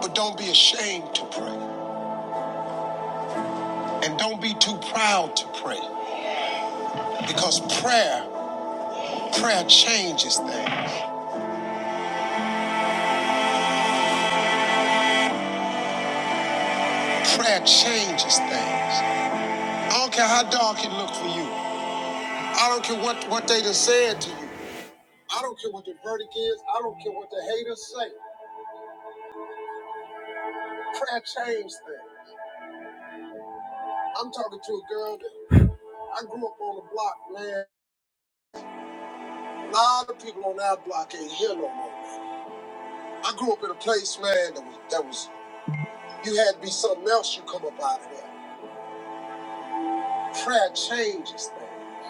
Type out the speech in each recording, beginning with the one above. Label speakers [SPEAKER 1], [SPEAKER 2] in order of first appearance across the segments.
[SPEAKER 1] But don't be ashamed to pray. And don't be too proud to pray. Because prayer, prayer changes things. Prayer changes things. I don't care how dark it looks for you. I don't care what, what they done said to you. I don't care what the verdict is. I don't care what the haters say. Prayer changes things. I'm talking to a girl that I grew up on the block, man. A lot of people on our block ain't here no more, man. I grew up in a place, man, that was, that was you had to be something else you come up out of there. Prayer changes things.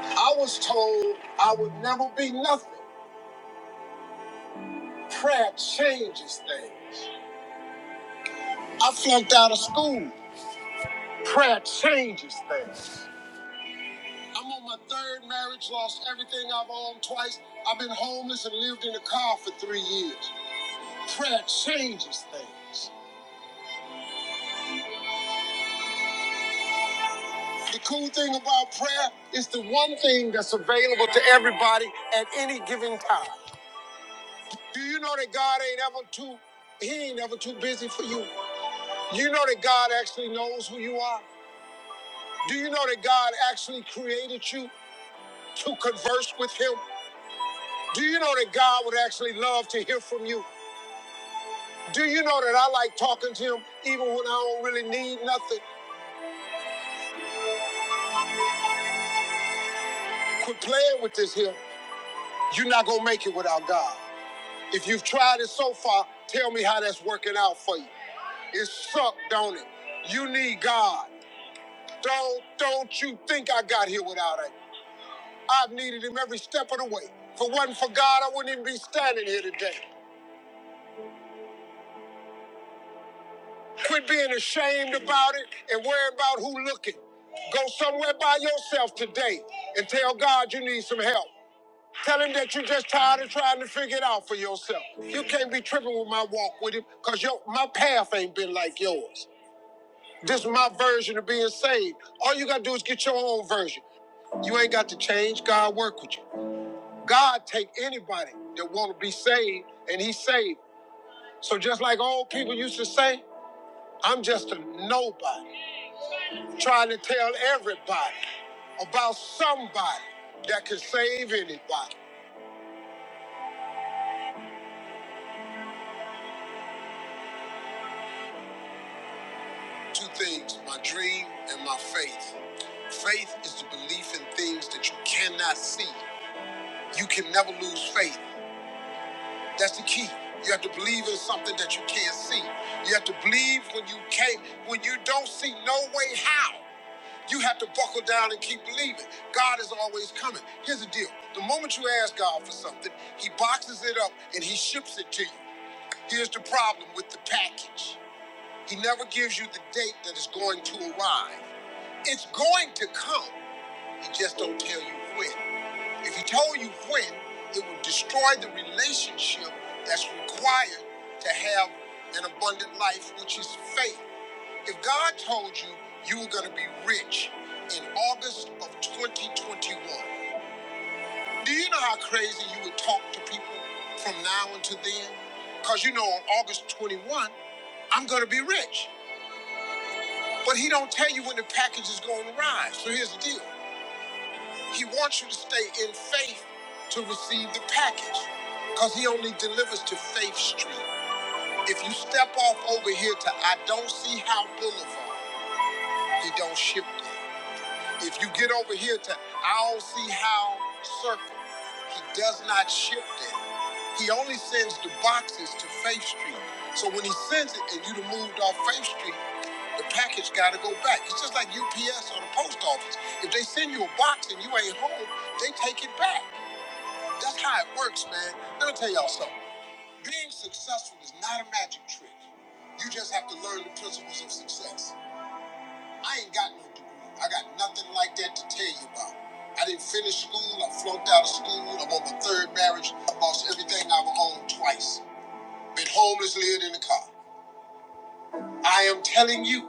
[SPEAKER 1] I was told I would never be nothing. Prayer changes things. I flunked out of school. Prayer changes things. I'm on my third marriage, lost everything I've owned twice. I've been homeless and lived in a car for three years. Prayer changes things. The cool thing about prayer is the one thing that's available to everybody at any given time. Do you know that God ain't ever too, he ain't ever too busy for you? Do you know that God actually knows who you are? Do you know that God actually created you to converse with Him? Do you know that God would actually love to hear from you? Do you know that I like talking to Him even when I don't really need nothing? Quit playing with this here. You're not going to make it without God. If you've tried it so far, tell me how that's working out for you. It sucked, don't it? You need God. Don't don't you think I got here without it? I've needed him every step of the way. If it wasn't for God, I wouldn't even be standing here today. Quit being ashamed about it and worry about who looking. Go somewhere by yourself today and tell God you need some help. Tell him that you're just tired of trying to figure it out for yourself. You can't be tripping with my walk with him because your my path ain't been like yours. This is my version of being saved. All you gotta do is get your own version. You ain't got to change. God work with you. God take anybody that want to be saved, and He saved. So just like old people used to say, I'm just a nobody trying to tell everybody about somebody that can save anybody. Two things: my dream and my faith. Faith is the belief in things that you cannot see. You can never lose faith. That's the key. You have to believe in something that you can't see. You have to believe when you can't, when you don't see no way how. You have to buckle down and keep believing. God is always coming. Here's the deal. The moment you ask God for something, he boxes it up and he ships it to you. Here's the problem with the package. He never gives you the date that it's going to arrive. It's going to come. He just don't tell you when. If he told you when, it would destroy the relationship that's required to have an abundant life, which is faith. If God told you you were going to be rich in August of 2021, do you know how crazy you would talk to people from now until then? Because you know on August 21, I'm going to be rich. But he don't tell you when the package is going to arrive. So here's the deal. He wants you to stay in faith to receive the package because he only delivers to Faith Street. If you step off over here to I Don't See How Boulevard, he don't ship it. If you get over here to I don't see how circle, he does not ship that. He only sends the boxes to Faith Street. So when he sends it and you done moved off Faith Street, the package gotta go back. It's just like UPS or the post office. If they send you a box and you ain't home, they take it back. That's how it works, man. Let me tell y'all something. Being successful is not a magic trick. You just have to learn the principles of success. I ain't got no degree. I got nothing like that to tell you about. I didn't finish school. I flunked out of school. I'm on my third marriage. I lost everything I've owned twice. Been homeless, lived in a car. I am telling you,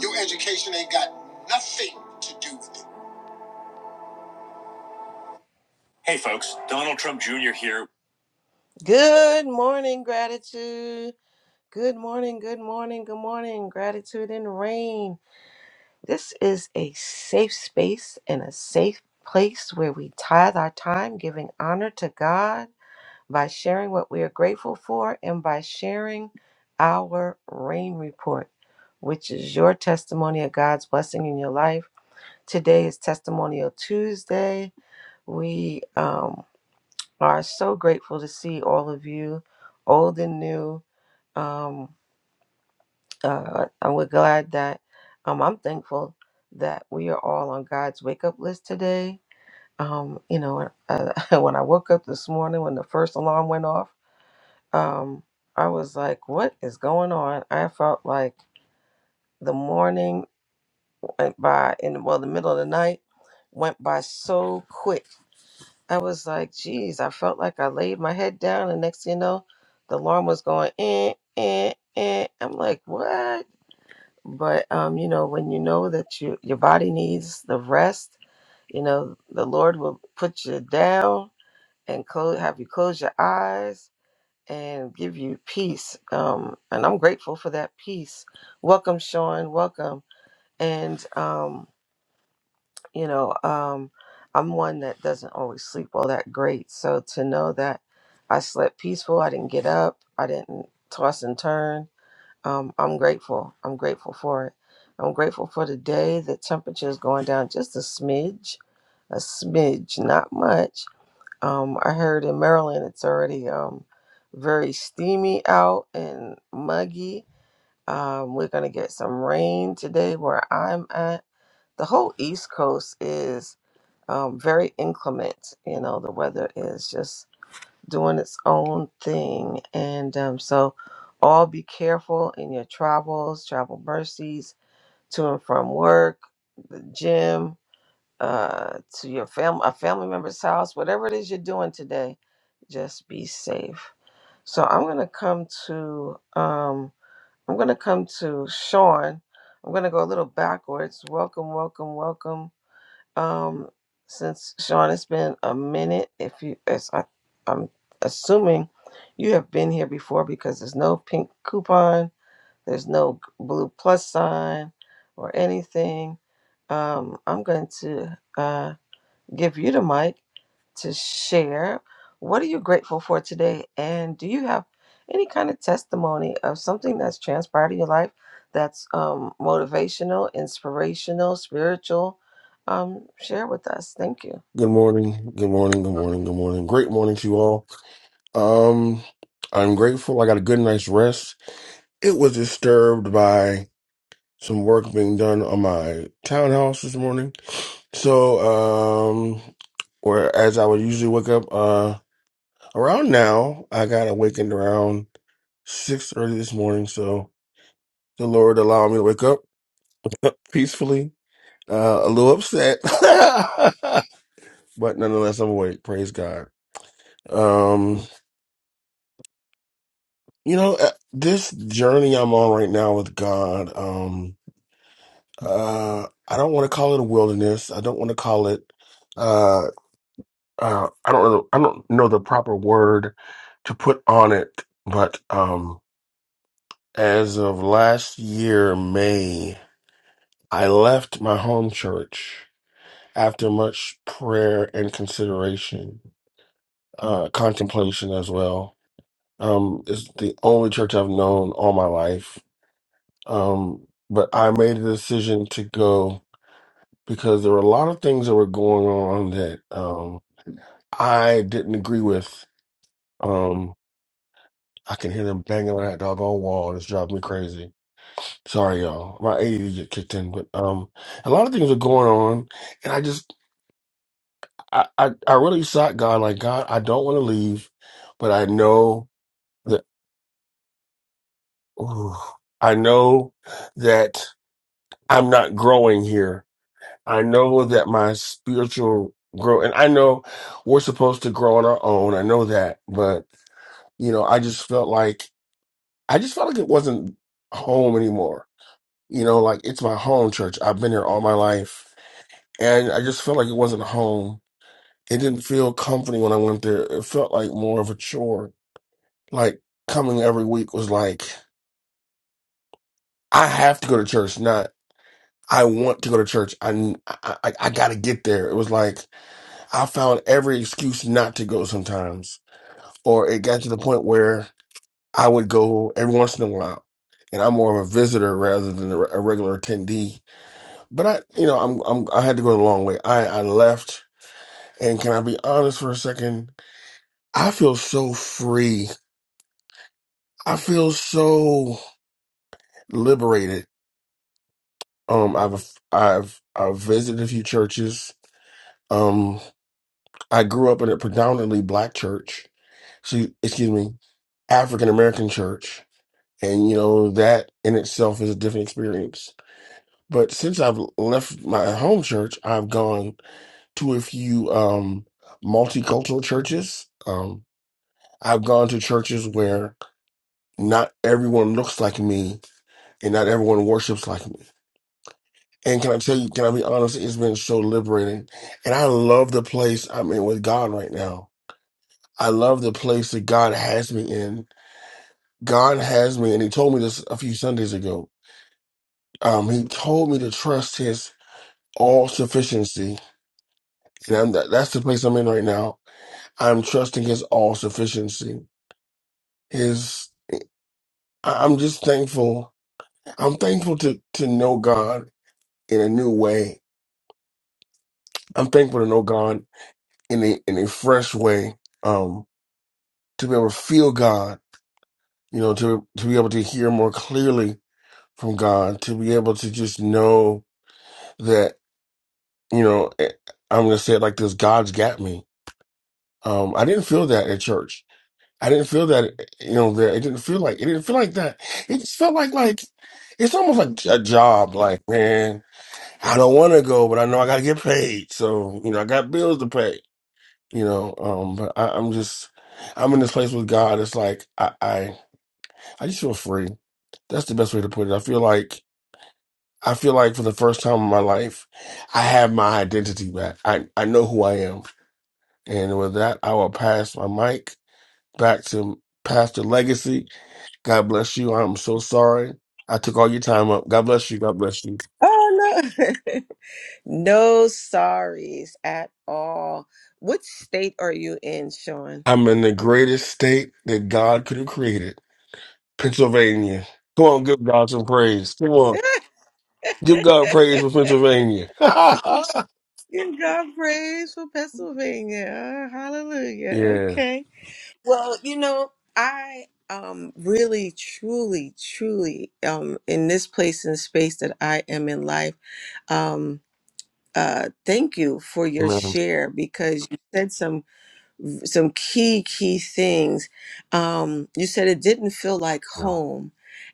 [SPEAKER 1] your education ain't got nothing to do with it. Hey, folks. Donald Trump Jr. here. Good morning, gratitude. Good morning, good morning, good morning. Gratitude and rain. This is a safe space and a safe place where we tithe our time, giving honor to God by sharing what we are grateful for and by sharing our rain report, which is your testimony of God's blessing in your life. Today is Testimonial Tuesday. We um, are so grateful to see all of you, old and new. Um, uh, and we're glad that um, I'm thankful that we are all on God's wake up list today. Um, you know, uh, when I woke up this morning, when the first alarm went off, um, I was like, "What is going on?" I felt like the morning went by, and well, the middle of the night went by so quick. I was like, "Geez," I felt like I laid my head down, and next thing you know, the alarm was going, eh, eh, eh. I'm like, "What?" but um, you know when you know that you, your body needs the rest you know the lord will put you down and close, have you close your eyes and give you peace um, and i'm grateful for that peace welcome sean welcome and um, you know um, i'm one that doesn't always sleep all that great so to know that i slept peaceful i didn't get up i didn't toss and turn um, I'm grateful. I'm grateful for it. I'm grateful for the day. The temperature is going down just a smidge, a smidge, not much. Um, I heard in Maryland it's already um, very steamy out and muggy. Um, we're going to get some rain today where I'm at. The whole East Coast is um, very inclement. You know, the weather is just doing its own thing. And um, so, all be careful in your travels, travel mercies to and from work, the gym, uh, to your family, a family member's house, whatever it is you're doing today, just be safe. So I'm gonna come to um, I'm gonna come to Sean. I'm gonna go a little backwards. Welcome, welcome, welcome um, since Sean, it's been a minute. If you, as I, I'm assuming, you have been here before because there's no pink coupon, there's no g- blue plus sign, or anything. Um, I'm going to. uh, give you the mic to share. What are you grateful for today? And do you have any kind of testimony of something that's transpired in your life that's um, motivational, inspirational, spiritual? Um, share with us. Thank you.
[SPEAKER 2] Good morning. Good morning. Good morning. Good morning. Great morning to you all. Um, I'm grateful. I got a good night's rest. It was disturbed by some work being done on my townhouse this morning. So, um, where as I would usually wake up, uh, around now, I got awakened around six thirty this morning. So the Lord allowed me to wake up peacefully. Uh, a little upset, but nonetheless, I'm awake. Praise God. Um. You know, uh, this journey I'm on right now with God, um, uh, I don't want to call it a wilderness. I don't want to call it, uh, uh, I don't know, I don't know the proper word to put on it, but um, as of last year, May, I left my home church after much prayer and consideration, uh, contemplation as well. Um, it's the only church I've known all my life Um, but I made a decision to go because there were a lot of things that were going on that um, I didn't agree with. Um, I can hear them banging on that doggone wall. It's driving me crazy. Sorry, y'all. My ADD get kicked in, but um, a lot of things were going on, and I just I I, I really sought God. Like God, I don't want to leave, but I know that ooh, I know that I'm not growing here I know that my spiritual growth, and I know we're supposed to grow on our own. I know that, but you know, I just felt like I just felt like it wasn't home anymore. You know, like it's my home church. I've been here all my life, and I just felt like it wasn't home. It didn't feel comforting when I went there. It felt like more of a chore. Like coming every week was like I have to go to church, not I want to go to church. I I, I got to get there. It was like. I found every excuse not to go sometimes, or it got to the point where I would go every once in a while, and I'm more of a visitor rather than a, a regular attendee. But I, you know, I'm, I'm I had to go the long way. I I left, and can I be honest for a second? I feel so free. I feel so liberated. Um, I've I've I've visited a few churches. Um, I grew up in a predominantly black church. So, excuse me, African American church And you know, that in itself is a different experience. But since I've left my home church, I've gone to a few um multicultural churches. Um I've gone to churches where not everyone looks like me and not everyone worships like me. And can I tell you, can I be honest? It's been so liberating. And I love the place I'm in with God right now. I love the place that God has me in. God has me, and He told me this a few Sundays ago. Um, he told me to trust His all sufficiency. And I'm, that, that's the place I'm in right now. I'm trusting his all sufficiency. His, I- I'm just thankful. I'm thankful to, to know God in a new way. I'm thankful to know God in a, in a fresh way. Um, to be able to feel God, you know, to, to be able to hear more clearly from God, to be able to just know that, you know, eh, I'm going to say it like this, God's got me. Um, I didn't feel that at church. I didn't feel that, you know, there. It didn't feel like it didn't feel like that. It just felt like like it's almost like a job. Like, man, I don't want to go, but I know I gotta get paid. So, you know, I got bills to pay. You know, um, but I, I'm just, I'm in this place with God. It's like I, I, I just feel free. That's the best way to put it. I feel like I feel like for the first time in my life, I have my identity back. I, I know who I am, and with that, I will pass my mic back to Pastor Legacy. God bless you. I'm so sorry. I took all your time up. God bless you. God bless you.
[SPEAKER 1] Oh, no. No sorries at all. What state are you in, Sean?
[SPEAKER 2] I'm in the greatest state that God could have created Pennsylvania. Come on, give God some praise. Come on, give God praise for Pennsylvania.
[SPEAKER 1] Give God praise for Pennsylvania. Hallelujah.
[SPEAKER 2] yeah.
[SPEAKER 1] Okay. Well, you know, I um really truly truly um in this place and space that I am in life um uh thank you for your
[SPEAKER 2] Man.
[SPEAKER 1] share because you said some some key key things um you said it didn't feel like
[SPEAKER 2] Yeah.
[SPEAKER 1] home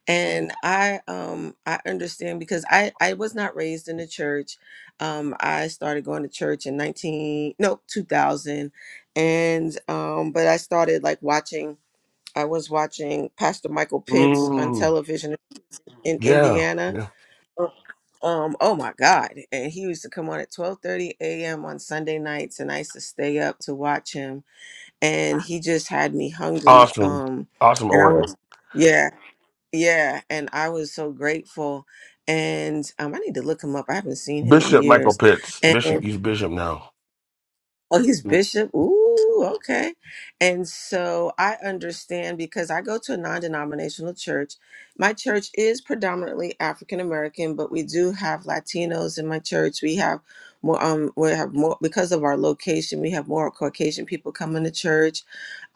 [SPEAKER 1] and i um i understand because i i was not raised in the church um i started going to church in 19 no 2000 and um but i started like watching i was watching pastor michael pitts on
[SPEAKER 2] Mm,
[SPEAKER 1] television in
[SPEAKER 2] yeah.
[SPEAKER 1] indiana
[SPEAKER 2] Yeah.
[SPEAKER 1] um oh my god and he used to come on at twelve thirty a.m on sunday nights and i used to stay up to watch him and he just had me hungry
[SPEAKER 2] Awesome.
[SPEAKER 1] um
[SPEAKER 2] Awesome
[SPEAKER 1] and i
[SPEAKER 2] order.
[SPEAKER 1] was yeah yeah and i was so grateful and um i need to look him up i haven't seen him in
[SPEAKER 2] Bishop Michael
[SPEAKER 1] years
[SPEAKER 2] Pitts.
[SPEAKER 1] and
[SPEAKER 2] Bishop, he's bishop now.
[SPEAKER 1] Oh, he's
[SPEAKER 2] Mm,
[SPEAKER 1] bishop. Ooh, okay. And so I understand because I go to a non denominational church. My church is predominantly African American, but we do have Latinos in my church. We have more, um, we have more, because of our location, we have more Caucasian people coming to church.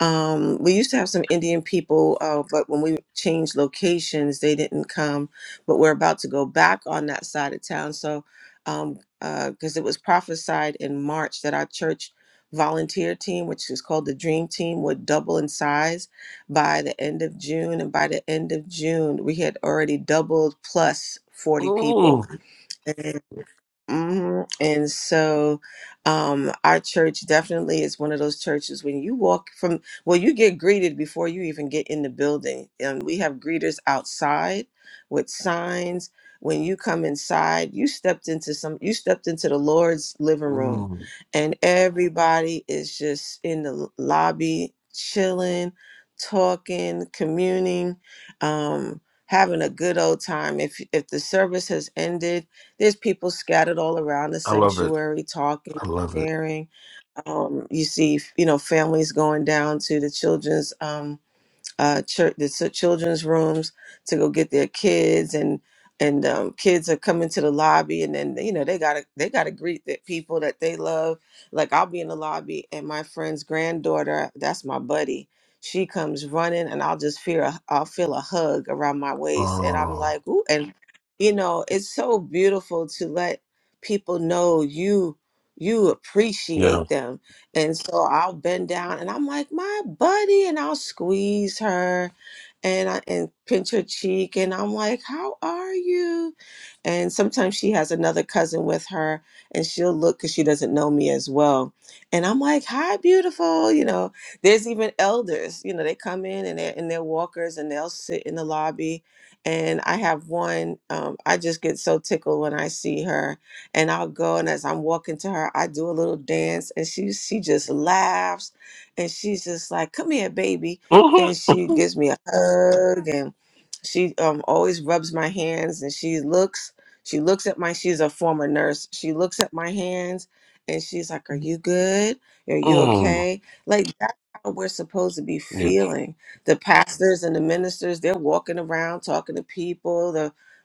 [SPEAKER 1] Um, we used to have some Indian people, uh, but when we changed locations, they didn't come. But we're about to go back on that side of town. So, um, because it was prophesied in March that our church volunteer team, which is called the Dream Team, would double in size by the end of June. And by the end of June, we had already doubled plus 40 people
[SPEAKER 2] mm.
[SPEAKER 1] hmm And so, um, our church definitely is one of those churches when you walk from, well, you get greeted before you even get in the building. And we have greeters outside with signs. When you come inside, you stepped into some, you stepped into the Lord's living room,
[SPEAKER 2] Mm.
[SPEAKER 1] and everybody is just in the lobby, chilling, talking, communing, um, having a good old time. If if the service has ended, there's people scattered all around the
[SPEAKER 2] I love it.
[SPEAKER 1] sanctuary talking
[SPEAKER 2] I love it.
[SPEAKER 1] sharing um, you see you know families going down to the children's um, uh, church, the ch- children's rooms to go get their kids, and and um, kids are coming to the lobby, and then you know they gotta they gotta greet the people that they love. Like I'll be in the lobby, and my friend's granddaughter, that's my buddy, she comes running, and I'll just feel a, I'll feel a hug around my waist, and I'm
[SPEAKER 2] Oh,
[SPEAKER 1] like, ooh, and you know it's so beautiful to let people know you you
[SPEAKER 2] yeah.
[SPEAKER 1] appreciate them and so I'll bend down and I'm like, my buddy, and I'll squeeze her and I and pinch her cheek and I'm like, how are you? And sometimes she has another cousin with her and she'll look because she doesn't know me as well. And I'm like, hi, beautiful. You know, there's even elders, you know, they come in and they're and they're walkers and they'll sit in the lobby. And I have one, um, I just get so tickled when I see her and I'll go and as I'm walking to her, I do a little dance and she she just laughs and she's just like, "Come here, baby." And she
[SPEAKER 2] hmm
[SPEAKER 1] gives me a hug and she um always rubs my hands and she looks she looks at my she's a former nurse. She looks at my hands and she's like, "Are you good? Are you okay?" Like that's how we're supposed to be
[SPEAKER 2] Yeah.
[SPEAKER 1] feeling. The pastors and the ministers, they're walking around talking to people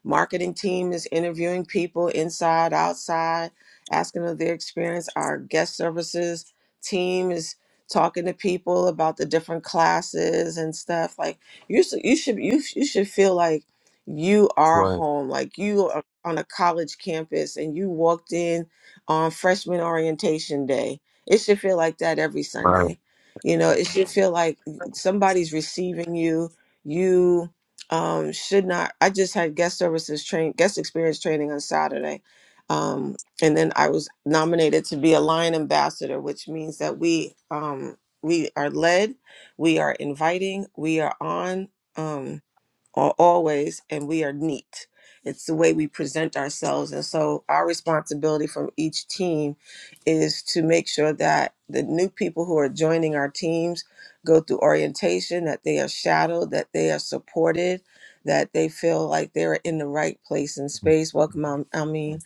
[SPEAKER 1] marketing team is interviewing people inside, outside, asking of their experience. Our guest services team is talking to people about the different classes and stuff. Like you, should, you should you, sh- you should feel like you are
[SPEAKER 2] Right.
[SPEAKER 1] home, like you are on a college campus and you walked in on freshman orientation day. It should feel like that every
[SPEAKER 2] Right.
[SPEAKER 1] Sunday. You know, it should feel like somebody's receiving you. You um should not i just had guest services train guest experience training on saturday um and then i was nominated to be a lion ambassador which means that we um we are led we are inviting we are on Um, al- always and we are neat it's the way we present ourselves and so our responsibility from each team is to make sure that the new people who are joining our teams go through orientation that they are shadowed that they are supported that they feel like they're in the right place and space welcome i mean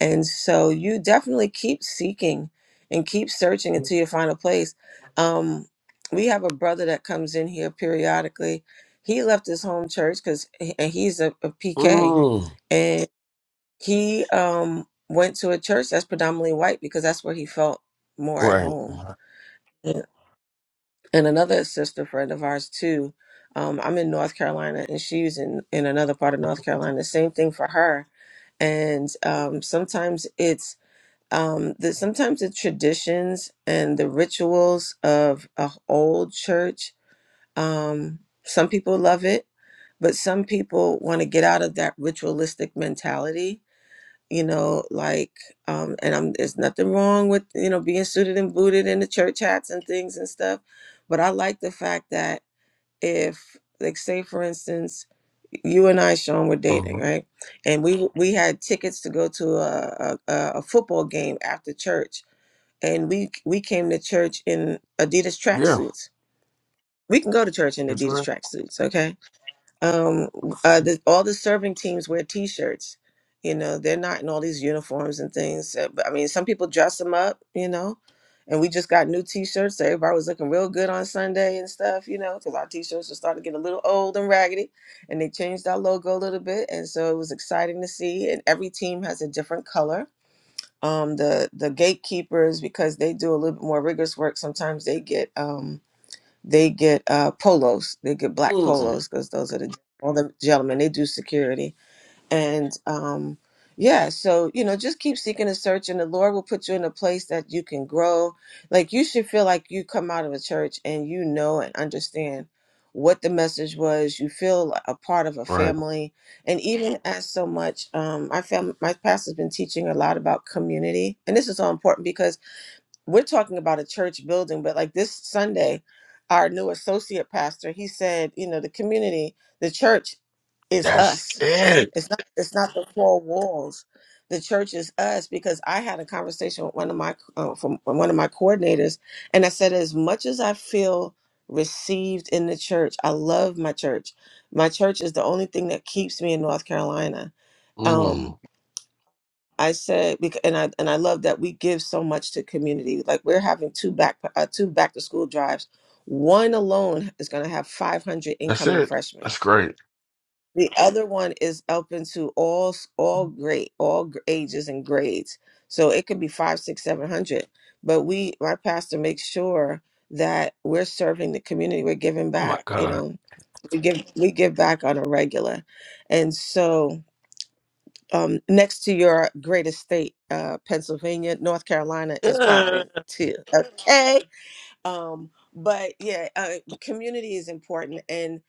[SPEAKER 1] and so you definitely keep seeking and keep searching until you find a place. Um, we have a brother that comes in here periodically. He left his home church because and he's a, PK
[SPEAKER 2] Mm,
[SPEAKER 1] and he um went to a church that's predominantly white because that's where he felt more at
[SPEAKER 2] right.
[SPEAKER 1] home. Yeah. And another sister friend of ours too. Um, I'm in North Carolina and she's in in another part of North Carolina. Same thing for her and um, sometimes it's um, the, sometimes the traditions and the rituals of a old church. Um, some people love it, but some people want to get out of that ritualistic mentality. You know, like, um, and I'm, there's nothing wrong with you know being suited and booted in the church hats and things and stuff, but I like the fact that if, like, say for instance, you and I, Sean, were
[SPEAKER 2] hmm
[SPEAKER 1] dating, right? And we we had tickets to go to a a, a a football game after church and we we came to church in Adidas
[SPEAKER 2] Yeah.
[SPEAKER 1] tracksuits. We can go to church in
[SPEAKER 2] That's
[SPEAKER 1] Adidas
[SPEAKER 2] right.
[SPEAKER 1] tracksuits, okay? Um, uh, the, all the serving teams wear T-shirts. You know, they're not in all these uniforms and things. Uh, But I mean, some people dress them up, you know. And we just got new T-shirts. So everybody was looking real good on Sunday and stuff, you know, because our T-shirts were starting to get a little old and raggedy. And they changed our logo a little bit, and so it was exciting to see. And every team has a different color um, the the gatekeepers because they do a little bit more rigorous work. Sometimes they get um, they get uh, polos, they get black
[SPEAKER 2] Mm,
[SPEAKER 1] polos because those are the all the gentlemen. They do security and um yeah so you know just keep seeking and searching the lord will put you in a place that you can grow like you should feel like you come out of a church and you know and understand what the message was you feel a part of a
[SPEAKER 2] right.
[SPEAKER 1] family and even as so much um i found my pastor's been teaching a lot about community and this is so important we're talking about a church building, but like this Sunday, our new associate pastor, he said, you know, the community, the church is
[SPEAKER 2] That's
[SPEAKER 1] us.
[SPEAKER 2] it.
[SPEAKER 1] It's not it's not the four walls. The church is us because I had a conversation with one of my uh, from one of my coordinators, and I said, as much as I feel received in the church, I love my church. My church is the only thing that keeps me in North Carolina. Um,
[SPEAKER 2] Mm,
[SPEAKER 1] I said, bec- and I and I love that we give so much to community. Like we're having two back uh, two back to school drives. One alone is going to have 500
[SPEAKER 2] that's
[SPEAKER 1] incoming
[SPEAKER 2] it. That's
[SPEAKER 1] freshmen.
[SPEAKER 2] great.
[SPEAKER 1] The other one is open to all s- all grade all gr- ages and grades. So it could be five, six, seven hundred. But we, my pastor, makes sure that we're serving the community. We're giving
[SPEAKER 2] Oh my
[SPEAKER 1] back. You
[SPEAKER 2] God.
[SPEAKER 1] know, we give we give back on a regular, and so um, next to your greatest state, uh, Pennsylvania, North Carolina is
[SPEAKER 2] Yeah.
[SPEAKER 1] popping too. Okay. Um, but yeah, uh, community is important. And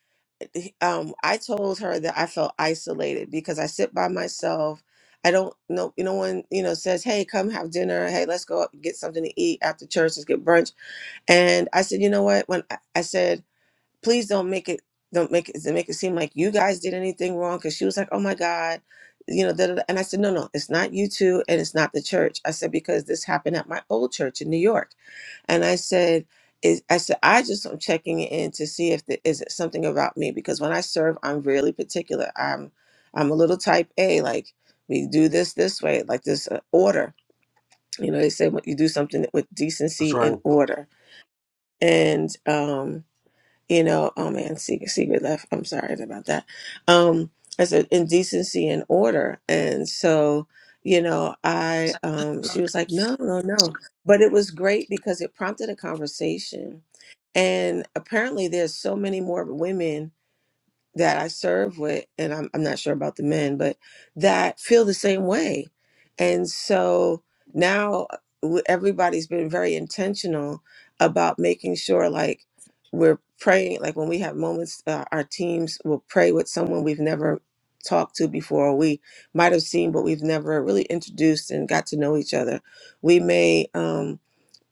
[SPEAKER 1] um, I told her that I felt isolated because I sit by myself. I don't know, no one, you know, says, hey, come have dinner. Hey, let's go out and get something to eat after church. Let's get brunch. And I said, you know what? When I, I said, please don't make it don't make it make it seem like you guys did anything wrong because she was like oh my god you know da, da, da." and i said no no it's not you two and it's not the church i said because this happened at my old church in new york and i said is i said i just am checking in to see if there is it something about me because when i serve i'm really particular i'm i'm a little type a like we do this this way like this uh, order you know they say what you do something with
[SPEAKER 2] That's
[SPEAKER 1] decency
[SPEAKER 2] right.
[SPEAKER 1] and order and um you know, oh man, secret, secret left. I'm sorry about that. Um, as an indecency and order. And so, you know, I, um, she was like, no, no, no. But it was great because it prompted a conversation. And apparently there's so many more women that I serve with, and I'm, I'm not sure about the men, but that feel the same way. And so now uh, w- everybody's been very intentional about making sure, like, we're praying, like, when we have moments, uh, our teams will pray with someone we've never talked to before, or we might have seen, but we've never really introduced and got to know each other. We may, um,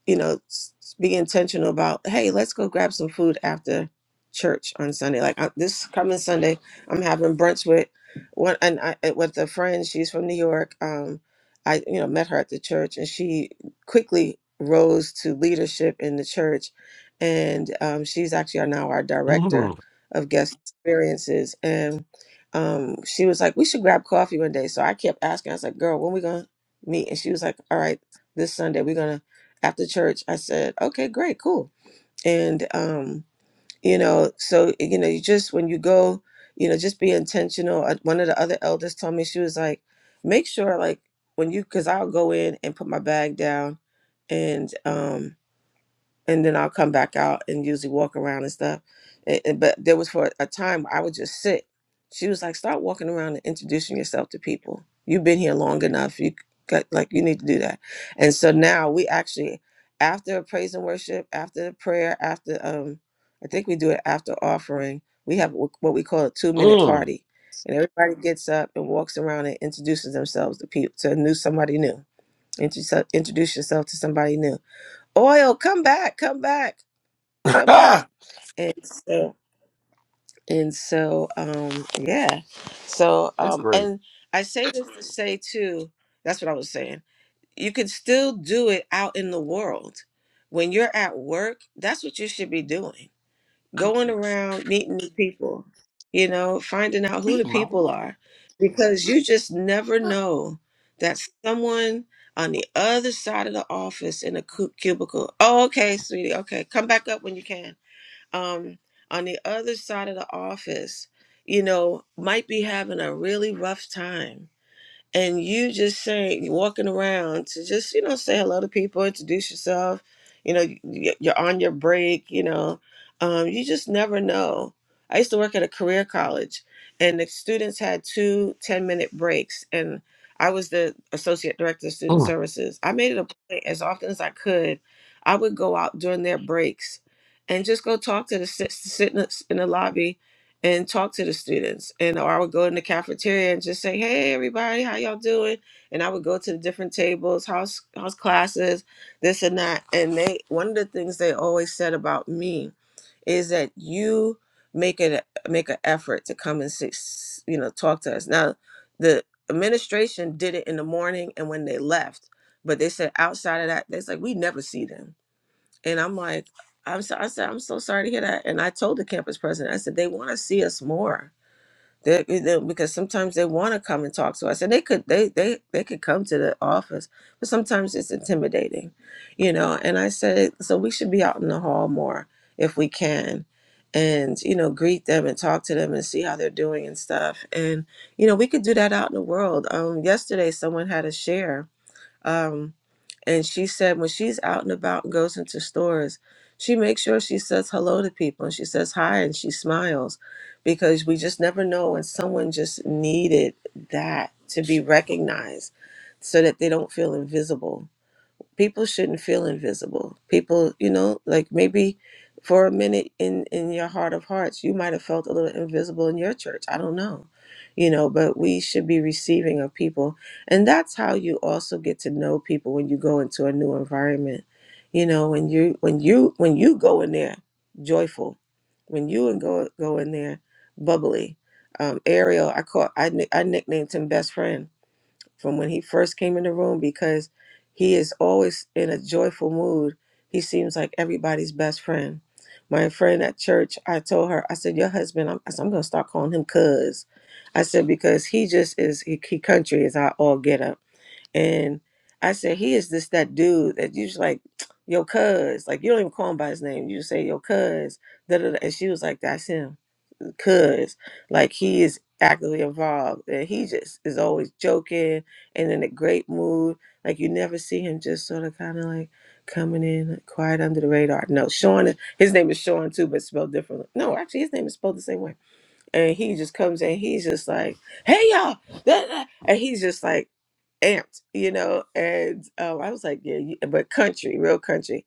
[SPEAKER 1] you know, s- be intentional about, hey, let's go grab some food after church on Sunday. Like I, this coming Sunday, I'm having brunch with one and I uh, with a friend. She's from New York. Um, I you know met her at the church, and she quickly rose to leadership in the church, and um, she's actually our- now our director
[SPEAKER 2] Mm,
[SPEAKER 1] of guest experiences. And um, she was like, we should grab coffee one day. So I kept asking. I was like, girl, when we gonna meet? And she was like, all right, this Sunday. We're gonna after church i said okay great cool and um you know so you know you just when you go you know just be intentional Uh, one of the other elders told me she was like make sure like when you because i'll go in and put my bag down and um and then I'll come back out and usually walk around and stuff. And, and- but there was for a time I would just sit. She was like, "Start walking around and introducing yourself to people. You've been here long enough. You got, like you need to do that." And so now we actually, after praise and worship, after the prayer, after um, I think we do it after offering. We have wh- what we call a two minute
[SPEAKER 2] mm.
[SPEAKER 1] party, and everybody gets up and walks around and introduces themselves to people to new somebody new. Introduce, introduce yourself to somebody new oil come back come back come back
[SPEAKER 2] that's
[SPEAKER 1] and so and so um yeah so um
[SPEAKER 2] great.
[SPEAKER 1] and i say this to say too that's what i was saying you can still do it out in the world when you're at work that's what you should be doing
[SPEAKER 2] Good
[SPEAKER 1] going
[SPEAKER 2] grief.
[SPEAKER 1] around meeting new people, you know, finding out who the
[SPEAKER 2] Beat my
[SPEAKER 1] people
[SPEAKER 2] wall.
[SPEAKER 1] are, because you just never know that someone on the other side of the office in a cu- cubicle. Oh, okay, sweetie. Okay, come back up when you can. Um, on the other side of the office, you know, might be having a really rough time and you just saying walking around to just you know say hello to people introduce yourself you know y- you're on your break you know um, you just never know i used to work at a career college and the students had two ten minute breaks and i was the associate director of student
[SPEAKER 2] Mm.
[SPEAKER 1] services i made it a point as often as i could i would go out during their breaks and just go talk to the sit, sit in the, in the lobby and talk to the students and or i would go in the cafeteria and just say hey everybody how y'all doing and i would go to the different tables house house classes this and that and they one of the things they always said about me is that you make it a- make an effort to come and sit, s- you know talk to us now the administration did it in the morning and when they left but they said outside of that they said we never see them and I'm like, I'm so, I said, I'm so sorry to hear that. And I told the campus president, I said, they want to see us more. They, they- because sometimes they want to come and talk to us, and they could they they they could come to the office, but sometimes it's intimidating, you know. And I said, so we should be out in the hall more if we can, and you know, greet them and talk to them and see how they're doing and stuff. And you know, we could do that out in the world. Um, yesterday, someone had a share. Um. And she said when she's out and about and goes into stores, she makes sure she says hello to people and she says hi and she smiles because we just never know when someone just needed that to be recognized so that they don't feel invisible people shouldn't feel invisible people you know like maybe for a minute in in your heart of hearts you might have felt a little invisible in your church i don't know you know but we should be receiving of people and that's how you also get to know people when you go into a new environment you know when you when you when you go in there joyful when you and go go in there bubbly um ariel i call i, nick- I nicknamed him best friend from when he first came in the room because he is always in a joyful mood. He seems like everybody's best friend. My friend at church, I told her, I said, Your husband, I'm, I said, I'm going to start calling him cuz. I said, Because he just is, he, he country is our all get up. And I said, He is just that dude that you just like, Yo, cuz. Like, you don't even call him by his name. You just say, Yo, cuz. Da, da, da. And she was like, That's him cuz like he is actively involved and he just is always joking and in a great mood like you never see him just sort of kind of like coming in like, quiet under the radar no sean his name is sean too but spelled differently no actually his name is spelled the same way and he just comes in he's just like hey y'all and he's just like amped, you know. And um, I was like, yeah, you, but country, real country.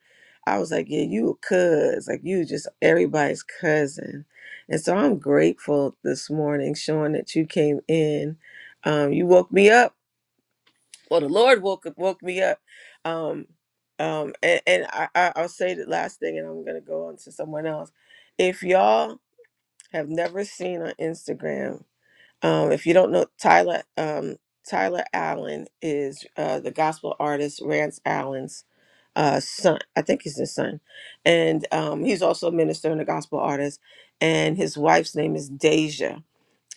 [SPEAKER 1] I was like, yeah, you a cuz, like you just everybody's cousin. And so I'm grateful this morning, Sean, that you came in. Um, you woke me up. Well, the Lord woke woke me up. Um, um, and, and I, I, I'll say the last thing, and I'm gonna go on to someone else. If y'all have never seen on Instagram um, if you don't know Tyler, um, Tyler Allen is uh, the gospel artist Rance Allen's uh, son. I think he's his son, and um, he's also a minister and a gospel artist. And his wife's name is Deja.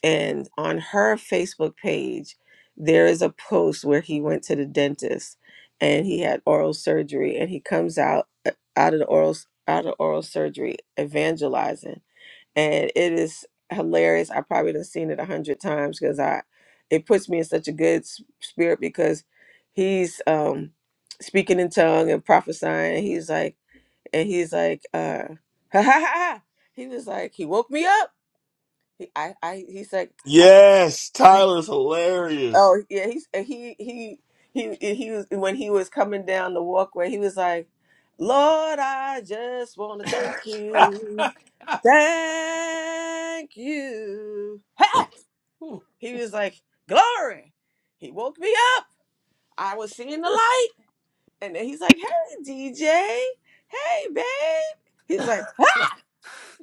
[SPEAKER 1] And on her Facebook page, there is a post where he went to the dentist and he had oral surgery, and he comes out uh, out of the oral out of oral surgery evangelizing and it is hilarious. I probably have seen it a hundred times because I, it puts me in such a good s- spirit because he's um speaking in tongue and prophesying. He's like, and he's like, uh, ha ha ha. ha. He was like, he woke me up. He, I, I, he's like, I,
[SPEAKER 2] Yes, Tyler's hilarious.
[SPEAKER 1] oh yeah, he's and he he he he was when he was coming down the walkway. He was like, Lord, I just want to thank you, thank you. Ha! He was like, Glory. He woke me up. I was seeing the light. And then he's like, Hey, DJ. Hey, babe. He was like, ah!
[SPEAKER 2] That's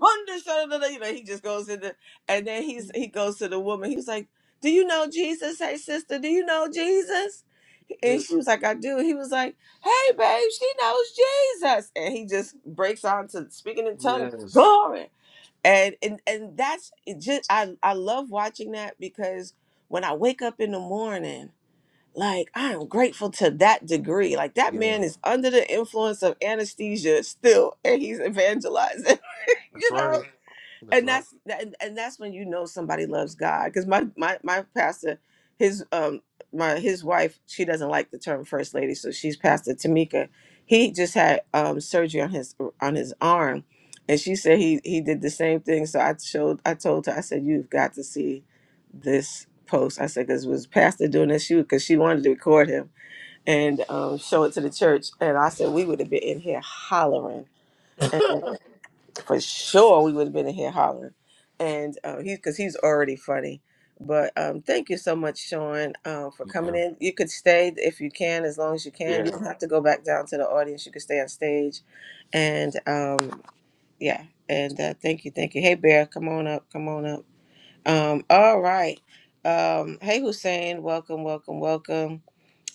[SPEAKER 1] Wonder, shada, da, da," you know, he just goes into, and then he's he goes to the woman. He was like, Do you know Jesus? Hey, sister, do you know Jesus? And
[SPEAKER 2] it.
[SPEAKER 1] she was like, I do. He was like, Hey, babe, she knows Jesus. And he just breaks out to speaking in tongues,
[SPEAKER 2] Yes.
[SPEAKER 1] Glory and and and that's it just I I love watching that because when I wake up in the morning, like I am grateful to that degree. Like that
[SPEAKER 2] Yeah.
[SPEAKER 1] man is under the influence of anesthesia still, and he's evangelizing.
[SPEAKER 2] That's
[SPEAKER 1] you know,
[SPEAKER 2] right. That's
[SPEAKER 1] and that's that, and and that's when you know somebody loves God because my my my pastor his um my his wife she doesn't like the term first lady so she's pastor Tamika he just had um surgery on his on his arm and she said he he did the same thing so I showed I told her I said you've got to see this post I said because was pastor doing this shoot because she wanted to record him and um show it to the church and I said we would have been in here hollering
[SPEAKER 2] right.
[SPEAKER 1] for sure we would have been in here hollering. And uh, he, because he's already funny. But um, thank you so much, Sean, uh, for coming in. You could stay if you can, as long as you can.
[SPEAKER 2] yeah.
[SPEAKER 1] You don't have to go back down to the audience. You could stay on stage. And um, yeah, and uh, thank you, thank you. Hey, Bear, come on up, come on up. Um, all right. Um, hey, Hussein, welcome, welcome, welcome.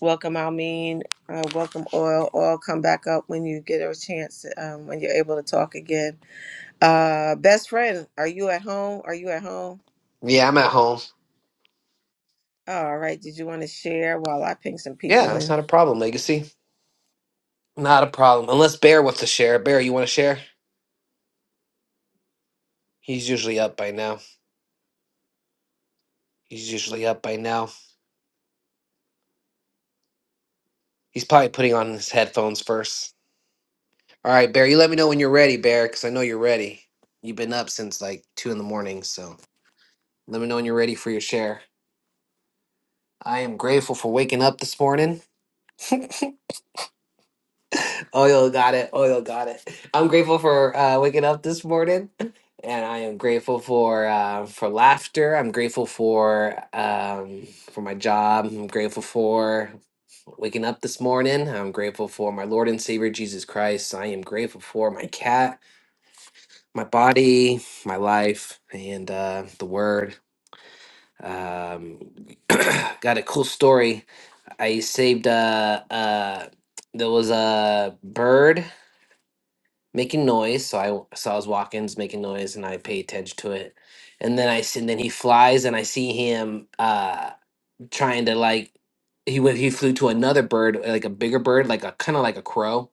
[SPEAKER 1] Welcome, Almeen. Uh, welcome, Oil. Oil, come back up when you get a chance, um, when you're able to talk again uh, best friend, are you at home? Are you at home?
[SPEAKER 3] Yeah, I'm at home.
[SPEAKER 1] All right. Did you want to share while I ping some
[SPEAKER 3] Yeah,
[SPEAKER 1] people
[SPEAKER 3] that's
[SPEAKER 1] in?
[SPEAKER 3] not a problem, Legacy. Not a problem. Unless Bear wants to share. Bear, you want to share? He's usually up by now. He's usually up by now. He's probably putting on his headphones first. All right, Bear, you let me know when you're ready, Bear, because I know you're ready. You've been up since like 2 in the morning, so let me know when you're ready for your share. I am grateful for waking up this morning. Oil got it. Oil got it. I'm grateful for uh, waking up this morning, and I am grateful for uh, for laughter. I'm grateful for um, for my job. I'm grateful for waking up this morning. I'm grateful for my Lord and Savior Jesus Christ. I am grateful for my cat, my body, my life, and uh, the Word. Um, got a cool story. I saved uh, uh, there was a bird making noise. So I w- saw his walk-ins making noise, and I pay attention to it. And then I see, and then he flies, and I see him uh trying to like he went he flew to another bird, like a bigger bird, like a kind of like a crow.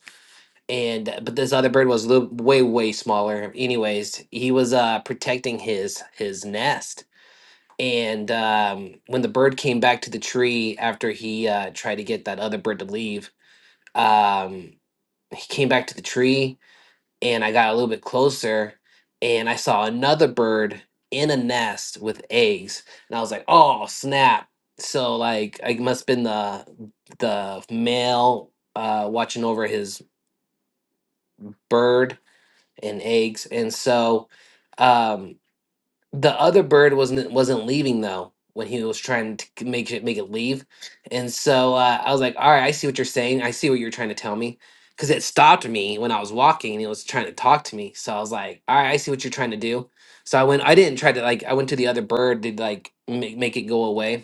[SPEAKER 3] And uh, but this other bird was little, way way smaller. Anyways, he was uh protecting his his nest. And um, when the bird came back to the tree after he uh, tried to get that other bird to leave, um, he came back to the tree and I got a little bit closer and I saw another bird in a nest with eggs and I was like, "Oh, snap." So like I must been the the male uh watching over his bird and eggs. And so um the other bird wasn't wasn't leaving though when he was trying to k- make it make it leave and so uh, i was like all right i see what you're saying i see what you're trying to tell me because it stopped me when i was walking and it was trying to talk to me so i was like all right i see what you're trying to do so i went i didn't try to like i went to the other bird to like make, make it go away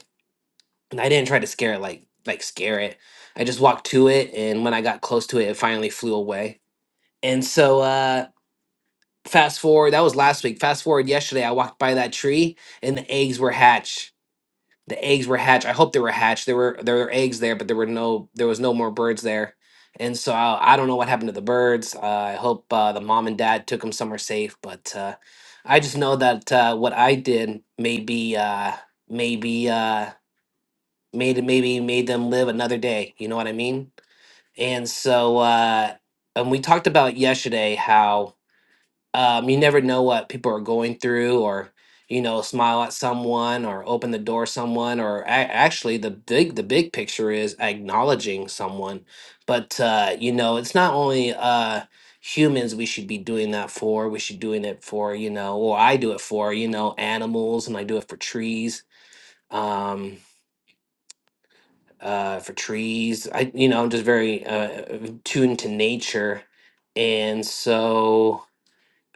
[SPEAKER 3] and i didn't try to scare it like like scare it i just walked to it and when i got close to it it finally flew away and so uh Fast forward, that was last week. Fast forward yesterday, I walked by that tree and the eggs were hatched. The eggs were hatched. I hope they were hatched. There were there were eggs there, but there were no there was no more birds there. And so I, I don't know what happened to the birds. Uh, I hope uh, the mom and dad took them somewhere safe. But uh, I just know that uh, what I did maybe uh, maybe uh, made maybe made them live another day. You know what I mean? And so uh, and we talked about yesterday how um, you never know what people are going through or you know smile at someone or open the door to someone or a- actually the big the big picture is acknowledging someone but uh, you know it's not only uh, humans we should be doing that for we should doing it for you know or i do it for you know animals and i do it for trees um, uh, for trees i you know i'm just very uh, tuned to nature and so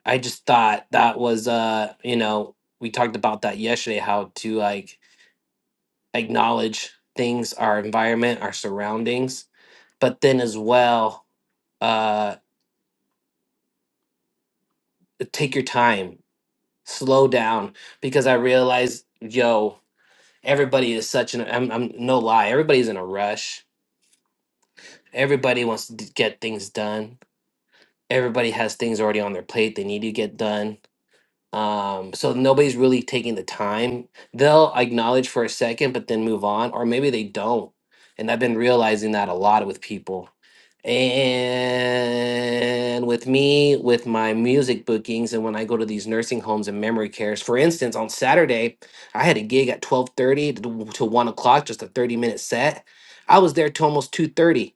[SPEAKER 3] I just thought that was uh you know we talked about that yesterday how to like acknowledge things our environment our surroundings but then as well uh take your time slow down because I realized yo everybody is such an I'm, I'm no lie everybody's in a rush everybody wants to d- get things done everybody has things already on their plate they need to get done um so nobody's really taking the time they'll acknowledge for a second but then move on or maybe they don't and i've been realizing that a lot with people and with me with my music bookings and when i go to these nursing homes and memory cares for instance on saturday i had a gig at 12.30 to to 1 o'clock just a 30 minute set i was there till almost 2.30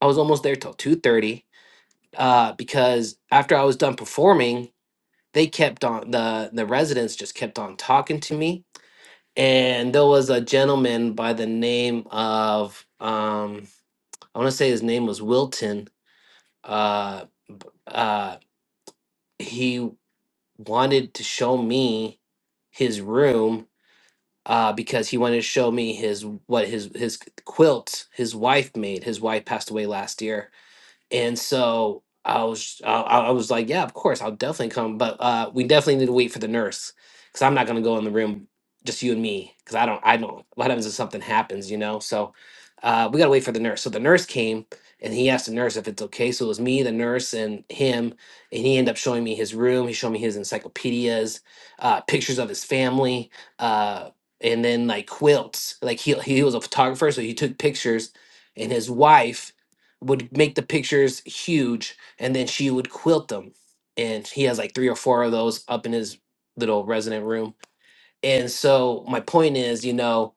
[SPEAKER 3] i was almost there till 2.30 uh, because after i was done performing they kept on the the residents just kept on talking to me and there was a gentleman by the name of um i want to say his name was wilton uh uh he wanted to show me his room uh because he wanted to show me his what his his quilt his wife made his wife passed away last year And so I was, I, I was like, yeah, of course, I'll definitely come, but uh, we definitely need to wait for the nurse because I'm not gonna go in the room, just you and me, because I don't, I don't. What happens if something happens, you know? So uh, we gotta wait for the nurse. So the nurse came and he asked the nurse if it's okay. So it was me, the nurse, and him, and he ended up showing me his room. He showed me his encyclopedias, uh, pictures of his family, uh, and then like quilts. Like he he was a photographer, so he took pictures, and his wife would make the pictures huge and then she would quilt them and he has like three or four of those up in his little resident room and so my point is you know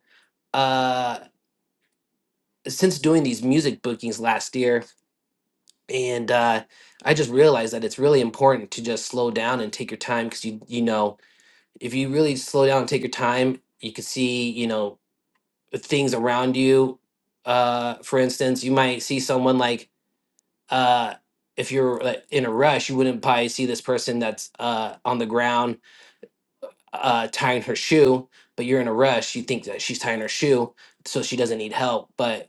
[SPEAKER 3] uh since doing these music bookings last year and uh i just realized that it's really important to just slow down and take your time because you you know if you really slow down and take your time you can see you know things around you uh for instance you might see someone like uh if you're like, in a rush you wouldn't probably see this person that's uh on the ground uh tying her shoe but you're in a rush you think that she's tying her shoe so she doesn't need help but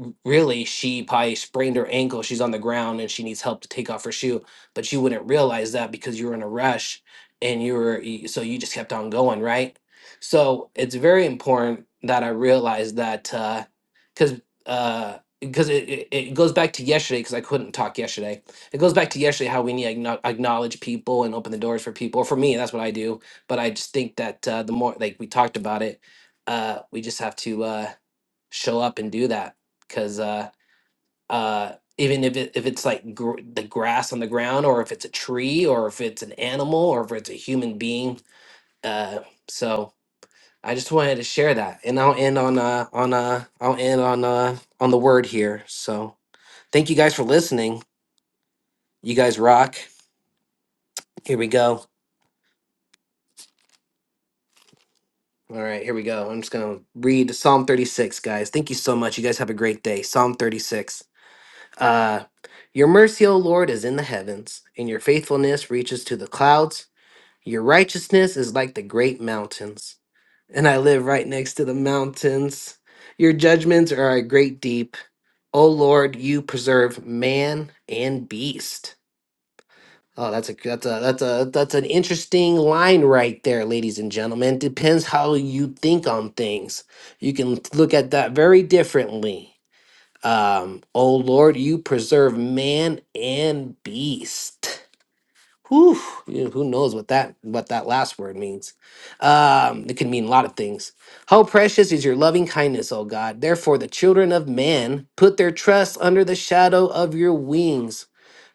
[SPEAKER 3] r- really she probably sprained her ankle she's on the ground and she needs help to take off her shoe but you wouldn't realize that because you were in a rush and you were y- so you just kept on going right so it's very important that i realized that uh because uh because it, it, it goes back to yesterday because i couldn't talk yesterday it goes back to yesterday how we need to acknow- acknowledge people and open the doors for people for me that's what i do but i just think that uh, the more like we talked about it uh we just have to uh show up and do that because uh, uh, even if it, if it's like gr- the grass on the ground, or if it's a tree, or if it's an animal, or if it's a human being, uh, so I just wanted to share that, and I'll end on uh, on uh, I'll end on uh, on the word here. So thank you guys for listening. You guys rock. Here we go. All right, here we go. I'm just gonna read Psalm 36, guys. Thank you so much. You guys have a great day. Psalm 36. Uh, your mercy, O Lord, is in the heavens, and your faithfulness reaches to the clouds. Your righteousness is like the great mountains, and I live right next to the mountains. Your judgments are a great deep. O Lord, you preserve man and beast. Oh, that's a that's a that's a that's an interesting line right there, ladies and gentlemen. Depends how you think on things. You can look at that very differently. Um, oh Lord, you preserve man and beast. Whew, you know, who knows what that what that last word means? Um, it can mean a lot of things. How precious is your loving kindness, O God! Therefore, the children of man put their trust under the shadow of your wings.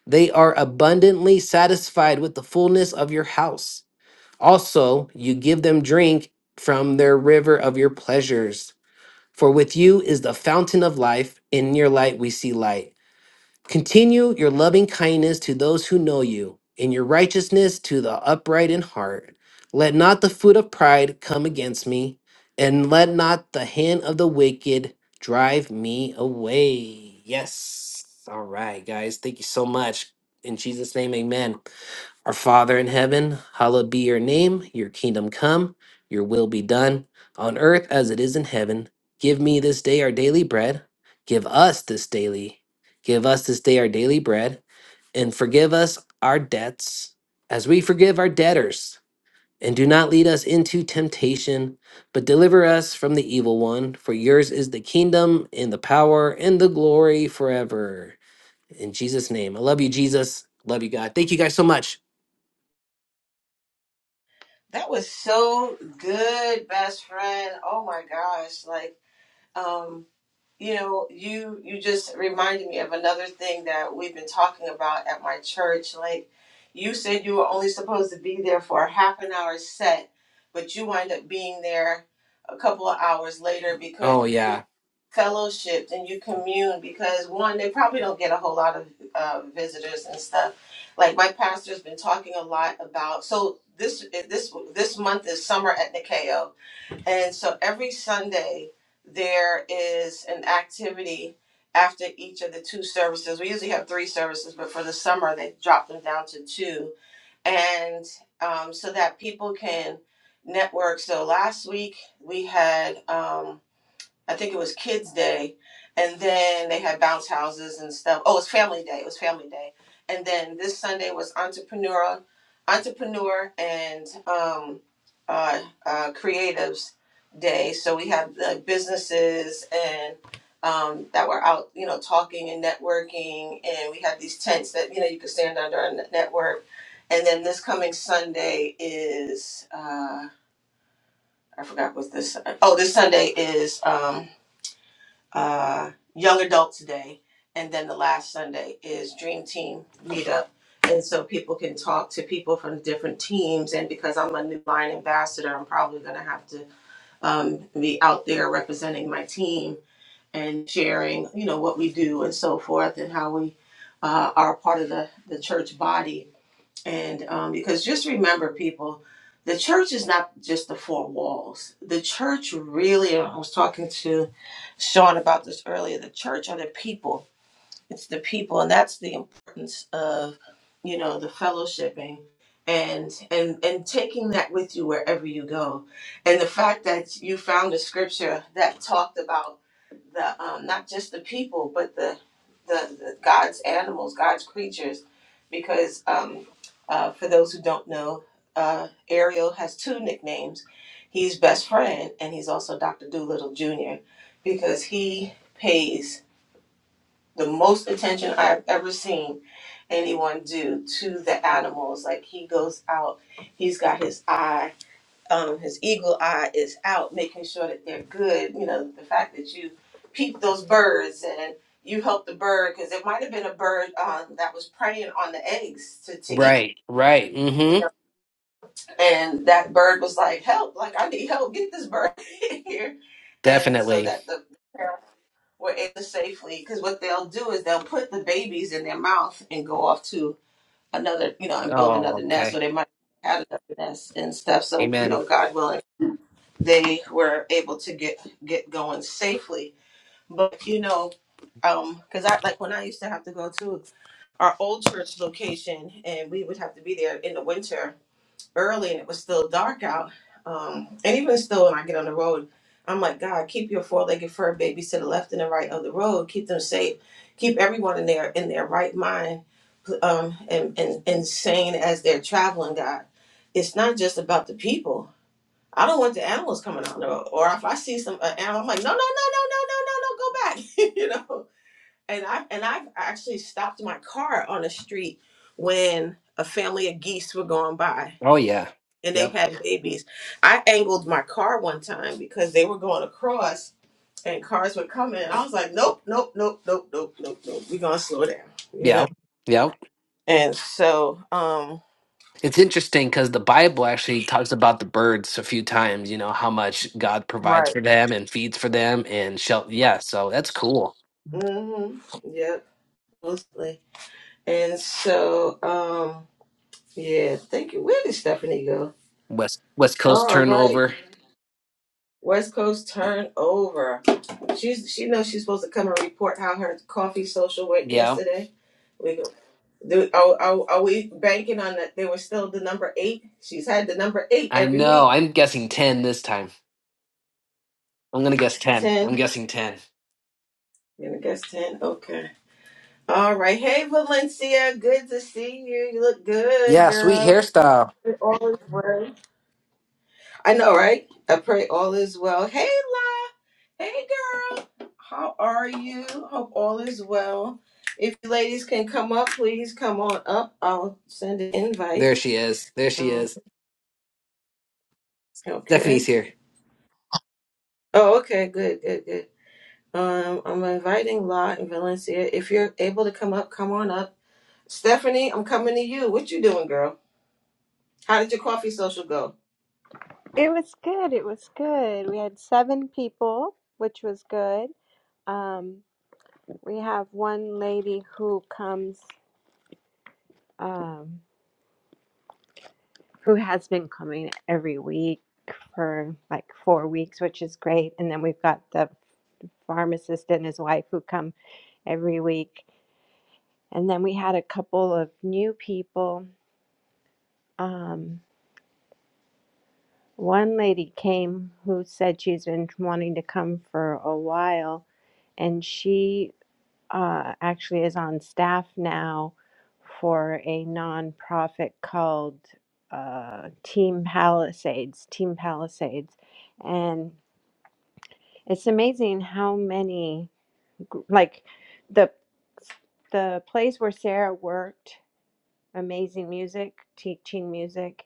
[SPEAKER 3] They are abundantly satisfied with the fullness of your house. Also, you give them drink from their river of your pleasures. For with you is the fountain of life. In your light we see light. Continue your loving kindness to those who know you, and your righteousness to the upright in heart. Let not the foot of pride come against me, and let not the hand of the wicked drive me away. Yes. All right, guys. Thank you so much. In Jesus' name, amen. Our Father in heaven, hallowed be your name, your kingdom come, your will be done, on earth as it is in heaven. Give me this day our daily bread. Give us this daily, give us this day our daily bread, and forgive us our debts as we forgive our debtors. And do not lead us into temptation, but deliver us from the evil one. For yours is the kingdom, and the power, and the glory forever. In Jesus' name. I love you, Jesus. Love you, God. Thank you guys so much.
[SPEAKER 1] That was so good, best friend. Oh my gosh. Like, um, You know, you you just reminded me of another thing that we've been talking about at my church. Like you said you were only supposed to be there for a half an hour set, but you wind up being there a couple of hours later because
[SPEAKER 3] Oh, yeah.
[SPEAKER 1] you fellowshipped and you commune because one, they probably don't get a whole lot of uh, visitors and stuff. Like my pastor's been talking a lot about so this this this month is summer at Nikeo and so every Sunday, there is an activity after each of the two services. We usually have three services, but for the summer, they dropped them down to two. And um, so that people can network. So last week, we had. Um, I think it was Kids Day, and then they had bounce houses and stuff. Oh, it was Family Day. It was Family Day, and then this Sunday was Entrepreneur, Entrepreneur and um, uh, uh, Creatives Day. So we had the businesses and um, that were out, you know, talking and networking, and we had these tents that you know you could stand under and network. And then this coming Sunday is uh, I forgot what this. Oh, this Sunday is. Um, uh, Young Adult Today, and then the last Sunday is Dream Team Meetup. And so people can talk to people from different teams. And because I'm a new line ambassador, I'm probably going to have to um, be out there representing my team and sharing, you know, what we do and so forth, and how we uh, are part of the, the church body and um, because just remember, people, the church is not just the four walls. The church really, I was talking to Sean about this earlier, the church are the people. It's the people, and that's the importance of, you know, the fellowshipping and and and taking that with you wherever you go. And the fact that you found a scripture that talked about the um, not just the people, but the the, the God's animals, God's creatures, because um, uh, for those who don't know, uh, Ariel has two nicknames. He's best friend, and he's also Doctor Doolittle Jr. because he pays the most attention I've ever seen anyone do to the animals. Like he goes out, he's got his eye um, his eagle eye is out, making sure that they're good. You know, the fact that you peep those birds and you help the bird because it might have been a bird um, that was preying on the eggs to, to eat,
[SPEAKER 3] Right, right. Mm-hmm.
[SPEAKER 1] and that bird was like, "Help! Like I need help! Get this bird in here!" And so
[SPEAKER 3] Definitely.
[SPEAKER 1] that the parent were able to safely because what they'll do is they'll put the babies in their mouth and go off to another, you know, and build
[SPEAKER 3] Oh,
[SPEAKER 1] another nest,
[SPEAKER 3] okay.
[SPEAKER 1] or they might have another nest and stuff. So you
[SPEAKER 3] Amen.
[SPEAKER 1] know, God willing they were able to get get going safely. But you know, um, because I like when I used to have to go to our old church location, and we would have to be there in the winter early, and it was still dark out. Um, and even still, when I get on the road, I'm like, God, keep your four-legged fur babies to the left and the right of the road. Keep them safe. Keep everyone in their in their right mind, um, and and and sane as they're traveling. God, it's not just about the people I don't want the animals coming out the road. Or if I see some uh, animal, I'm like, no, no, no, no, no, no, no, no, go back, you know. And I and I've actually stopped my car on the street when a family of geese were going by
[SPEAKER 3] Oh, yeah.
[SPEAKER 1] and they
[SPEAKER 3] Yep.
[SPEAKER 1] had babies. I angled my car one time because they were going across and cars were coming. And I was like, nope, nope, nope, nope, nope, nope, nope. We're gonna slow down, you know.
[SPEAKER 3] Yep. Yep.
[SPEAKER 1] And so, um,
[SPEAKER 3] It's interesting because the Bible actually talks about the birds a few times, you know, how much God provides
[SPEAKER 1] right.
[SPEAKER 3] for them and feeds for them and shall yeah, so that's cool.
[SPEAKER 1] Mm-hmm. Yep. Mostly. And so, um, Yeah, thank you. Where did Stephanie go?
[SPEAKER 3] West West Coast
[SPEAKER 1] All right,
[SPEAKER 3] turnover.
[SPEAKER 1] West Coast turnover. She's she knows she's supposed to come and report how her coffee social went
[SPEAKER 3] Yeah.
[SPEAKER 1] yesterday. We go. Do, are, are, are we banking on that they were still the number eight? She's had the number eight
[SPEAKER 3] I
[SPEAKER 1] every
[SPEAKER 3] know.
[SPEAKER 1] week.
[SPEAKER 3] I'm guessing ten this time. I'm gonna guess ten. I'm
[SPEAKER 1] Ten.
[SPEAKER 3] guessing ten.
[SPEAKER 1] I'm gonna guess ten. Okay. All right. Hey Valencia, good to see you. You look good,
[SPEAKER 3] Yeah, sweet
[SPEAKER 1] girl.
[SPEAKER 3] hairstyle.
[SPEAKER 1] You're always well. I know, right? I pray all is well. Hey, La. Hey, girl. How are you? Hope all is well. If you ladies can come up, please come on up. I'll send an invite.
[SPEAKER 3] There she is. There she
[SPEAKER 1] Um,
[SPEAKER 3] is.
[SPEAKER 1] okay.
[SPEAKER 3] Stephanie's here.
[SPEAKER 1] Oh, okay. Good, good, good. Um, I'm inviting La and Valencia. If you're able to come up, come on up. Stephanie, I'm coming to you. What you doing, girl? How did your coffee social go?
[SPEAKER 4] It was good. It was good. We had seven people, which was good. Um, we have one lady who comes, um, who has been coming every week for like four weeks, which is great. And then we've got the pharmacist and his wife who come every week. And then we had a couple of new people. Um, one lady came who said she's been wanting to come for a while, and she uh, actually is on staff now for a nonprofit called uh, Team Palisades. Team Palisades, and it's amazing how many gr- like the the place where Sarah worked amazing music, teaching music.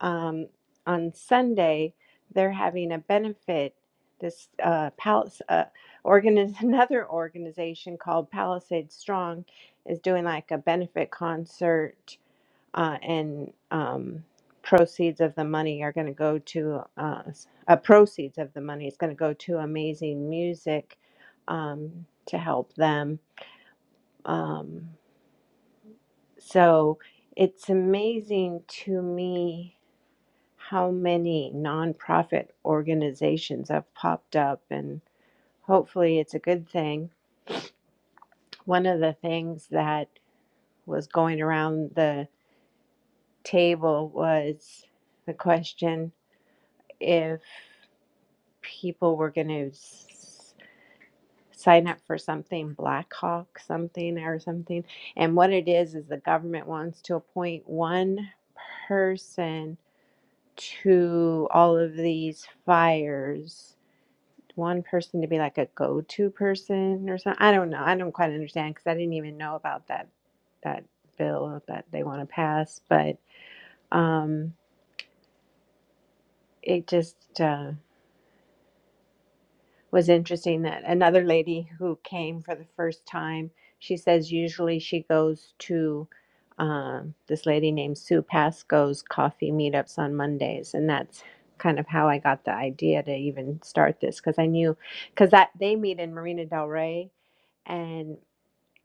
[SPEAKER 4] Um, on Sunday, they're having a benefit. This uh, Palace, uh, organiz- another organization called Palisade Strong is doing like a benefit concert, uh, and um, proceeds of the money are going to go to uh, s- uh, proceeds of the money is going to go to amazing music um, to help them. Um, so it's amazing to me how many nonprofit organizations have popped up, and hopefully it's a good thing. One of the things that was going around the table was the question if people were going to s- sign up for something, Black Hawk something or something. And what it is, is the government wants to appoint one person to all of these fires one person to be like a go-to person or something i don't know i don't quite understand because i didn't even know about that that bill that they want to pass but um it just uh, was interesting that another lady who came for the first time, she says usually she goes to um, this lady named Sue Pasco's coffee meetups on Mondays, and that's kind of how I got the idea to even start this because I knew because that they meet in Marina Del Rey, and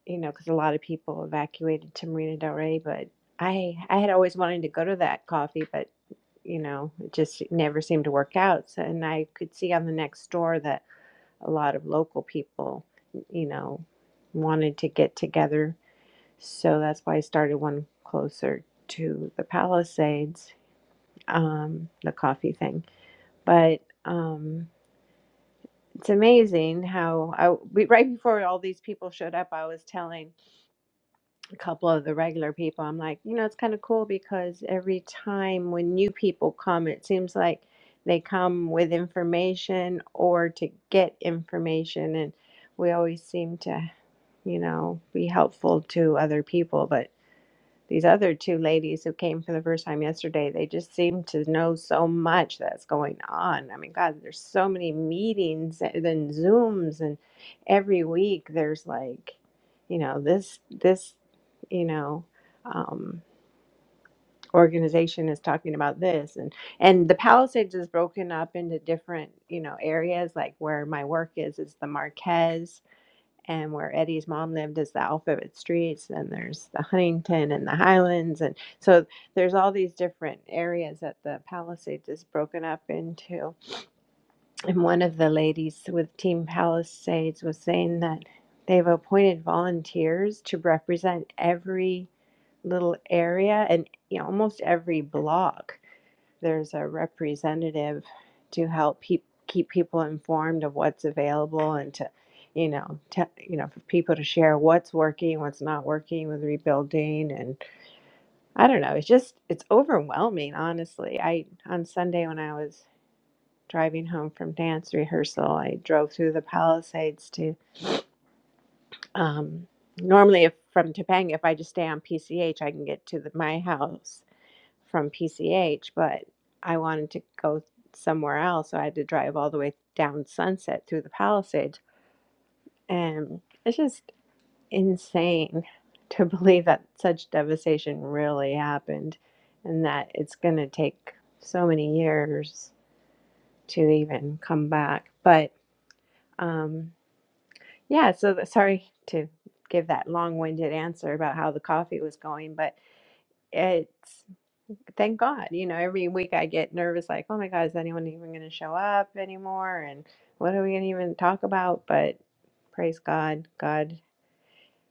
[SPEAKER 4] you know because a lot of people evacuated to Marina Del Rey, but I I had always wanted to go to that coffee, but you know it just never seemed to work out. So, and I could see on the next door that a lot of local people, you know, wanted to get together. So that's why I started one closer to the Palisades, um, the coffee thing. But um, it's amazing how I we, right before all these people showed up, I was telling a couple of the regular people, I'm like, you know, it's kind of cool because every time when new people come, it seems like they come with information or to get information and we always seem to you know, be helpful to other people. But these other two ladies who came for the first time yesterday, they just seem to know so much that's going on. I mean, God, there's so many meetings and then Zooms, and every week there's like, you know, this, this, you know, um, organization is talking about this and and the palisades is broken up into different you know areas like where my work is is the marquez and where Eddie's mom lived is the Alphabet Streets, and there's the Huntington and the Highlands, and so there's all these different areas that the Palisades is broken up into. And one of the ladies with Team Palisades was saying that they've appointed volunteers to represent every little area and you know, almost every block there's a representative to help pe- keep people informed of what's available and to, you know, te- you know, for people to share what's working, what's not working with rebuilding, and I don't know. It's just it's overwhelming, honestly. I on Sunday when I was driving home from dance rehearsal, I drove through the Palisades to. Um, normally, if from Topanga, if I just stay on PCH, I can get to the, my house from PCH, but I wanted to go somewhere else. So I had to drive all the way down Sunset through the Palisades. And it's just insane to believe that such devastation really happened and that it's going to take so many years to even come back. But um, yeah, so the, sorry to give that long winded answer about how the coffee was going, but it's thank God. You know, every week I get nervous, like, oh my God, is anyone even going to show up anymore? And what are we going to even talk about? But praise God, God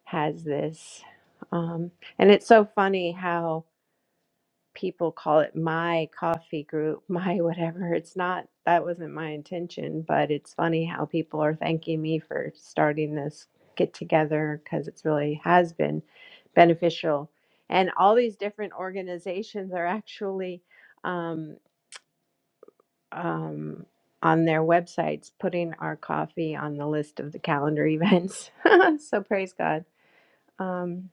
[SPEAKER 4] has this. Um, and it's so funny how people call it my coffee group, my whatever. It's not, that wasn't my intention, but it's funny how people are thanking me for starting this get together because it's really has been beneficial. And all these different organizations are actually um, um, on their websites putting our coffee on the list of the calendar events. so praise God. Um,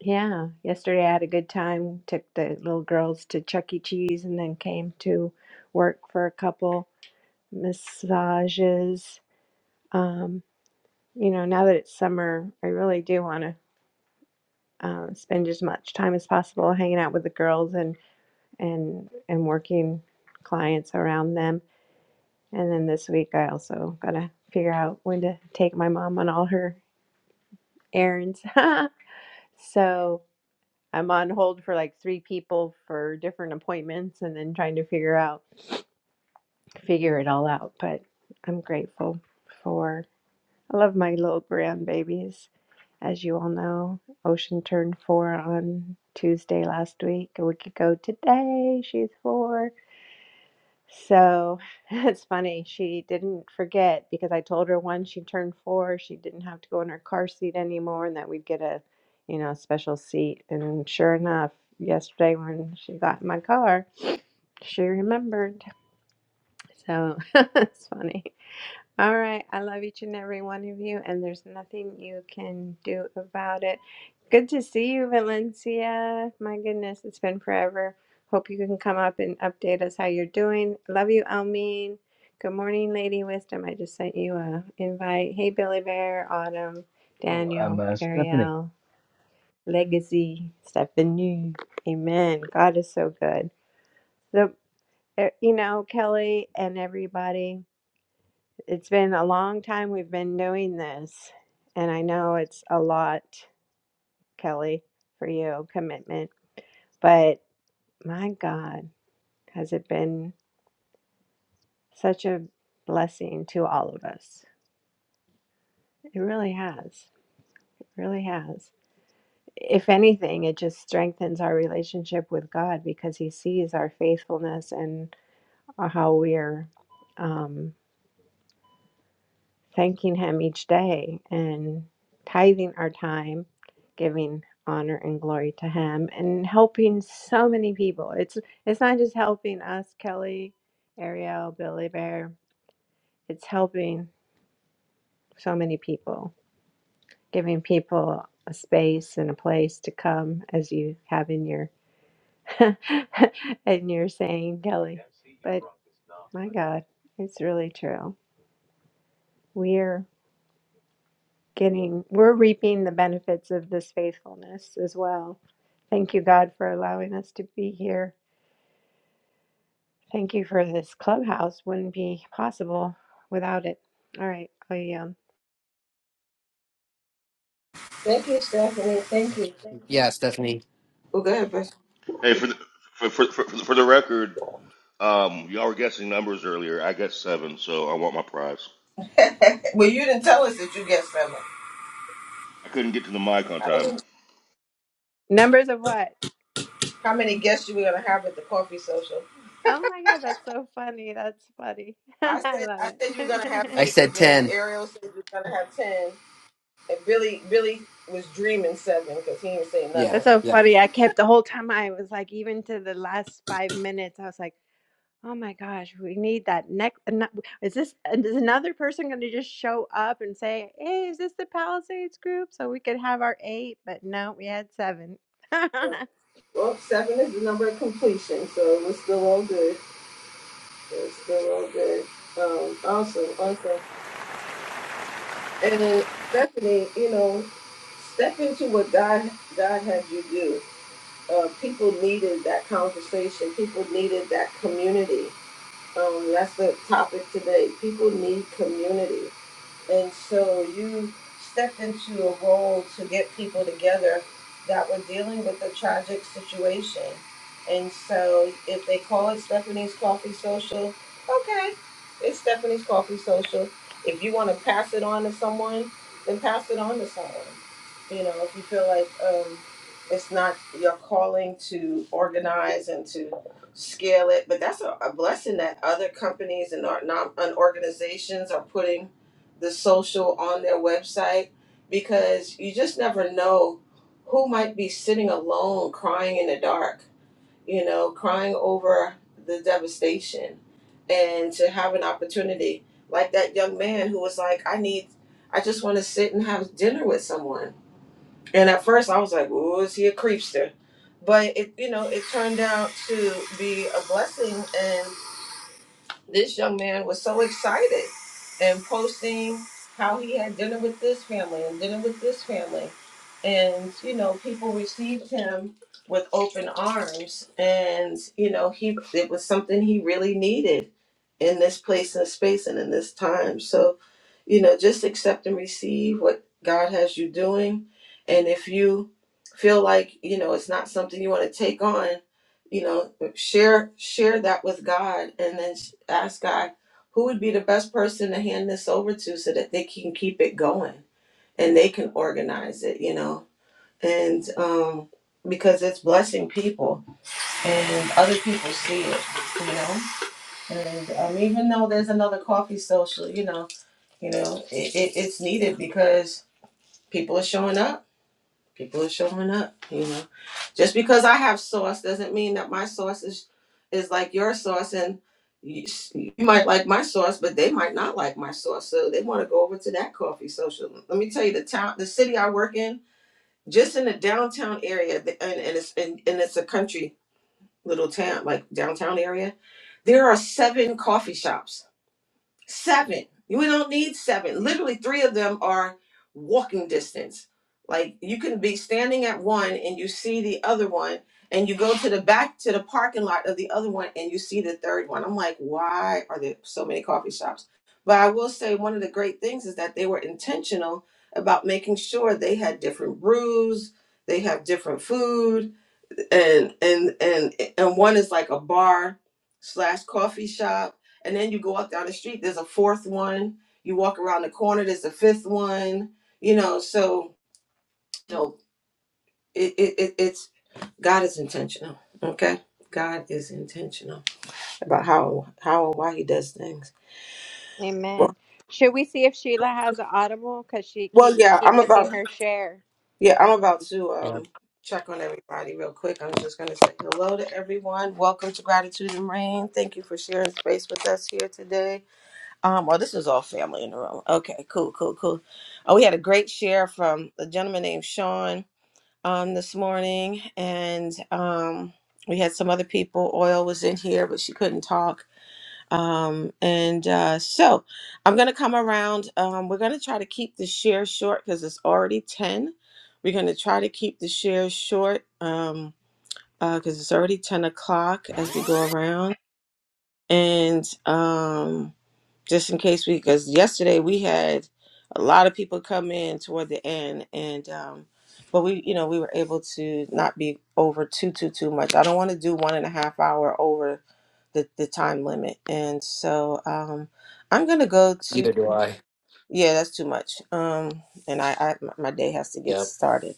[SPEAKER 4] yeah, yesterday I had a good time. Took the little girls to Chuck E. Cheese and then came to work for a couple massages. Um, you know, now that it's summer, I really do want to uh, spend as much time as possible hanging out with the girls and and and working clients around them. And then this week I also got to figure out when to take my mom on all her errands. so I'm on hold for like three people for different appointments and then trying to figure out figure it all out. But I'm grateful for I love my little grandbabies. As you all know, Ocean turned four on Tuesday last week. A week ago today, she's four so it's funny, she didn't forget because I told her once she turned four, she didn't have to go in her car seat anymore and that we'd get a, you know, a special seat. And sure enough, yesterday when she got in my car, she remembered. So it's funny. All right. I love each and every one of you, and there's nothing you can do about it. Good to see you, Valencia. My goodness, it's been forever. Hope you can come up and update us how you're doing. Love you, Almeen. Good morning, Lady Wisdom. I just sent you a invite. Hey, Billy Bear, Autumn,
[SPEAKER 5] Oh, um,
[SPEAKER 4] Daniel,
[SPEAKER 5] uh, Stephanie.
[SPEAKER 4] Ariel, Legacy, Stephanie. Amen. God is so good. The, eh, you know, Kelly and everybody. It's been a long time we've been doing this, and I know it's a lot, Kelly, for you, commitment, but my God, has it been such a blessing to all of us? It really has. It really has. If anything, it just strengthens our relationship with God because He sees our faithfulness and uh, how we're. um, thanking Him each day and tithing our time, giving honor and glory to Him, and helping so many people. It's it's not just helping us, Kelly, Ariel, Billy Bear. It's helping so many people, giving people a space and a place to come, as you have in your in your saying, Kelly. But my God, it's really true. We're getting, we're reaping the benefits of this faithfulness as well. Thank you, God, for allowing us to be here. Thank you for this clubhouse. Wouldn't be possible without it. All right. I um,
[SPEAKER 1] Thank you, Stephanie. Thank you.
[SPEAKER 3] Yeah, Stephanie.
[SPEAKER 1] Well, go ahead, Bess.
[SPEAKER 6] Hey, for the for for for, for the record, um, y'all were guessing numbers earlier. I got seven, so I want my prize.
[SPEAKER 1] well, you didn't tell us that you get seven.
[SPEAKER 6] I couldn't get to the mic on time.
[SPEAKER 4] numbers of what?
[SPEAKER 1] How many guests you were gonna have at the coffee social?
[SPEAKER 4] Oh my God, that's so funny. That's funny.
[SPEAKER 1] I
[SPEAKER 4] I
[SPEAKER 1] said
[SPEAKER 4] love
[SPEAKER 1] I said you were gonna have
[SPEAKER 4] it.
[SPEAKER 3] I
[SPEAKER 1] eight
[SPEAKER 3] said
[SPEAKER 1] again.
[SPEAKER 3] ten.
[SPEAKER 1] Ariel said you were gonna have ten, and Billy Billy was dreaming seven because he didn't say
[SPEAKER 3] Yeah,
[SPEAKER 4] that's
[SPEAKER 1] nothing.
[SPEAKER 4] so
[SPEAKER 3] yeah,
[SPEAKER 4] funny. I kept the whole time I was like, even to the last five minutes, I was like, Oh my gosh, we need that next. ano- Is this and is another person going to just show up and say, "Hey, is this the Palisades group?" So we could have our eight, but no, we had seven.
[SPEAKER 1] Well, seven is the number of completion, so we're still all good. We're still all good. Um, awesome, awesome. And Stephanie, you know, step into what God God had you do. Uh, people needed that conversation. People needed that community Um, that's the topic today. People need community. And so you stepped into a role to get people together that were dealing with a tragic situation. And so if they call it Stephanie's Coffee Social, okay, it's Stephanie's Coffee Social. If you want to pass it on to someone, then pass it on to someone. You know, if you feel like um, it's not your calling to organize and to scale it, but that's a, a blessing that other companies and or, non, and organizations are putting the social on their website because you just never know who might be sitting alone crying in the dark, you know, crying over the devastation and to have an opportunity like that young man who was like, I need, I just want to sit and have dinner with someone. And at first I was like, oh, is he a creepster? But it, you know, it turned out to be a blessing and. This young man was so excited and posting how he had dinner with this family and dinner with this family. And, you know, people received him with open arms. And, you know, he it was something he really needed in this place and space and in this time. So, you know, just accept and receive what God has you doing. And if you feel like, you know, it's not something you want to take on, you know share share that with god and then sh- ask god who would be the best person to hand this over to so that they can keep it going and they can organize it you know and um because it's blessing people and other people see it you know and um, even though there's another coffee social you know you know it, it, it's needed because people are showing up people are showing up you know just because i have sauce doesn't mean that my sauce is is like your sauce and you, you might like my sauce but they might not like my sauce so they want to go over to that coffee social let me tell you the town the city i work in just in the downtown area the- and, and it's and, and it's a country little town like downtown area there are seven coffee shops Seven. We don't need seven. Literally, three of them are walking distance. Like you can be standing at one and you see the other one, and you go to the back to the parking lot of the other one and you see the third one. I'm like, why are there so many coffee shops? But I will say one of the great things is that they were intentional about making sure they had different brews, they have different food, and and and and one is like a bar slash coffee shop and then you go up down the street there's a fourth one you walk around the corner there's a fifth one you know so you know, it, it, it it's god is intentional okay god is intentional about how how and why he does things well,
[SPEAKER 4] Amen. Should we see if Sheila has an audible? Because she
[SPEAKER 1] well
[SPEAKER 4] keep we
[SPEAKER 1] yeah
[SPEAKER 4] keep
[SPEAKER 1] i'm
[SPEAKER 4] missing
[SPEAKER 1] about
[SPEAKER 4] her share.
[SPEAKER 1] yeah i'm about to
[SPEAKER 3] yeah,
[SPEAKER 1] um check on everybody real quick i'm
[SPEAKER 3] yeah.
[SPEAKER 1] just going to say hello to everyone welcome to gratitude and rain thank you for sharing space with us here today Um, well, this is all family in the room. Okay, cool, cool, cool. Uh, we had a great share from a gentleman named Sean um, this morning, and um, we had some other people. Oil was in here, but she couldn't talk. Um, and uh, so I'm going to come around. Um, we're going to try to keep the share short because it's already 10. We're going to try to keep the share short um, because it's already 10 o'clock as we go around. And. Um, just in case we because yesterday we had a lot of people come in toward the end and um but we you know we were able to not be over too too too much i don't want to do one and a half hour over the the time limit and so um i'm gonna go to
[SPEAKER 3] Either do I.
[SPEAKER 1] yeah that's too much um and i, I my my day has to get
[SPEAKER 3] Yep.
[SPEAKER 1] started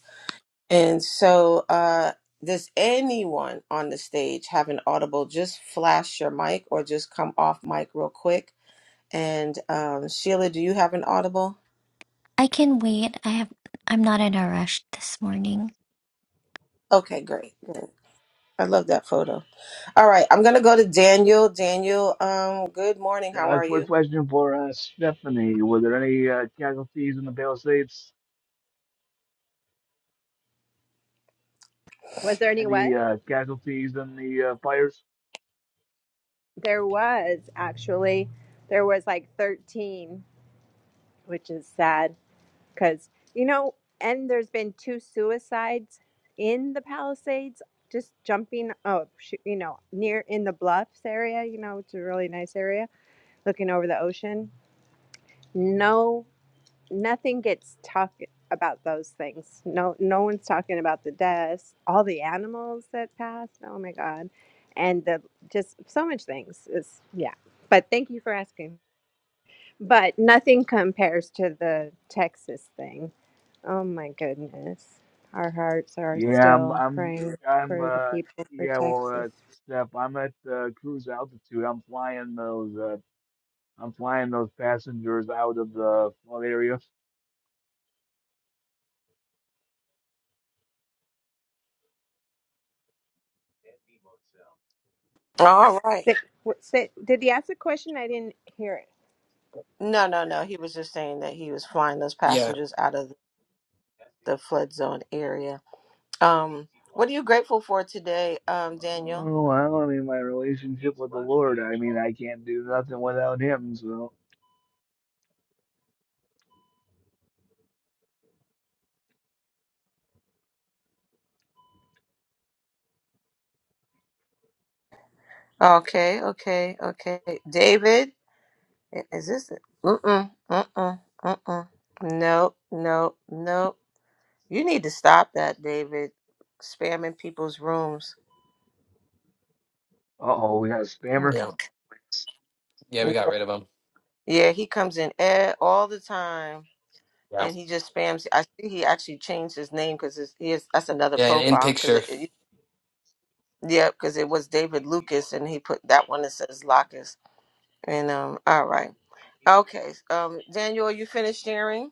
[SPEAKER 1] and so uh does anyone on the stage have an audible just flash your mic or just come off mic real quick and um, Sheila, do you have an audible? Okay, great, great. I love that photo. All right, I'm gonna go to Daniel. Daniel, um, good morning. How
[SPEAKER 5] A
[SPEAKER 1] are
[SPEAKER 5] quick
[SPEAKER 1] you?
[SPEAKER 5] question for uh, Stephanie. Were there any uh, casualties in the Palisades?
[SPEAKER 4] Was there any what?
[SPEAKER 5] Any uh, casualties in the uh, fires?
[SPEAKER 4] There was actually, there was like thirteen, which is sad. because you know and there's been two suicides in the palisades just jumping oh sh- you know near in the bluffs area you know it's a really nice area looking over the ocean no nothing gets talked about those things no no one's talking about the deaths all the animals that passed oh my god and the just so much things is yeah but thank you for asking but nothing compares to the Texas thing. Oh my goodness. Our hearts are
[SPEAKER 5] Yeah, I'm,
[SPEAKER 4] still
[SPEAKER 5] I'm,
[SPEAKER 4] praying
[SPEAKER 5] I'm,
[SPEAKER 4] for the
[SPEAKER 5] uh,
[SPEAKER 4] people for
[SPEAKER 5] yeah. Well,
[SPEAKER 4] Texas.
[SPEAKER 5] uh, Steph, I'm at uh, cruise altitude. I'm flying those, uh, I'm flying those passengers out of the flood area.
[SPEAKER 1] All right.
[SPEAKER 4] Say, what- say, did he ask a question? I didn't hear it.
[SPEAKER 1] No, no, no. He was just saying that he was flying those
[SPEAKER 3] Yeah,
[SPEAKER 1] passengers out of the flood zone area. Um, what are you grateful for today, um, Daniel?
[SPEAKER 5] Oh, well, I mean, my relationship with the Lord. I mean, I can't do nothing without Him. So,
[SPEAKER 1] Okay, okay, okay. David, i- is this it? Mm-mm, mm-mm, mm-mm. No, no, no. You need to stop that, David. Spamming people's rooms.
[SPEAKER 5] uh oh, we got a spammer.
[SPEAKER 1] Okay.
[SPEAKER 3] yeah, yeah. We got rid of him.
[SPEAKER 1] Yeah, he comes in e- all the time,
[SPEAKER 3] Yeah,
[SPEAKER 1] and he just spams. I see he actually changed his name because he is. That's another
[SPEAKER 3] yeah. And in
[SPEAKER 1] profile because
[SPEAKER 3] picture.
[SPEAKER 1] it. it yeah, because it was David Lucas, and he put that one that says Locus. And um, all right, okay. Um, Daniel, are you finished sharing?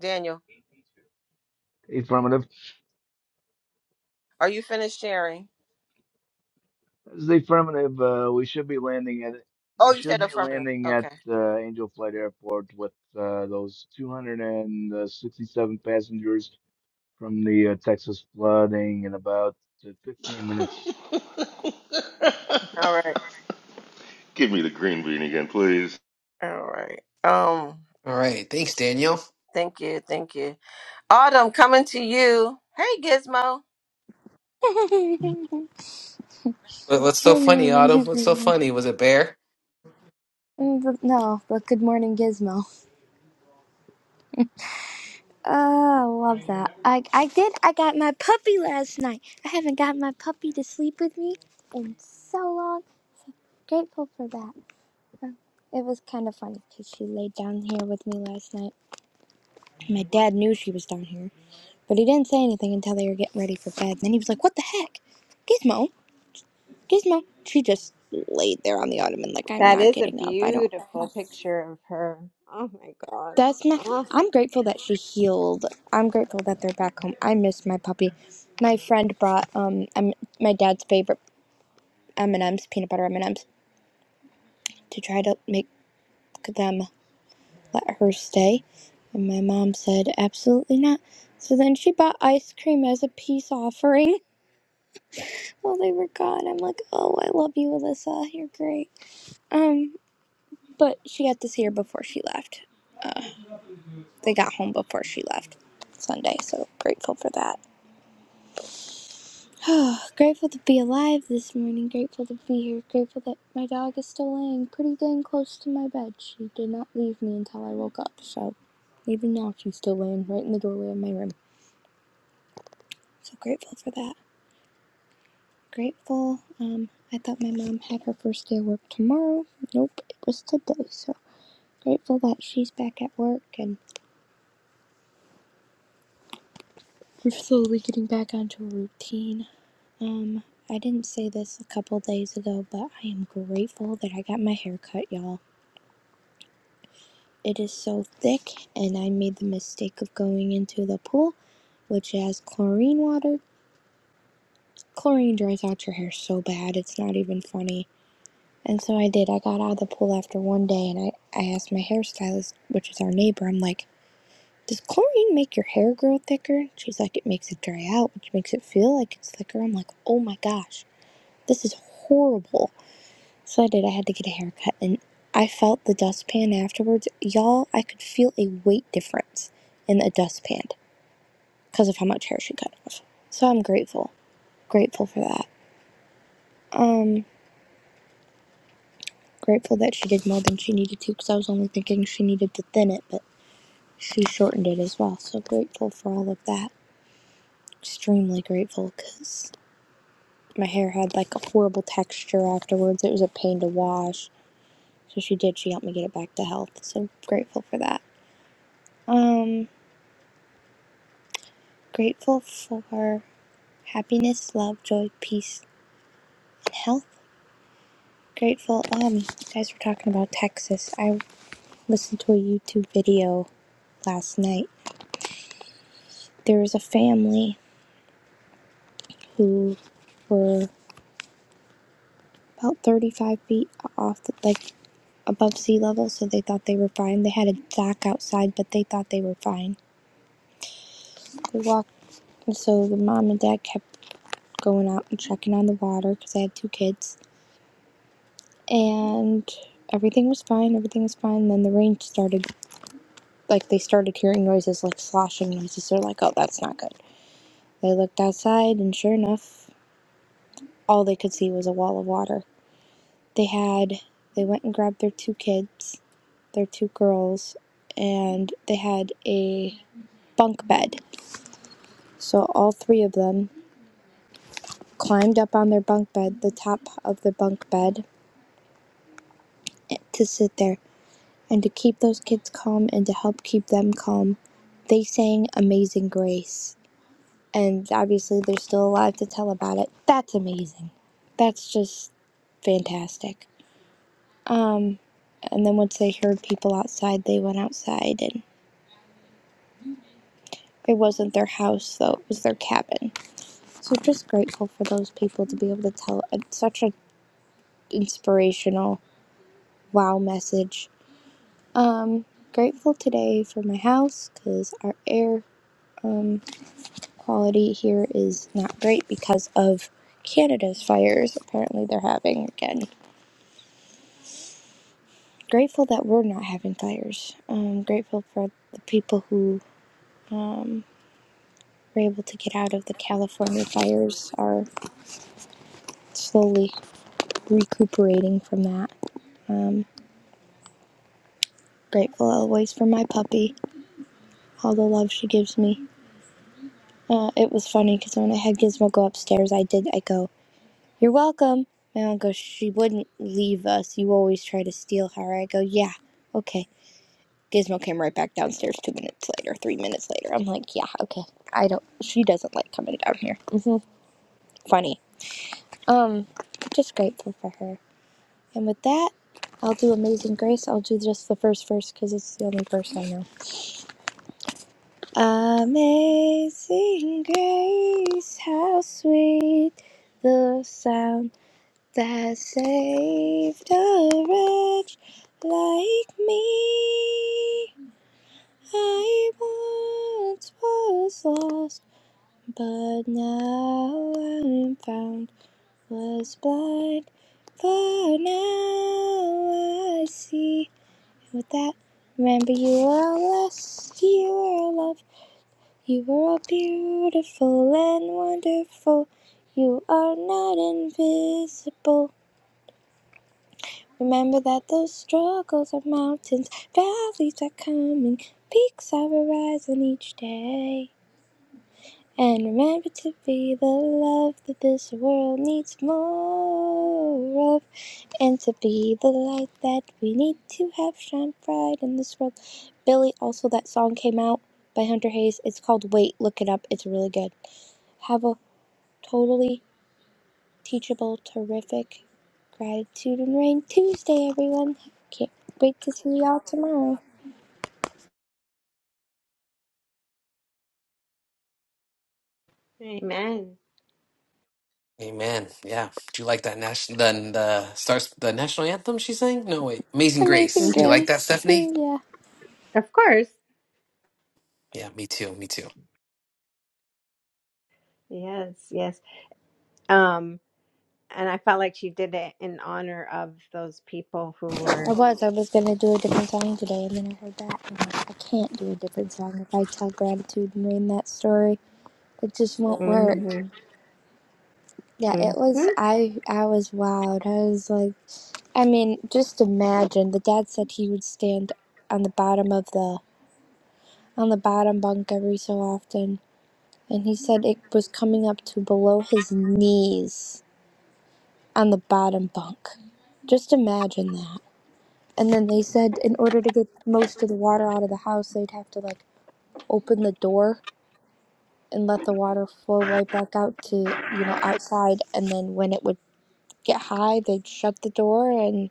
[SPEAKER 1] Daniel,
[SPEAKER 5] Affirmative.
[SPEAKER 1] are you finished sharing?
[SPEAKER 5] This the affirmative. Uh, we should be landing at we
[SPEAKER 1] Oh, you
[SPEAKER 5] should
[SPEAKER 1] said
[SPEAKER 5] be
[SPEAKER 1] affirmative.
[SPEAKER 5] landing at
[SPEAKER 1] Okay.
[SPEAKER 5] uh, Angel Flight Airport with uh, those 267 passengers from the uh, Texas flooding in about uh, 15 minutes.
[SPEAKER 1] All right.
[SPEAKER 6] Give me the green bean again, please.
[SPEAKER 1] All right. Um.
[SPEAKER 3] All right. Thanks, Daniel.
[SPEAKER 1] Thank you. Thank you. Autumn coming to you. Hey, Gizmo.
[SPEAKER 7] Good
[SPEAKER 3] What- What's so funny,
[SPEAKER 7] morning,
[SPEAKER 3] Autumn? What's so
[SPEAKER 7] everyone.
[SPEAKER 3] funny? Was it bear?
[SPEAKER 7] Mm, but No, but good morning, Gizmo. Oh, love that. I, I did. I got my puppy last night. I haven't got my puppy to sleep with me in so long. Grateful for that. It was kind of funny because she laid down here with me last night. My dad knew she was down here, but he didn't say anything until they were getting ready for bed. Then he was like, What the heck? Gizmo, Gizmo. She just laid there on the ottoman like, I'm
[SPEAKER 4] That
[SPEAKER 7] not
[SPEAKER 4] is a
[SPEAKER 7] getting up. I don't.
[SPEAKER 4] beautiful picture of her. Oh my God.
[SPEAKER 7] That's not.
[SPEAKER 4] Oh,
[SPEAKER 7] I'm grateful that she healed. I'm grateful that they're back home. I miss my puppy. My friend brought um um, my dad's favorite M and M's, peanut butter M and M's, to try to make them let her stay, and my mom said absolutely not. So then she bought ice cream as a peace offering while they were gone. I'm like, oh, I love you, Alyssa. You're great. Um, but she got to see her before she left. They got home before she left Sunday, so grateful for that. Oh, grateful to be alive this morning. Grateful to be here. Grateful that my dog is still laying pretty dang close to my bed. She did not leave me until I woke up, so even now she's still laying right in the doorway of my room. So grateful for that. Grateful. Um, I thought my mom had her first day of work tomorrow. Nope, it was today. So grateful that she's back at work and we're slowly getting back onto a routine. Um, I didn't say this a couple days ago, but I am grateful that I got my hair cut, y'all. It is so thick, and I made the mistake of going into the pool, which has chlorine water. Chlorine dries out your hair so bad, it's not even funny. And so I did. I got out of the pool after one day, and I, I asked my hairstylist, which is our neighbor, I'm like, does chlorine make your hair grow thicker? She's like, it makes it dry out, which makes it feel like it's thicker. I'm like, oh my gosh, this is horrible. So I did. I had to get a haircut, and I felt the dustpan afterwards. Y'all, I could feel a weight difference in the dustpan because of how much hair she cut off. So I'm grateful. Grateful for that. Grateful that she did more than she needed to because I was only thinking she needed to thin it, but she shortened it as well. So grateful for all of that. Extremely grateful because my hair had like a horrible texture afterwards. It was a pain to wash. So she did. She helped me get it back to health. So grateful for that. Um, Grateful for happiness, love, joy, peace, and health. Grateful. Um, you guys were talking about Texas. I listened to a YouTube video last night. There was a family who were about 35 feet off, the, like above sea level, so they thought they were fine. They had a dock outside, but they thought they were fine. They walked, and so the mom and dad kept going out and checking on the water because they had two kids and everything was fine. Everything was fine. Then the rain started. Like they started hearing noises, like sloshing noises. They're like, "Oh, that's not good." They looked outside, and sure enough, all they could see was a wall of water. They had. They went and grabbed their two kids, their two girls, and they had a bunk bed. So all three of them climbed up on their bunk bed, the top of the bunk bed, to sit there and to keep those kids calm and to help keep them calm, they sang Amazing Grace. And obviously, they're still alive to tell about it. That's amazing. That's just fantastic. And then once they heard people outside, they went outside, and it wasn't their house, though, it was their cabin. So just grateful for those people to be able to tell uh, such an inspirational wow message. Grateful today for my house because our air quality here is not great because of Canada's fires. Apparently, they're having again. Grateful that we're not having fires. Um, grateful for the people who were able to get out of the California fires are slowly recuperating from that. Um, grateful always for my puppy, all the love she gives me. Uh, it was funny because when I had Gizmo go upstairs, I did. I go, "You're welcome." My mom goes, "She wouldn't leave us. You always try to steal her." I go, "Yeah, okay." Gizmo came right back downstairs two minutes later, three minutes later. I'm like, yeah, okay. I don't, she doesn't like coming down here. Funny. Um, just grateful for her. And with that, I'll do Amazing Grace. I'll do just the first verse because it's the only verse I know. Amazing Grace, how sweet the sound that saved a wretch like me. I once was lost But now I am found, was blind, but now I see. With that, remember you are lost, you are loved, you are beautiful and wonderful. You are not invisible. Remember that those struggles are mountains, valleys are coming, peaks are arising each day. And remember to be the love that this world needs more of. And to be the light that we need to have shine bright in this world. Billy, also, that song came out by Hunter Hayes. It's called Wait, Look It Up. It's really good. Have a totally teachable, terrific gratitude and rain Tuesday, everyone. Can't wait to see y'all tomorrow.
[SPEAKER 4] amen.
[SPEAKER 3] Amen. Yeah. Do you like that national the the starts the national anthem she sang? No wait, Amazing
[SPEAKER 7] Amazing
[SPEAKER 3] Grace. Do you like that,
[SPEAKER 7] Grace.
[SPEAKER 3] Stephanie?
[SPEAKER 7] yeah.
[SPEAKER 4] Of course.
[SPEAKER 3] Yeah, me too. Me too.
[SPEAKER 4] Yes, yes. Um, and I felt like she did it in honor of those people who
[SPEAKER 7] I
[SPEAKER 4] were.
[SPEAKER 7] was. I was gonna do a different song today, and then I heard that. And I'm like, I can't do a different song if I tell gratitude and read that story. It just won't work.
[SPEAKER 4] Mhm,
[SPEAKER 7] Yeah, it was.
[SPEAKER 4] mhm.
[SPEAKER 7] I I was wowed. I was like, I mean, just imagine. The dad said he would stand on the bottom of the on the bottom bunk every so often, and he said it was coming up to below his knees on the bottom bunk. Just imagine that. And then they said in order to get most of the water out of the house, they'd have to like open the door and let the water flow right back out to you know outside and then when it would get high they'd shut the door and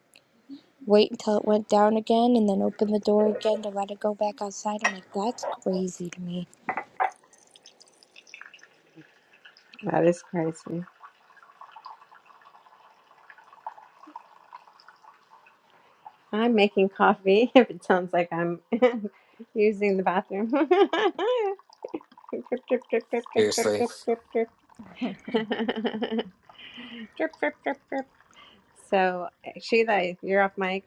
[SPEAKER 7] wait until it went down again and then open the door again to let it go back outside i'm like that's crazy to me
[SPEAKER 4] That is crazy. I'm making coffee if it sounds like I'm using the bathroom. drip, drip, drip, drip, drip, drip,
[SPEAKER 3] Seriously.
[SPEAKER 4] drip, drip, drip. drip, drip, drip, drip. So, Sheila, if you're off mic,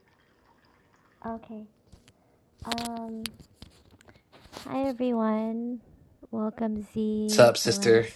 [SPEAKER 3] What's up, sister?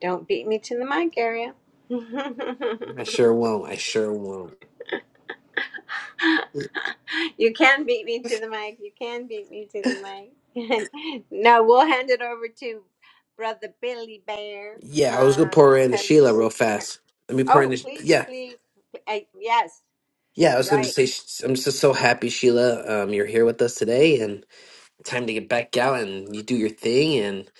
[SPEAKER 4] don't beat me to the mic area. you
[SPEAKER 3] I sure won't. I sure won't.
[SPEAKER 4] can beat me to the mic. You can beat me to the mic. no, we'll hand it over to Brother Billy Bear
[SPEAKER 3] Yeah, I was gonna
[SPEAKER 4] um,
[SPEAKER 3] pour in to
[SPEAKER 4] because it's
[SPEAKER 3] Sheila
[SPEAKER 4] his
[SPEAKER 3] real
[SPEAKER 4] turn.
[SPEAKER 3] fast. Let me pour in.
[SPEAKER 4] Oh,
[SPEAKER 3] To,
[SPEAKER 4] please,
[SPEAKER 3] yeah.
[SPEAKER 4] please. I, yes.
[SPEAKER 3] Yeah, I was going to
[SPEAKER 4] Right.
[SPEAKER 3] say, sh- I'm just so happy, Sheila, um, you're here with us today and time to get back out and you do your thing. And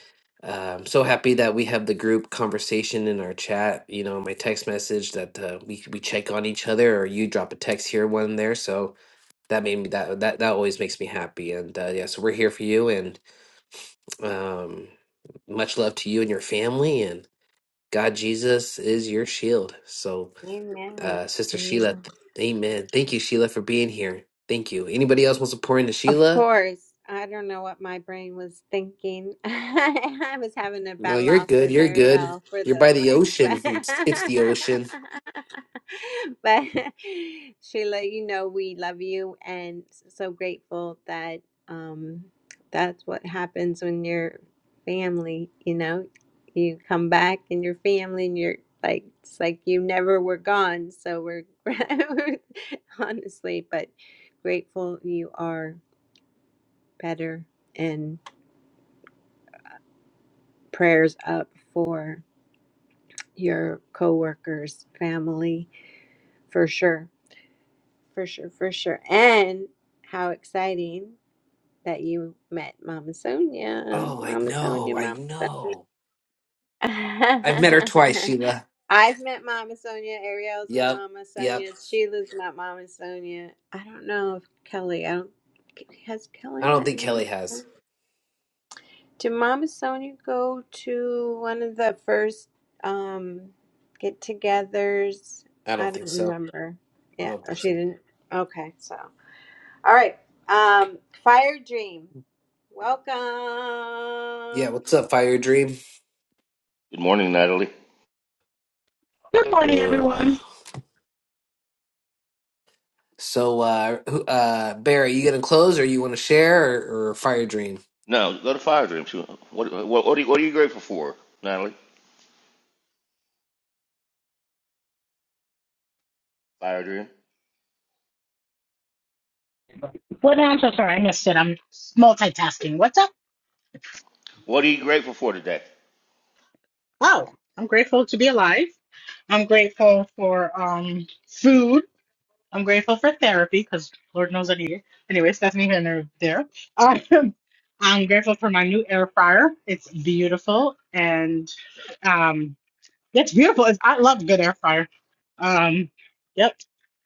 [SPEAKER 3] uh, I'm so happy that we have the group conversation in our chat, you know, my text message that uh, we, we check on each other or you drop a text here, one there. So that made me, that, that, that always makes me happy. And uh, yeah, so we're here for you and um, much love to you and your family. And God, Jesus is your shield. So
[SPEAKER 4] Amen.
[SPEAKER 3] uh, Sister Sheila.
[SPEAKER 4] Amen.
[SPEAKER 3] th- Amen. Thank you, Sheila, for being here. Thank you. Anybody else wants to pour into
[SPEAKER 4] Of
[SPEAKER 3] Sheila?
[SPEAKER 4] course, I don't know what my brain was thinking. I was having a
[SPEAKER 3] No,
[SPEAKER 4] battle
[SPEAKER 3] you're
[SPEAKER 4] off
[SPEAKER 3] good.
[SPEAKER 4] with
[SPEAKER 3] You're good.
[SPEAKER 4] Ariel for
[SPEAKER 3] You're
[SPEAKER 4] the
[SPEAKER 3] by the
[SPEAKER 4] mic,
[SPEAKER 3] ocean.
[SPEAKER 4] but
[SPEAKER 3] It's, it's the ocean.
[SPEAKER 4] but Sheila, you know we love you and so grateful that um that's what happens when you're family, you know. You come back and your family and you're like it's like you never were gone, so we're honestly, but grateful you are better and prayers up for your coworkers, family, for sure, for sure, for sure. And how exciting that you met Mama Sonia,
[SPEAKER 3] Oh, I
[SPEAKER 4] Mama Sonia,
[SPEAKER 3] know. I
[SPEAKER 4] Mama.
[SPEAKER 3] know.
[SPEAKER 4] Sonia.
[SPEAKER 3] I've met her twice, Sheila.
[SPEAKER 4] I've met Mama Sonia. Ariel's met
[SPEAKER 3] Yep.
[SPEAKER 4] Mama
[SPEAKER 3] Yep.
[SPEAKER 4] Sonia. Sheila's met Mama Sonia. I don't know if Kelly. I don't. Has
[SPEAKER 3] I
[SPEAKER 4] Kelly
[SPEAKER 3] don't
[SPEAKER 4] met
[SPEAKER 3] think
[SPEAKER 4] Mama?
[SPEAKER 3] Kelly has.
[SPEAKER 4] Did Mama Sonia go to one of the first um get togethers?
[SPEAKER 3] I
[SPEAKER 4] I
[SPEAKER 3] don't think
[SPEAKER 4] don't
[SPEAKER 3] so.
[SPEAKER 4] remember.
[SPEAKER 3] I
[SPEAKER 4] Yeah,
[SPEAKER 3] don't
[SPEAKER 4] oh,
[SPEAKER 3] think
[SPEAKER 4] she
[SPEAKER 3] so.
[SPEAKER 4] didn't. Okay, so all right. Um, Fire Dream,
[SPEAKER 3] Yeah.
[SPEAKER 4] welcome.
[SPEAKER 3] What's up, Fire Dream?
[SPEAKER 6] Good morning, Natalie.
[SPEAKER 8] Good morning,
[SPEAKER 3] Ugh.
[SPEAKER 8] everyone.
[SPEAKER 3] So, uh, who- uh, Barry, you gonna close, or you want to share, or, or Fire Dream?
[SPEAKER 6] No, go to Fire Dream. What what what are you, what are you grateful for, Natalie? Fire Dream.
[SPEAKER 8] What? I'm so sorry, I missed it. I'm multitasking. What's up?
[SPEAKER 6] What are you grateful for today?
[SPEAKER 8] Wow, I'm grateful to be alive. I'm grateful for um food. I'm grateful for therapy because Lord knows I need it. Anyways, that's neither here nor there. Um, I'm grateful for my new air fryer. It's beautiful and um, it's beautiful. It's, I love a good air fryer. Um, yep,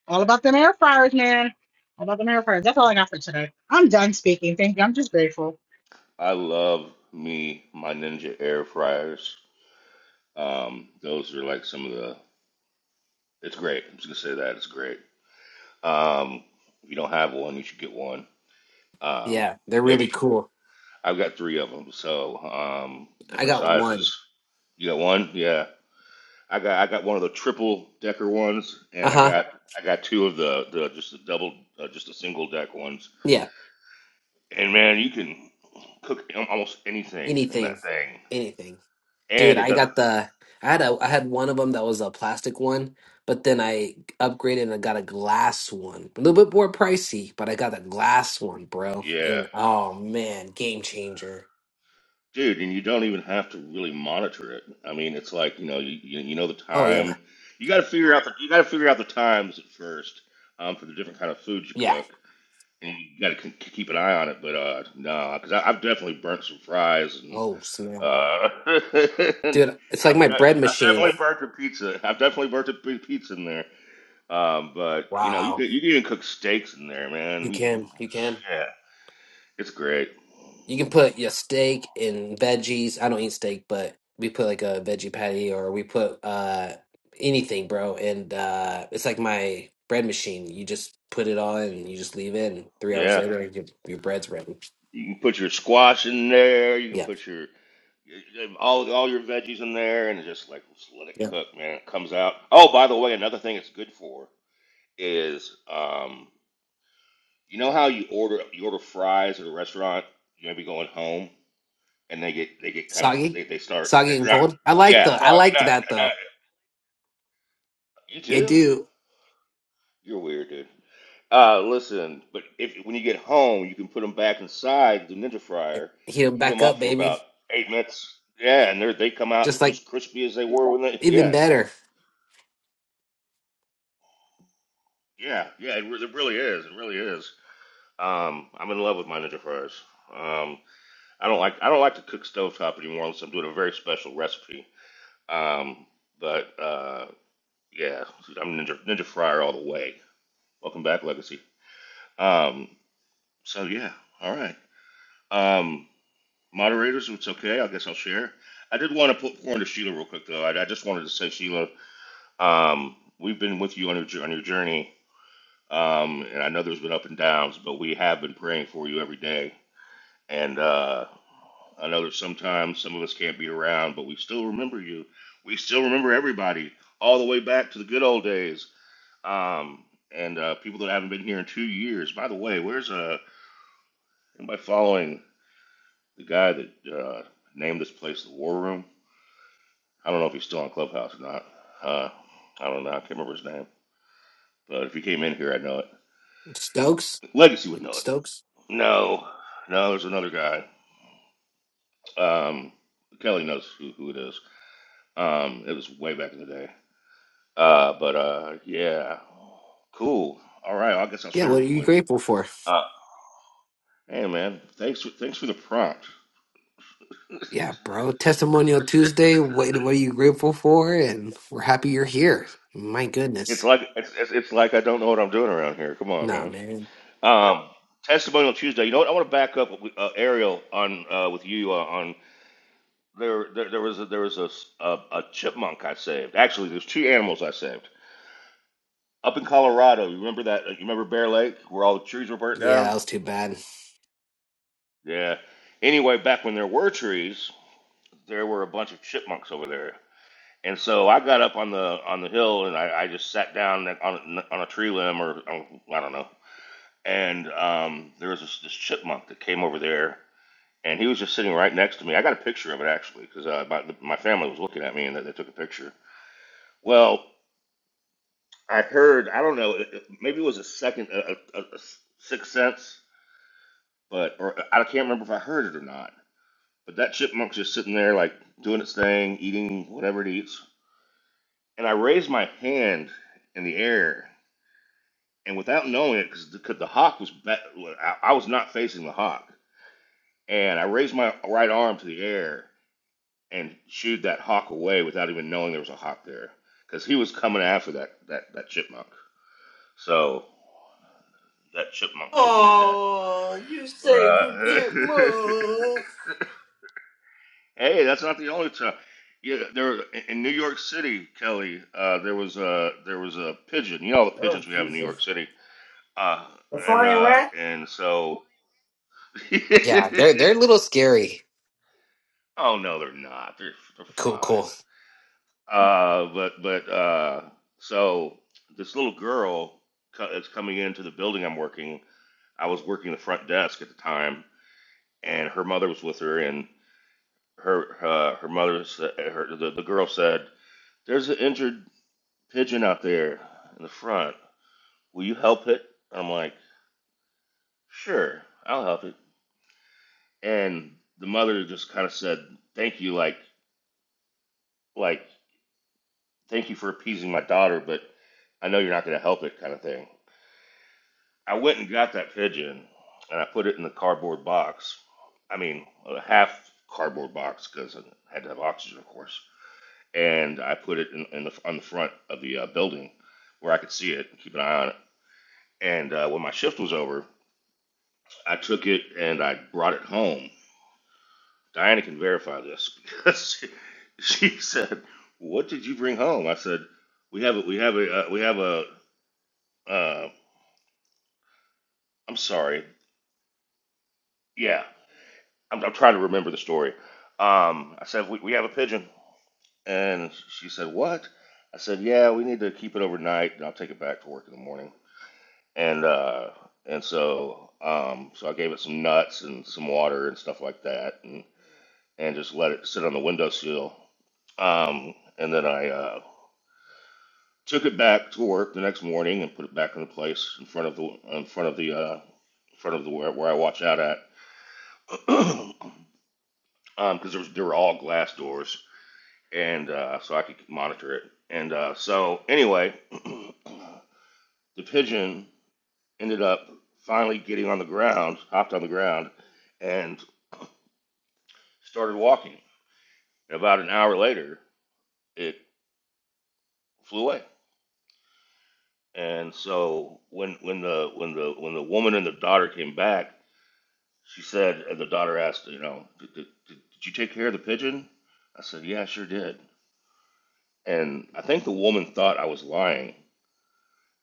[SPEAKER 8] all about them air fryers, man. All about them air fryers. That's all I got for today. I'm done speaking. Thank you. I'm just grateful.
[SPEAKER 6] I love me my Ninja air fryers. Um, those are like some of the. It's great. I'm just gonna say that it's great. Um, if you don't have one, you should get one. Um,
[SPEAKER 3] Yeah, they're really
[SPEAKER 6] maybe
[SPEAKER 3] cool.
[SPEAKER 6] I've got three of them, so um,
[SPEAKER 3] I
[SPEAKER 6] different
[SPEAKER 3] got one.
[SPEAKER 6] sizes. You got one? Yeah, I got I got one of the triple decker ones,
[SPEAKER 3] Uh
[SPEAKER 6] and I
[SPEAKER 3] huh.
[SPEAKER 6] got I got two of the, the just the double uh, just the single deck ones.
[SPEAKER 3] Yeah.
[SPEAKER 6] And man, you can cook almost anything in
[SPEAKER 3] Anything,
[SPEAKER 6] that thing,
[SPEAKER 3] anything, dude.
[SPEAKER 6] and it
[SPEAKER 3] I
[SPEAKER 6] doesn't.
[SPEAKER 3] got the. I had a. I had one of them that was a plastic one, but then I upgraded and I got a glass one. A little bit more pricey, but I got a glass one, bro.
[SPEAKER 6] Yeah,
[SPEAKER 3] And oh man, game changer.
[SPEAKER 6] dude, and you don't even have to really monitor it. I mean, it's like you know you you, you know the
[SPEAKER 3] Oh yeah,
[SPEAKER 6] time. You got to figure out the you got to figure out the times at first um, for the different kind of foods you
[SPEAKER 3] yeah.
[SPEAKER 6] cook and you got to keep an eye on it. But uh, no, because I've definitely burnt some fries, and
[SPEAKER 3] Oh snap,
[SPEAKER 6] uh,
[SPEAKER 3] dude. It's like
[SPEAKER 6] I've
[SPEAKER 3] my
[SPEAKER 6] de-
[SPEAKER 3] bread
[SPEAKER 6] I've
[SPEAKER 3] machine.
[SPEAKER 6] definitely burnt a pizza. I've definitely burnt a p- pizza in there. Um, but you know, you can
[SPEAKER 3] Wow.
[SPEAKER 6] you can even cook steaks in there,
[SPEAKER 3] You
[SPEAKER 6] man. You,
[SPEAKER 3] can. You can.
[SPEAKER 6] yeah, it's great.
[SPEAKER 3] You can put your steak and veggies. I don't eat steak, but we put like a veggie patty or we put uh anything, bro. And uh it's like my bread machine. You just put it on and you just leave it and three hours
[SPEAKER 6] Yeah,
[SPEAKER 3] later your, your bread's ready.
[SPEAKER 6] you can put your squash in there. You can
[SPEAKER 3] Yeah.
[SPEAKER 6] put your all all your veggies in there, and just like just let it
[SPEAKER 3] Yeah.
[SPEAKER 6] cook, man. It comes out. Oh, by the way, another thing it's good for is um, You know how you order you order fries at a restaurant, you may be going home, and they get they get kind of
[SPEAKER 3] Soggy.
[SPEAKER 6] they, they start
[SPEAKER 3] Soggy
[SPEAKER 6] they're
[SPEAKER 3] and
[SPEAKER 6] not
[SPEAKER 3] cold. I like
[SPEAKER 6] yeah.
[SPEAKER 3] the
[SPEAKER 6] So
[SPEAKER 3] I
[SPEAKER 6] I
[SPEAKER 3] like that
[SPEAKER 6] not, not
[SPEAKER 3] though.
[SPEAKER 6] you
[SPEAKER 3] I
[SPEAKER 6] too.
[SPEAKER 3] do.
[SPEAKER 6] You're weird, dude. Uh, listen, but if when you get home, you can put them back inside the ninja fryer,
[SPEAKER 3] Heat 'em
[SPEAKER 6] heat
[SPEAKER 3] back
[SPEAKER 6] them
[SPEAKER 3] up,
[SPEAKER 6] up for
[SPEAKER 3] baby.
[SPEAKER 6] about eight minutes. Yeah, and they they come out
[SPEAKER 3] Just like
[SPEAKER 6] just crispy as they were when they
[SPEAKER 3] even
[SPEAKER 6] yeah
[SPEAKER 3] better.
[SPEAKER 6] yeah yeah. It, re- it really is. It really is. Um, I'm in love with my ninja fries. Um, I don't like I don't like to cook stovetop anymore unless I'm doing a very special recipe. Um, but uh, yeah, I'm Ninja Ninja Fryer all the way. Welcome back, Legacy. Um, so yeah, all right. Um, moderators, if it's okay, I guess I'll share. I did want to put pour into Sheila real quick though. I, I just wanted to say, Sheila, um, we've been with you on your jour- on your journey, um, and I know there's been up and downs, but we have been praying for you every day. And uh, I know that sometimes some of us can't be around, but we still remember you. We still remember everybody all the way back to the good old days Um, and uh, people that haven't been here in two years. By the way, where's uh anybody following the guy that uh, named this place the War Room? I don't know if he's still on Clubhouse or not. Uh, I don't know. I can't remember his name. But if he came in here, I'd know it.
[SPEAKER 3] Stokes.
[SPEAKER 6] Legacy would know it.
[SPEAKER 3] Stokes.
[SPEAKER 6] No, no, there's another guy. Um, Kelly knows who, who it is. Um, it was way back in the day. Uh, but uh, yeah, cool. All right, Well, I guess I'll
[SPEAKER 3] Yeah,
[SPEAKER 6] share
[SPEAKER 3] what
[SPEAKER 6] real
[SPEAKER 3] are you
[SPEAKER 6] quick.
[SPEAKER 3] grateful for?
[SPEAKER 6] Uh, hey man, thanks for thanks for the prompt.
[SPEAKER 3] Yeah, bro. Testimonial Tuesday. What what are you grateful for? And we're happy you're here. My
[SPEAKER 6] It's
[SPEAKER 3] goodness.
[SPEAKER 6] like it's, it's, it's like I don't know what I'm doing around here. Come on,
[SPEAKER 3] Nah,
[SPEAKER 6] man.
[SPEAKER 3] man.
[SPEAKER 6] Um, testimonial Tuesday. You know what? I want to back up with, uh, Ariel on uh, with you uh, on there, there. There was a, there was a, s- a a chipmunk I saved. Actually, there's two animals I saved up in Colorado. You remember that? uh, You remember Bear Lake where all the trees were burnt
[SPEAKER 3] Yeah,
[SPEAKER 6] down?
[SPEAKER 3] that was too bad.
[SPEAKER 6] Yeah. Anyway, back when there were trees, there were a bunch of chipmunks over there. And so I got up on the on the hill and I, I just sat down on on a tree limb or on, I don't know and um, there was this, this chipmunk that came over there, and he was just sitting right next to me. I got a picture of it actually because uh, my, my family was looking at me and they, they took a picture. Well, I heard I don't know it, it- maybe it was a second a, a, a sixth sense, but or I can't remember if I heard it or not. But that chipmunk's just sitting there like doing its thing, eating whatever it eats, and I raised my hand in the air. And without knowing it, because the, 'cause the hawk was, be- I I was not facing the hawk And I raised my right arm to the air and shooed that hawk away without even knowing there was a hawk there. Because he was coming after that, that, that chipmunk. So that chipmunk owes me a debt.
[SPEAKER 1] Oh, you say the
[SPEAKER 6] Uh,
[SPEAKER 1] cute move.
[SPEAKER 6] hey, that's not the only time. Yeah, there in New York City, Kelly. Uh, there was a there was a pigeon. You know all the
[SPEAKER 1] Oh,
[SPEAKER 6] pigeons we have in New York City. Uh, and uh, and so.
[SPEAKER 3] Yeah, they're they're a little scary.
[SPEAKER 6] oh no, they're not. They're they're
[SPEAKER 3] Cool,
[SPEAKER 6] fine.
[SPEAKER 3] cool.
[SPEAKER 6] Uh, but but uh, so this little girl co- is coming into the building I'm working. I was working the front desk at the time, and her mother was with her. And her uh, her mother said, her, the, the girl said, "There's an injured pigeon out there in the front. Will you help it?" I'm like, "Sure, I'll help it." And the mother just kind of said, "Thank you, like like thank you for appeasing my daughter, but I know you're not going to help it," kind of thing. I went and got that pigeon and I put it in the cardboard box. I mean, a half cardboard box because I had to have oxygen, of course. And I put it in, in the, on the front of the uh, building where I could see it and keep an eye on it. And uh, when my shift was over, I took it and I brought it home. Diana can verify this because she, she said, "What did you bring home?" I said, "We have a, we have a, uh, we have a, uh, I'm sorry, yeah, I'm, I'm trying to remember the story. Um, I said, we, we have a pigeon. And she said, What? I said, Yeah, we need to keep it overnight and I'll take it back to work in the morning. And, uh, and so, um, so I gave it some nuts and some water and stuff like that and, and just let it sit on the windowsill. Um, and then I, uh, took it back to work the next morning and put it back in the place in front of the, in front of the, uh, in front of the, where, where I watch out at. Um, 'cause because um, there was, there were all glass doors and uh, so I could monitor it. And uh, so anyway, the pigeon ended up finally getting on the ground, hopped on the ground, and started walking. And about an hour later, it flew away. And so when when the when the when the woman and the daughter came back, she said, and the daughter asked, you know, did, did, did you take care of the pigeon? I said, yeah, I sure did. And I think the woman thought I was lying,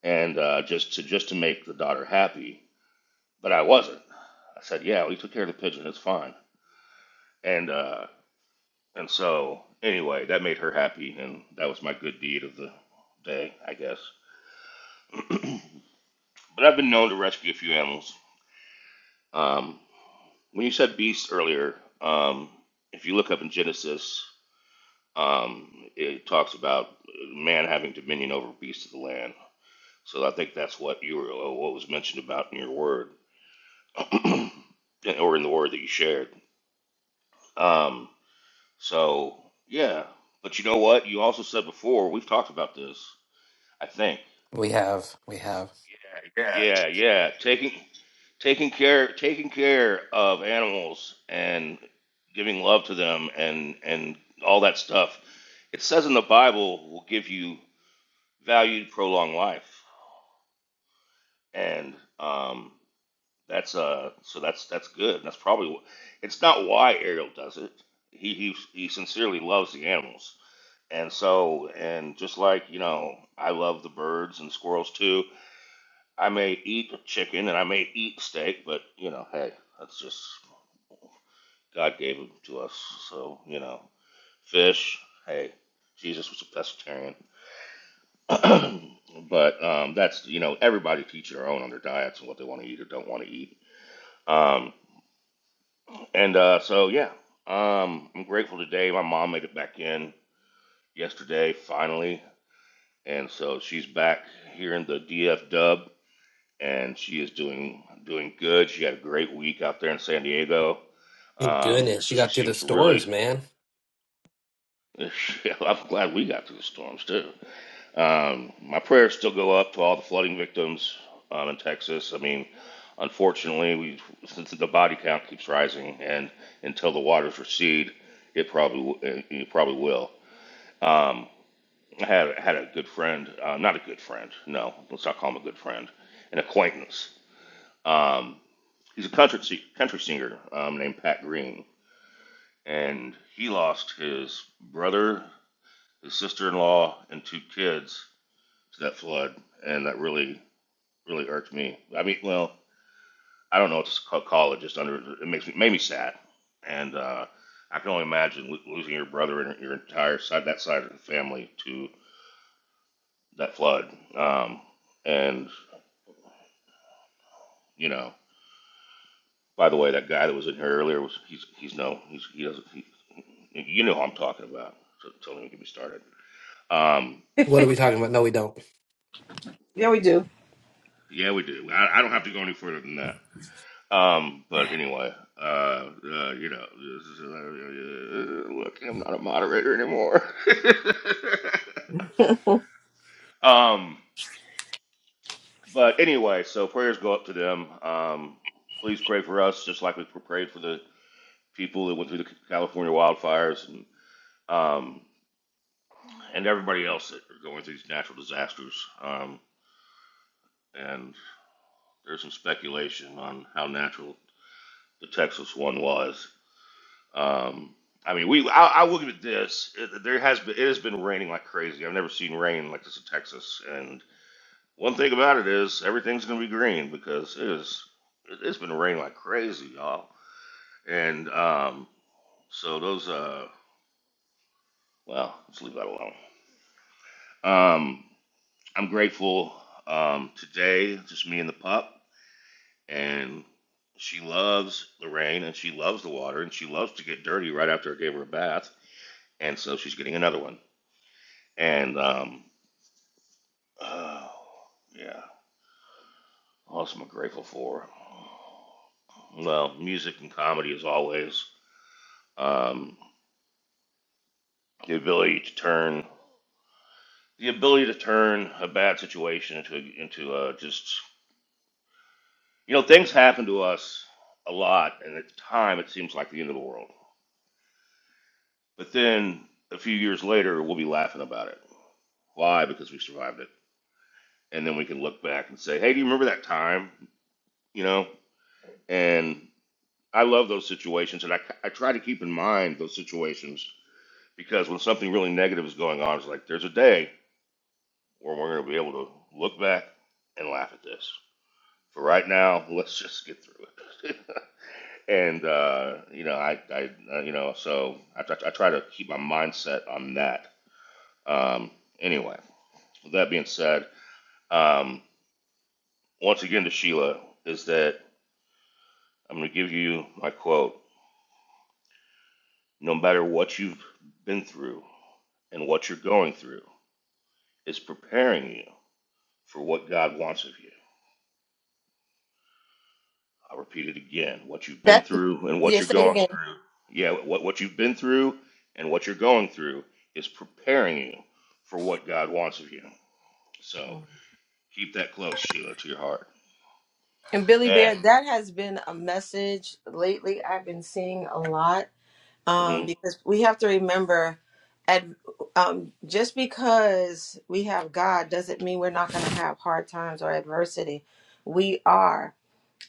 [SPEAKER 6] and uh, just to just to make the daughter happy, But I wasn't. I said, yeah, we took care of the pigeon. It's fine. And uh, and so anyway, that made her happy, and that was my good deed of the day, I guess. But I've been known to rescue a few animals. Um, when you said beasts earlier, um, if you look up in Genesis, um, it talks about man having dominion over beasts of the land. So I think that's what you were, what was mentioned about in your word, or in the word that you shared. Um, So yeah, but you know what? You also said before we've talked about this. I think.
[SPEAKER 3] We have, we have.
[SPEAKER 6] Yeah, yeah. Taking taking care taking care of animals and giving love to them and and all that stuff. It says in the Bible will give you valued prolonged life, and um, that's uh so that's that's good. That's probably wh- it's not why Ariel does it. He he he sincerely loves the animals And so, and just like, you know, I love the birds and squirrels too. I may eat chicken and I may eat steak, but, you know, hey, that's just, God gave them to us. So, you know, fish, hey, Jesus was a pescatarian. but um, that's, you know, everybody to each their own on their diets and what they want to eat or don't want to eat. Um, and uh, so, yeah, um, I'm grateful today. My mom made it back in yesterday, finally. and so she's back here in the DF Dub, and she is doing doing good. She had a great week out there in San Diego.
[SPEAKER 3] Thank
[SPEAKER 6] Um,
[SPEAKER 3] goodness. You
[SPEAKER 6] she
[SPEAKER 3] got through the
[SPEAKER 6] seems really.
[SPEAKER 3] storms, man.
[SPEAKER 6] I'm glad we got through the storms too. Um, my prayers still go up to all the flooding victims um, in Texas. I mean, unfortunately, we since the body count keeps rising, and until the waters recede, it probably w- it it probably will. Um, I had had a good friend, uh, not a good friend, no, let's not call him a good friend, an acquaintance. Um, he's a country si- country singer um, named Pat Green, and he lost his brother, his sister in law, and two kids to that flood, and that really really irked me. I mean, well, I don't know what to call it. Just under it makes me made me sad, and uh, I can only imagine lo- losing your brother and your entire side that side of the family to that flood. Um, and You know. By the way, that guy that was in here earlier was he's he's no he's he doesn't he, you know who I'm talking about. So don't even get me started. Um,
[SPEAKER 3] What are we talking about? No, we don't.
[SPEAKER 1] yeah, we do.
[SPEAKER 6] yeah, we do. I, I don't have to go any further than that. Um, but anyway, uh, uh, you know, uh, uh, uh, look, I'm not a moderator anymore. um, but anyway, so prayers go up to them. Um, please pray for us, just like we prayed for the people that went through the California wildfires. And um, and everybody else that are going through these natural disasters. Um, and there's some speculation on how natural the Texas one was. Um, I mean, we I, I will give it this: it, there has been it has been raining like crazy. I've never seen rain like this in Texas. And one thing about it is everything's going to be green because it is it, it's been raining like crazy, y'all. And um, so those uh, well, let's leave that alone. Um, I'm grateful um, today, just me and the pup. and she loves the rain and she loves the water and she loves to get dirty right after I gave her a bath, and so she's getting another one. And um, oh yeah, what am I grateful for? Well, music and comedy as always. Um, the ability to turn the ability to turn a bad situation into into uh, just you know things happen to us a lot, and at the time it seems like the end of the world. But then a few years later, we'll be laughing about it. Why? Because we survived it. And then we can look back and say, hey, do you remember that time? You know? And I love those situations. And I, I try to keep in mind those situations because when something really negative is going on, it's like, there's a day where we're going to be able to look back and laugh at this. For right now, let's just get through it. and, uh, you know, I, I uh, you know, so I, I try to keep my mindset on that. Um, anyway. With that being said, um, once again to Sheila, is that I'm going to give you my quote. No matter what you've been through and what you're going through, is preparing you for what God wants of you. I'll repeat it again. What you've been
[SPEAKER 1] That,
[SPEAKER 6] through and what
[SPEAKER 1] yeah,
[SPEAKER 6] you're
[SPEAKER 1] say it
[SPEAKER 6] going
[SPEAKER 1] again.
[SPEAKER 6] through. Yeah, what, what you've been through and what you're going through is preparing you for what God wants of you. So keep that close, Sheila, to your heart.
[SPEAKER 1] And Billy
[SPEAKER 6] And,
[SPEAKER 1] Bear, that has been a message lately I've been seeing a lot um,
[SPEAKER 6] mhm.
[SPEAKER 1] because we have to remember at, um, just because we have God doesn't mean we're not going to have hard times or adversity. We are.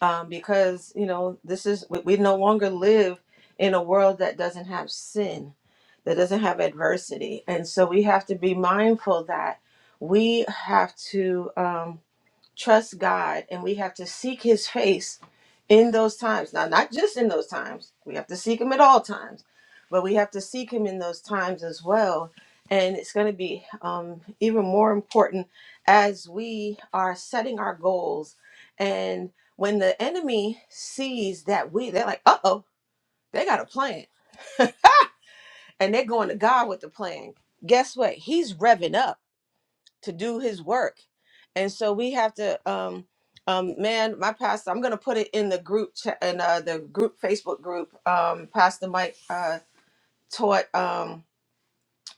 [SPEAKER 1] um, because you know this is we, we no longer live in a world that doesn't have sin that doesn't have adversity and so we have to be mindful that we have to um, trust God and we have to seek his face in those times. Now, not just in those times, we have to seek him at all times, but we have to seek him in those times as well. And it's going to be um, even more important as we are setting our goals. And when the enemy sees that we, they're like, uh oh, they got a plan and they're going to God with the plan. Guess what? He's revving up to do his work. And so we have to um um man, my pastor, I'm going to put it in the group chat in uh, the group Facebook group. Um Pastor Mike uh taught um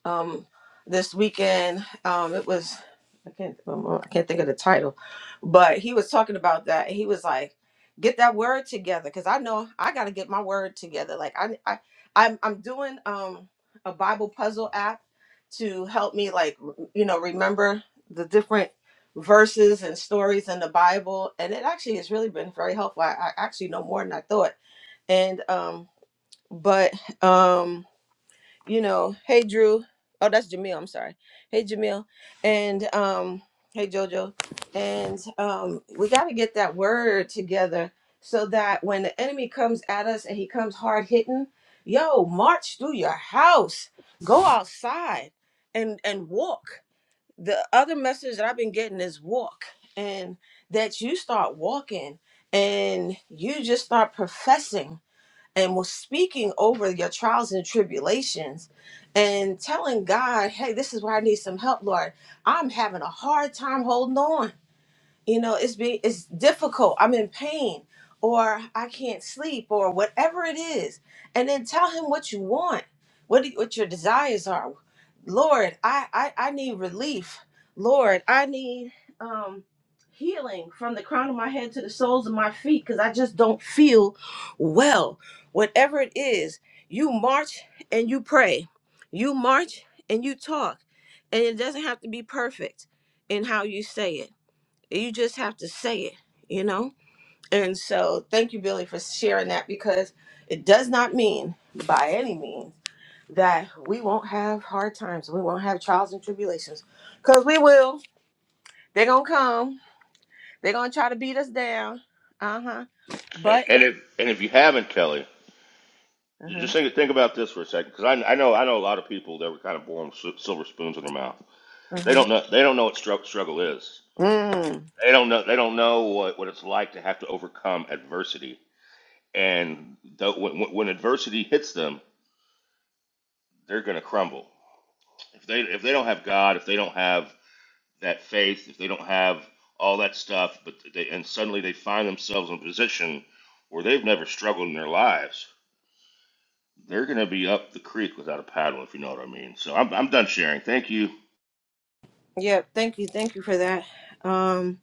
[SPEAKER 1] um this weekend um it was i can't um, i can't think of the title but he was talking about that he was like get that word together because i know i got to get my word together like i i i'm, I'm doing um a bible puzzle app to help me like r- you know remember the different verses and stories in the bible and it actually has really been very helpful i, I actually know more than i thought and um but um you know, hey Drew. Oh, that's Jamil. I'm sorry. Hey Jamil, and um, hey Jojo, and um, we got to get that word together so that when the enemy comes at us and he comes hard hitting, yo, march through your house, go outside, and and walk. The other message that I've been getting is walk, and that you start walking and you just start professing and was speaking over your trials and tribulations and telling God, hey, this is where I need some help, Lord. I'm having a hard time holding on you know it's be it's difficult i'm in pain or i can't sleep or whatever it is and then tell him what you want what do- what your desires are lord i i, I need relief lord i need um healing from the crown of my head to the soles of my feet because i just don't feel well whatever it is you march and you pray you march and you talk and it doesn't have to be perfect in how you say it you just have to say it, you know? And so thank you, Billy, for sharing that because it does not mean by any means that we won't have hard times. We won't have trials and tribulations because we will. They're going to come. They're going to try to beat us down. Uh huh. But,
[SPEAKER 6] and, if, and if you haven't, Kelly,
[SPEAKER 1] uh huh.
[SPEAKER 6] Just think, think about this for a second, because I, I know I know a lot of people that were kind of born with sil- silver spoons in their mouth.
[SPEAKER 1] Uh
[SPEAKER 6] They
[SPEAKER 1] huh.
[SPEAKER 6] don't know they don't know what strugg- struggle is.
[SPEAKER 1] Mm.
[SPEAKER 6] They don't know they don't know what, what it's like to have to overcome adversity. And though when, when when adversity hits them, they're going to crumble. If they if they don't have God, if they don't have that faith, if they don't have all that stuff, but they and suddenly they find themselves in a position where they've never struggled in their lives They're gonna be up the creek without a paddle, if you know what I mean. So I'm, I'm done sharing. Thank you.
[SPEAKER 1] Yep. Thank you. Thank you for that. Um,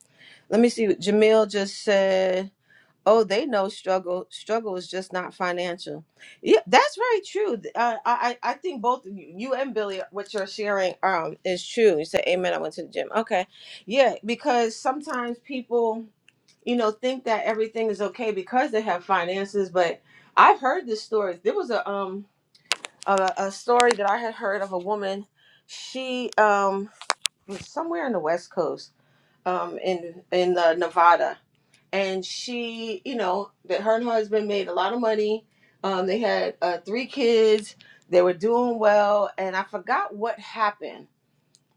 [SPEAKER 1] let me see what Jamil just said. oh they know struggle struggle is just not financial yeah that's very true Th- uh, i i I think both of you you and billy what you're sharing um is true you said amen i went to the gym okay yeah because sometimes people you know think that everything is okay because they have finances but i've heard this story there was a um a, a story that i had heard of a woman she um was somewhere in the west coast um in in uh, nevada and she, you know, that her and her husband made a lot of money. Um, they had uh, three kids. They were doing well, and I forgot what happened.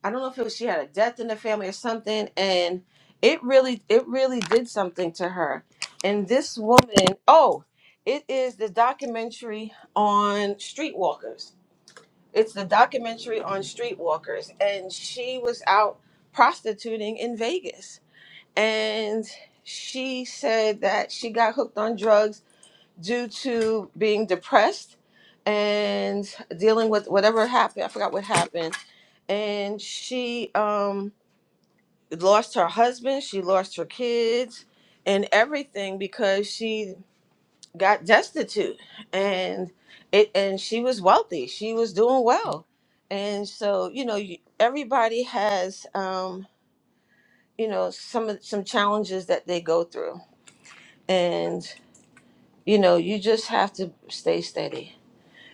[SPEAKER 1] I don't know if it was she had a death in the family or something, and it really, it really did something to her. And this woman, oh, it is the documentary on streetwalkers. It's the documentary on streetwalkers, and she was out prostituting in Vegas and she said that she got hooked on drugs due to being depressed and dealing with whatever happened. I forgot what happened. And she um, lost her husband, she lost her kids, and everything because she got destitute. And it and she was wealthy. She was doing well. And so you know, you, everybody has um, you know some of- some challenges that they go through and you know you just have to stay steady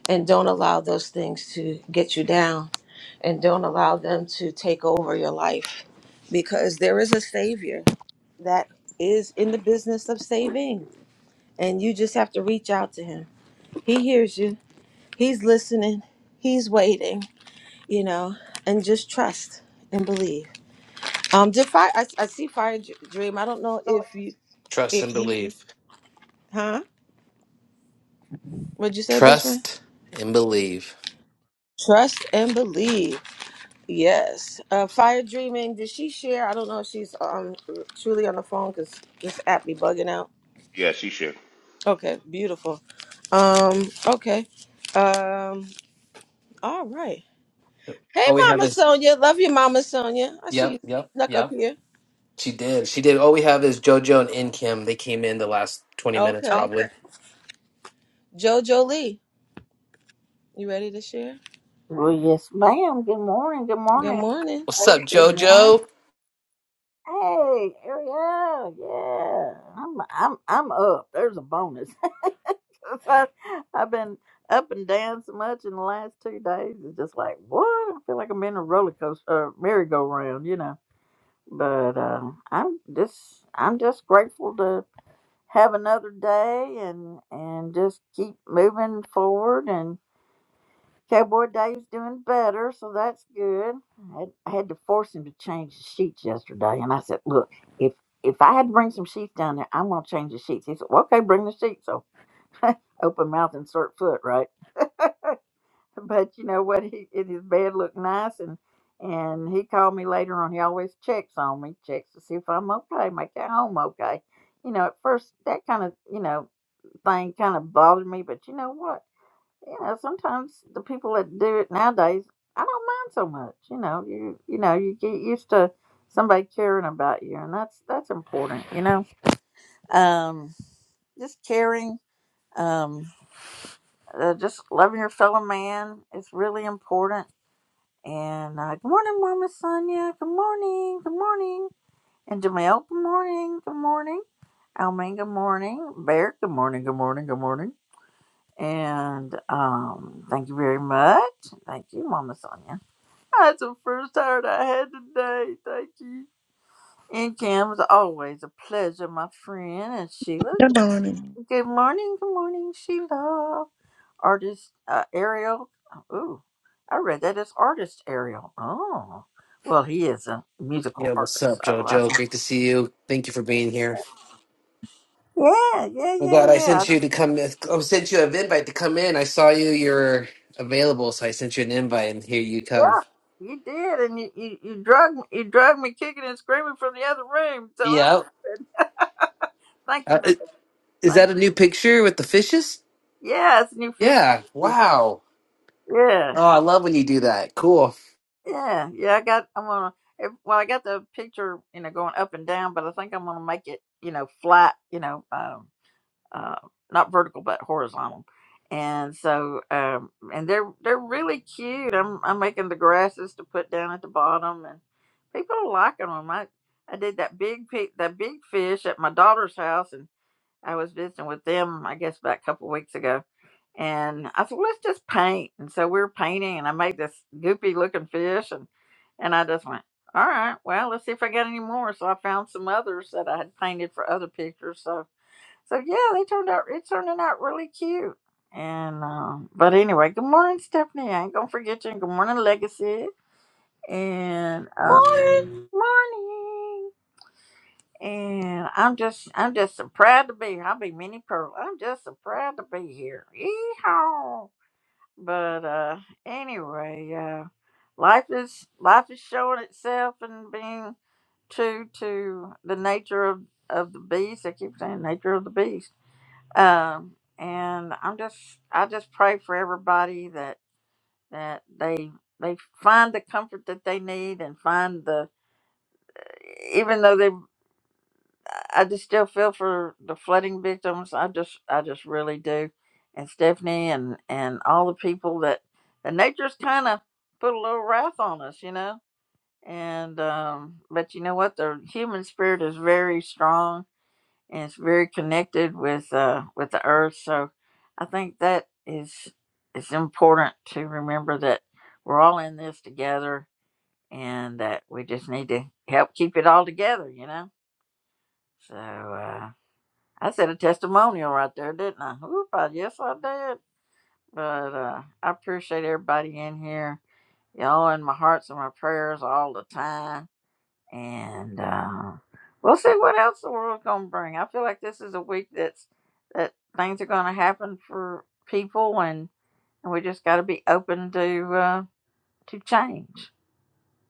[SPEAKER 1] and don't allow those things to get you down and don't allow them to take over your life because there is a savior that is in the business of saving and you just have to reach out to him he hears you he's listening he's waiting you know and just trust and believe um did fire I, I see fire dream i don't know if you
[SPEAKER 3] Trust
[SPEAKER 1] if
[SPEAKER 3] and
[SPEAKER 1] you
[SPEAKER 3] believe.
[SPEAKER 1] huh what'd you say best friend
[SPEAKER 3] Trust and believe.
[SPEAKER 1] trust and believe Yes. Uh, Fire Dreaming, did she share? I don't know if she's um truly on the phone because this app be bugging out.
[SPEAKER 6] Yeah, she shared.
[SPEAKER 1] Okay, beautiful. Um, okay. Um, all right. Hey,
[SPEAKER 3] All we have
[SPEAKER 1] Mama
[SPEAKER 3] is
[SPEAKER 1] Sonia. Love you, Mama Sonia. I see
[SPEAKER 3] yep,
[SPEAKER 1] you
[SPEAKER 3] yep,
[SPEAKER 1] snuck up
[SPEAKER 3] yep.
[SPEAKER 1] here.
[SPEAKER 3] She did. She did. All we have is JoJo and In Kim. They came in the last twenty minutes,
[SPEAKER 1] Okay.
[SPEAKER 3] probably. Okay.
[SPEAKER 1] Jojo Lee, you ready to share?
[SPEAKER 9] Oh yes, ma'am. Good morning. Good
[SPEAKER 1] Good
[SPEAKER 9] morning.
[SPEAKER 1] morning.
[SPEAKER 3] What's up,
[SPEAKER 9] everybody. Good morning.
[SPEAKER 3] JoJo?
[SPEAKER 9] Hey, Ariel. Yeah, I'm I'm I'm up. There's a bonus. I, have been up and down so much in the last two days. It's just like what? I feel like I'm in a roller coaster, uh, merry-go-round, you know. But uh, I'm just I'm just grateful to have another day and and just keep moving forward and. Cowboy Dave's doing better, so that's good. I had, I had to force him to change the sheets yesterday, and I said, "Look, if if I had to bring some sheets down there, I'm gonna change the sheets." He said, well, "Okay, bring the sheets." So open mouth insert foot, right? But you know what? He it, his bed looked nice, and and he called me later on. He always checks on me, checks to see if I'm okay, make it home okay. You know, at first that kind of you know thing kind of bothered me, but you know what? you know, sometimes the people that do it nowadays, I don't mind so much. You know, you you know, you get used to somebody caring about you, and that's that's important. You know, um, just caring, um, uh, just loving your fellow man is really important. And uh, good morning, Mama Sonia. Good morning. Good morning. And Jamel. Good morning. Good morning. Almain. Good morning. Bear. Good morning. Good morning. Good morning. And um, thank you very much. Thank you, Mama Sonia. That's the first heart I had today. Thank you. And Cam, was always a pleasure, my friend. And Sheila,
[SPEAKER 10] Good morning.
[SPEAKER 9] good morning, good morning, Sheila. Artist uh, Ariel. Ooh, I read that as artist Ariel. Oh, well, he is a musical
[SPEAKER 3] Yo, what's
[SPEAKER 9] artist,
[SPEAKER 3] up,
[SPEAKER 9] so that's
[SPEAKER 3] JoJo? Great to see you. Thank you for being here.
[SPEAKER 9] yeah, yeah,
[SPEAKER 3] I'm
[SPEAKER 9] yeah,
[SPEAKER 3] glad I
[SPEAKER 9] yeah.
[SPEAKER 3] sent you to come. I sent you an invite to come in. I saw you. You're available, so I sent you an invite, and here you come.
[SPEAKER 9] Yeah, you did, and you you, you drug you drug me kicking and screaming from the other room. So I'm
[SPEAKER 3] Yeah.
[SPEAKER 9] thank
[SPEAKER 3] Uh,
[SPEAKER 9] you for
[SPEAKER 3] i-
[SPEAKER 9] that.
[SPEAKER 3] is
[SPEAKER 9] Thank
[SPEAKER 3] that a new picture with the fishes?
[SPEAKER 9] you. Yeah, it's new fish.
[SPEAKER 3] Yeah. Wow.
[SPEAKER 9] Yeah.
[SPEAKER 3] Oh, I love when you do that. Cool.
[SPEAKER 9] Yeah, yeah. I got. I'm gonna. if- Well, I got the picture, you know, going up and down, but I think I'm gonna make it, you know, flat. You know, um, uh, not vertical but horizontal. And so, um, and they're they're really cute. I'm I'm making the grasses to put down at the bottom, and people are liking them. I I did that big pi- that big fish at my daughter's house, and I was visiting with them, I guess, about a couple weeks ago and I said, let's just paint. And so we were painting, and I made this goopy looking fish. And, and I just went, all right, well, let's see if I got any more. So I found some others that I had painted for other pictures. So, so yeah, they turned out, it turned out really cute. And, um, but anyway, good morning, Stephanie. I ain't gonna forget you. And good morning, Legacy. And, uh,
[SPEAKER 1] Morning.
[SPEAKER 9] morning. And I'm just, I'm just so proud to be here. I'll be mini pearl. I'm just so proud to be here. Yeehaw but uh anyway uh life is life is showing itself and being true to the nature of of the beast i keep saying nature of the beast um and i'm just i just pray for everybody that that they they find the comfort that they need and find the even though they I just still feel for the flooding victims. I just I just really do. And Stephanie and and all the people that the nature's kind of put a little wrath on us, you know. And um but you know what? The human spirit is very strong and it's very connected with uh with the earth. So I think that is it's important to remember that we're all in this together and that we just need to help keep it all together, you know. So uh I said a testimonial right there, didn't I? Oop, I yes, I did. But uh, I appreciate everybody in here. Y'all in my hearts and my prayers all the time. And uh, we'll see what else the world's gonna bring. I feel like this is a week that's that things are gonna happen for people, and, and we just got to be open to uh, to change.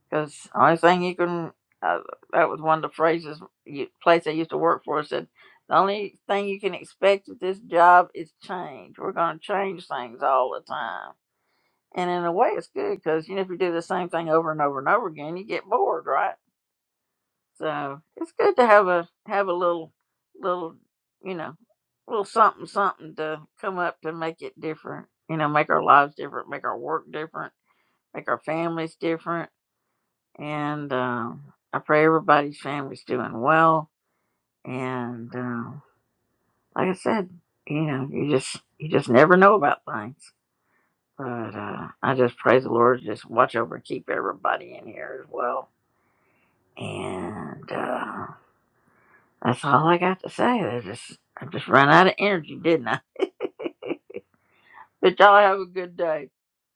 [SPEAKER 9] Because the only thing you can, uh, that was one of the phrases, you, place I used to work for said, the only thing you can expect at this job is change. We're going to change things all the time. And in a way, it's good because, you know, if you do the same thing over and over and over again, you get bored, right? So it's good to have a, have a little, little, you know, little something, something to come up to make it different, you know, make our lives different, make our work different, make our families different and um, I pray everybody's family's doing well. And um, like I said, you know, you just you just never know about things. But uh, I just praise the Lord, to just watch over and keep everybody in here as well. And uh, that's all I got to say. I just I just ran out of energy, didn't I? but y'all have a good day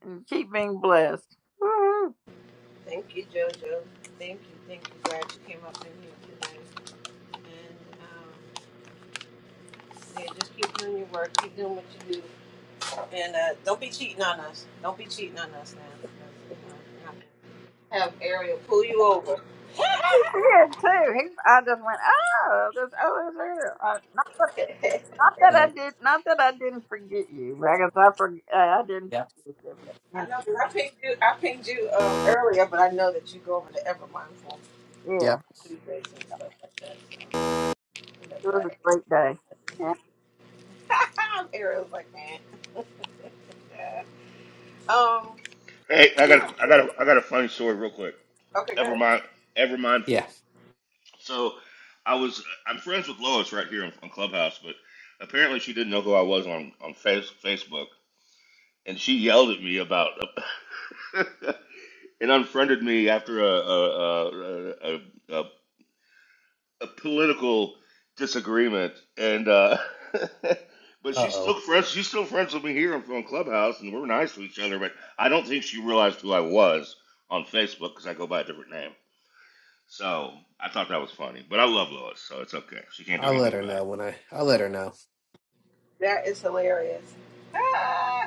[SPEAKER 9] and keep being blessed.
[SPEAKER 1] Thank you, Jojo. Thank you, thank you. Glad you came up in here tonight. And um, yeah, just keep doing your work. Keep doing what you do. And uh, don't be cheating on us. Don't be cheating on us now. because, you know, Have Ariel pull you over.
[SPEAKER 9] She did too. He, I just went, oh, this, oh, this girl. Uh, not, that, not that I
[SPEAKER 3] Yeah.
[SPEAKER 9] did, not that I didn't forget you. but I guess I forg I, I didn't
[SPEAKER 3] Yeah.
[SPEAKER 9] forget you. But, you know,
[SPEAKER 1] I know 'cause I pinged you. I pinged you um, earlier, but I know that you go over to Evermind for
[SPEAKER 9] yeah,
[SPEAKER 3] Yep.
[SPEAKER 1] Tuesdays and stuff like that. So
[SPEAKER 9] it
[SPEAKER 1] that's
[SPEAKER 9] was a
[SPEAKER 1] right.
[SPEAKER 9] great day.
[SPEAKER 1] Ariel's like, man. Um.
[SPEAKER 6] Hey, I got a, I got a, I got a funny story real quick.
[SPEAKER 1] Okay,
[SPEAKER 6] Ever
[SPEAKER 1] good.
[SPEAKER 6] mind, ever mindful.
[SPEAKER 3] Yeah.
[SPEAKER 6] So I was I'm friends with Lois right here on, on Clubhouse, but apparently she didn't know who I was on on face, Facebook, and she yelled at me about and unfriended me after a a, a, a, a, a political disagreement, and uh, but
[SPEAKER 3] Uh
[SPEAKER 6] she's
[SPEAKER 3] oh.
[SPEAKER 6] still friends. She's still friends with me here on on Clubhouse, and we're nice to each other. But I don't think she realized who I was on Facebook because I go by a different name. So I thought that was funny. But I love Lois, so it's okay. She can't do
[SPEAKER 3] I'll
[SPEAKER 6] anything
[SPEAKER 3] let her
[SPEAKER 6] about it.
[SPEAKER 3] know when I. I'll let her know.
[SPEAKER 1] That is hilarious.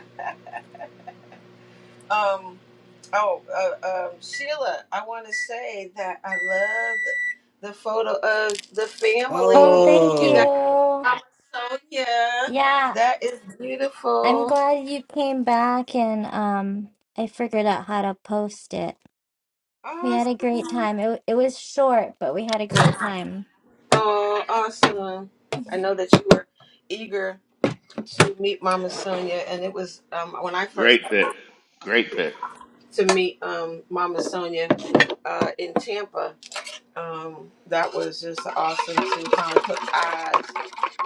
[SPEAKER 1] Um, oh, uh, um, Sheila, I want to say that I love the photo of the
[SPEAKER 11] Oh,
[SPEAKER 1] family.
[SPEAKER 11] thank
[SPEAKER 1] You got to
[SPEAKER 3] Oh.
[SPEAKER 1] see
[SPEAKER 11] you.
[SPEAKER 1] Mama Sonia.
[SPEAKER 11] Yeah,
[SPEAKER 1] That is
[SPEAKER 11] I'm
[SPEAKER 1] beautiful.
[SPEAKER 11] glad you came back and um I figured
[SPEAKER 1] Awesome. Oh, awesome. I know that you were eager to meet Mama Sonia, and it was um, when I first
[SPEAKER 6] Great
[SPEAKER 1] got
[SPEAKER 6] pick. Great pick.
[SPEAKER 1] to meet um, Mama Sonia uh, in Tampa. Um, that was just awesome to kind of put eyes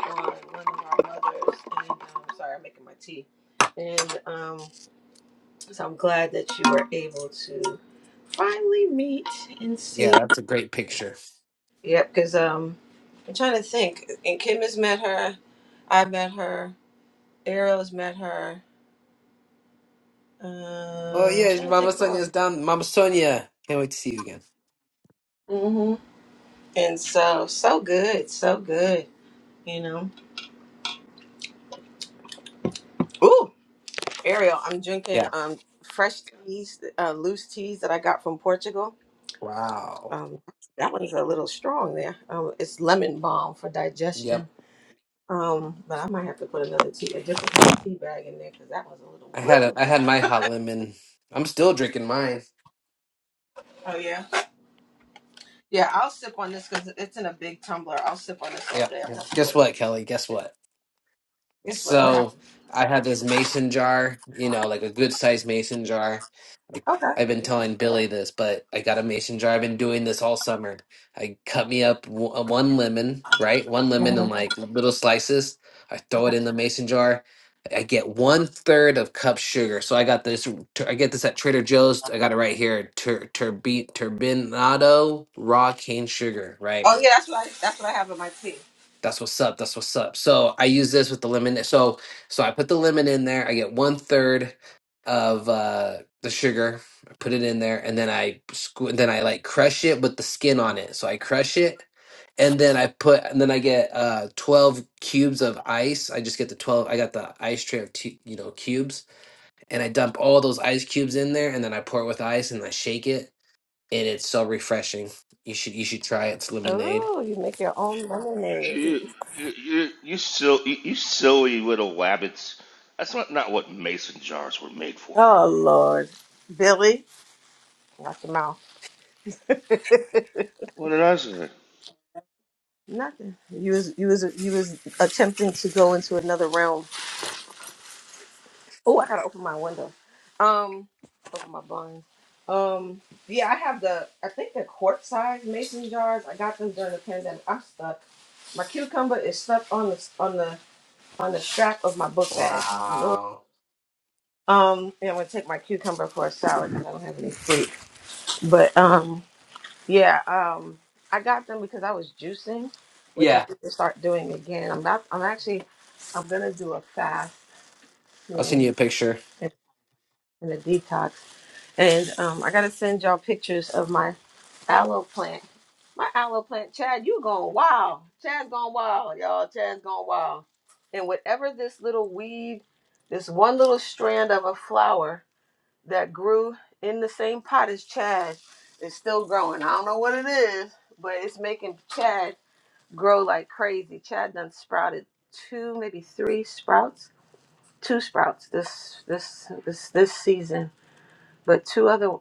[SPEAKER 1] on one of our mothers, and I'm um, sorry, I'm making my tea. And um, so I'm glad that you were able to finally meet and see.
[SPEAKER 3] Yeah, that's a great picture.
[SPEAKER 1] Yep, because um, I'm trying to think. And Kim has met her. I have met her. Ariel's met her.
[SPEAKER 3] Oh
[SPEAKER 1] Um, I'm
[SPEAKER 3] yeah,
[SPEAKER 1] trying to
[SPEAKER 3] Mama
[SPEAKER 1] think who
[SPEAKER 3] Sonia's
[SPEAKER 1] else.
[SPEAKER 3] down. Mama Sonia. Can't wait to see you again.
[SPEAKER 1] hmm And so, so good, so good. You know. Ooh, Ariel, I'm drinking
[SPEAKER 3] Yeah.
[SPEAKER 1] um fresh teas, uh, loose teas that I got from Portugal
[SPEAKER 3] Wow.
[SPEAKER 1] Um, that one's a little strong there. Um, it's lemon balm for digestion.
[SPEAKER 3] Yep.
[SPEAKER 1] Um, but I might have to put another tea, a different kind of tea bag in there because that was a little
[SPEAKER 3] I had a
[SPEAKER 1] woo.
[SPEAKER 3] I had my hot lemon. I'm still drinking mine.
[SPEAKER 1] Oh yeah, yeah. I'll sip on this because it's in a big tumbler. I'll sip on this all
[SPEAKER 3] Yep.
[SPEAKER 1] day. I'm gonna
[SPEAKER 3] yep.
[SPEAKER 1] have to put
[SPEAKER 3] Guess what,
[SPEAKER 1] another.
[SPEAKER 3] Kelly? Guess what?
[SPEAKER 1] Guess what? What
[SPEAKER 3] So
[SPEAKER 1] happened?
[SPEAKER 3] I had this mason jar, you know, like a good sized mason jar.
[SPEAKER 1] Okay.
[SPEAKER 3] I've been telling Billy this, but I got a mason jar. I've been doing this all summer. I cut me up w- uh, one lemon, right? One lemon in
[SPEAKER 1] Mhm.
[SPEAKER 3] like little slices. I throw it in the mason jar. I get one third of cup sugar. So I got this. tur- I get this at Trader Joe's. I got it right here. Tur- turbi- turbinado raw cane sugar, right?
[SPEAKER 1] Oh yeah, that's what I that's what I have in my tea.
[SPEAKER 3] That's what's up. That's what's up. So I use this with the lemon. eh, So so I put the lemon in there. I get one third of uh the sugar. I put it in there, and then I squ- then I like crush it with the skin on it. So I crush it, and then I put and then I get uh twelve cubes of ice. I just get the twelve. I got the ice tray of two, you know cubes, and I dump all those ice cubes in there, and then I pour it with ice, and I shake it, and it's so refreshing. You should you should try it. It's lemonade.
[SPEAKER 1] Oh, you make your own lemonade,
[SPEAKER 6] You you you, you sil you, you silly little wabbits. That's not, not what mason jars were made for.
[SPEAKER 1] Billy. Not your mouth.
[SPEAKER 6] What did I say?
[SPEAKER 1] Nothing. You was you was you was attempting to go into another realm Oh, I gotta open my window. Um, open my blinds. Um, yeah, I have the I think the quart size mason jars. I got them during the pandemic. I'm stuck. My cucumber is stuck on the on the on the strap of my book bag. Lord.
[SPEAKER 3] Wow.
[SPEAKER 1] Um, and I'm gonna take my cucumber for a salad because I don't have any fruit. But um, yeah, um, I got them because I was juicing, which
[SPEAKER 3] Yeah,
[SPEAKER 1] I need to start doing again. I'm not. I'm actually. I'm gonna do a fast
[SPEAKER 3] I'll send
[SPEAKER 1] soon
[SPEAKER 3] you a picture.
[SPEAKER 1] and and a detox And um, I gotta send y'all pictures of my aloe plant. My aloe plant, Chad, you going wild. Chad's going wild, y'all. Chad's going wild. And whatever this little weed, this one little strand of a flower that grew in the same pot as Chad is still growing. I don't know what it is, but it's making Chad grow like crazy. Chad done sprouted two, maybe three sprouts, two sprouts this this this this season but two other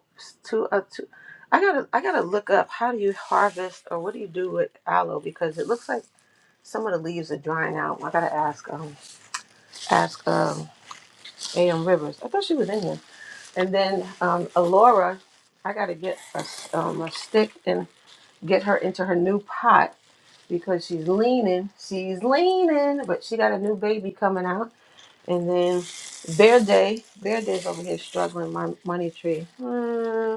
[SPEAKER 1] two uh, two. I gotta I gotta look up how do you harvest or what do you do with aloe because it looks like some of the leaves are drying out. I gotta ask um ask um A.M. Rivers. I thought she was in here. And then um Alora, I gotta get a s- um a stick and get her into her new pot because she's leaning. She's leaning, but she got a new baby coming out. And then Bear Day, Bear Day's over here struggling my money tree. Hmm.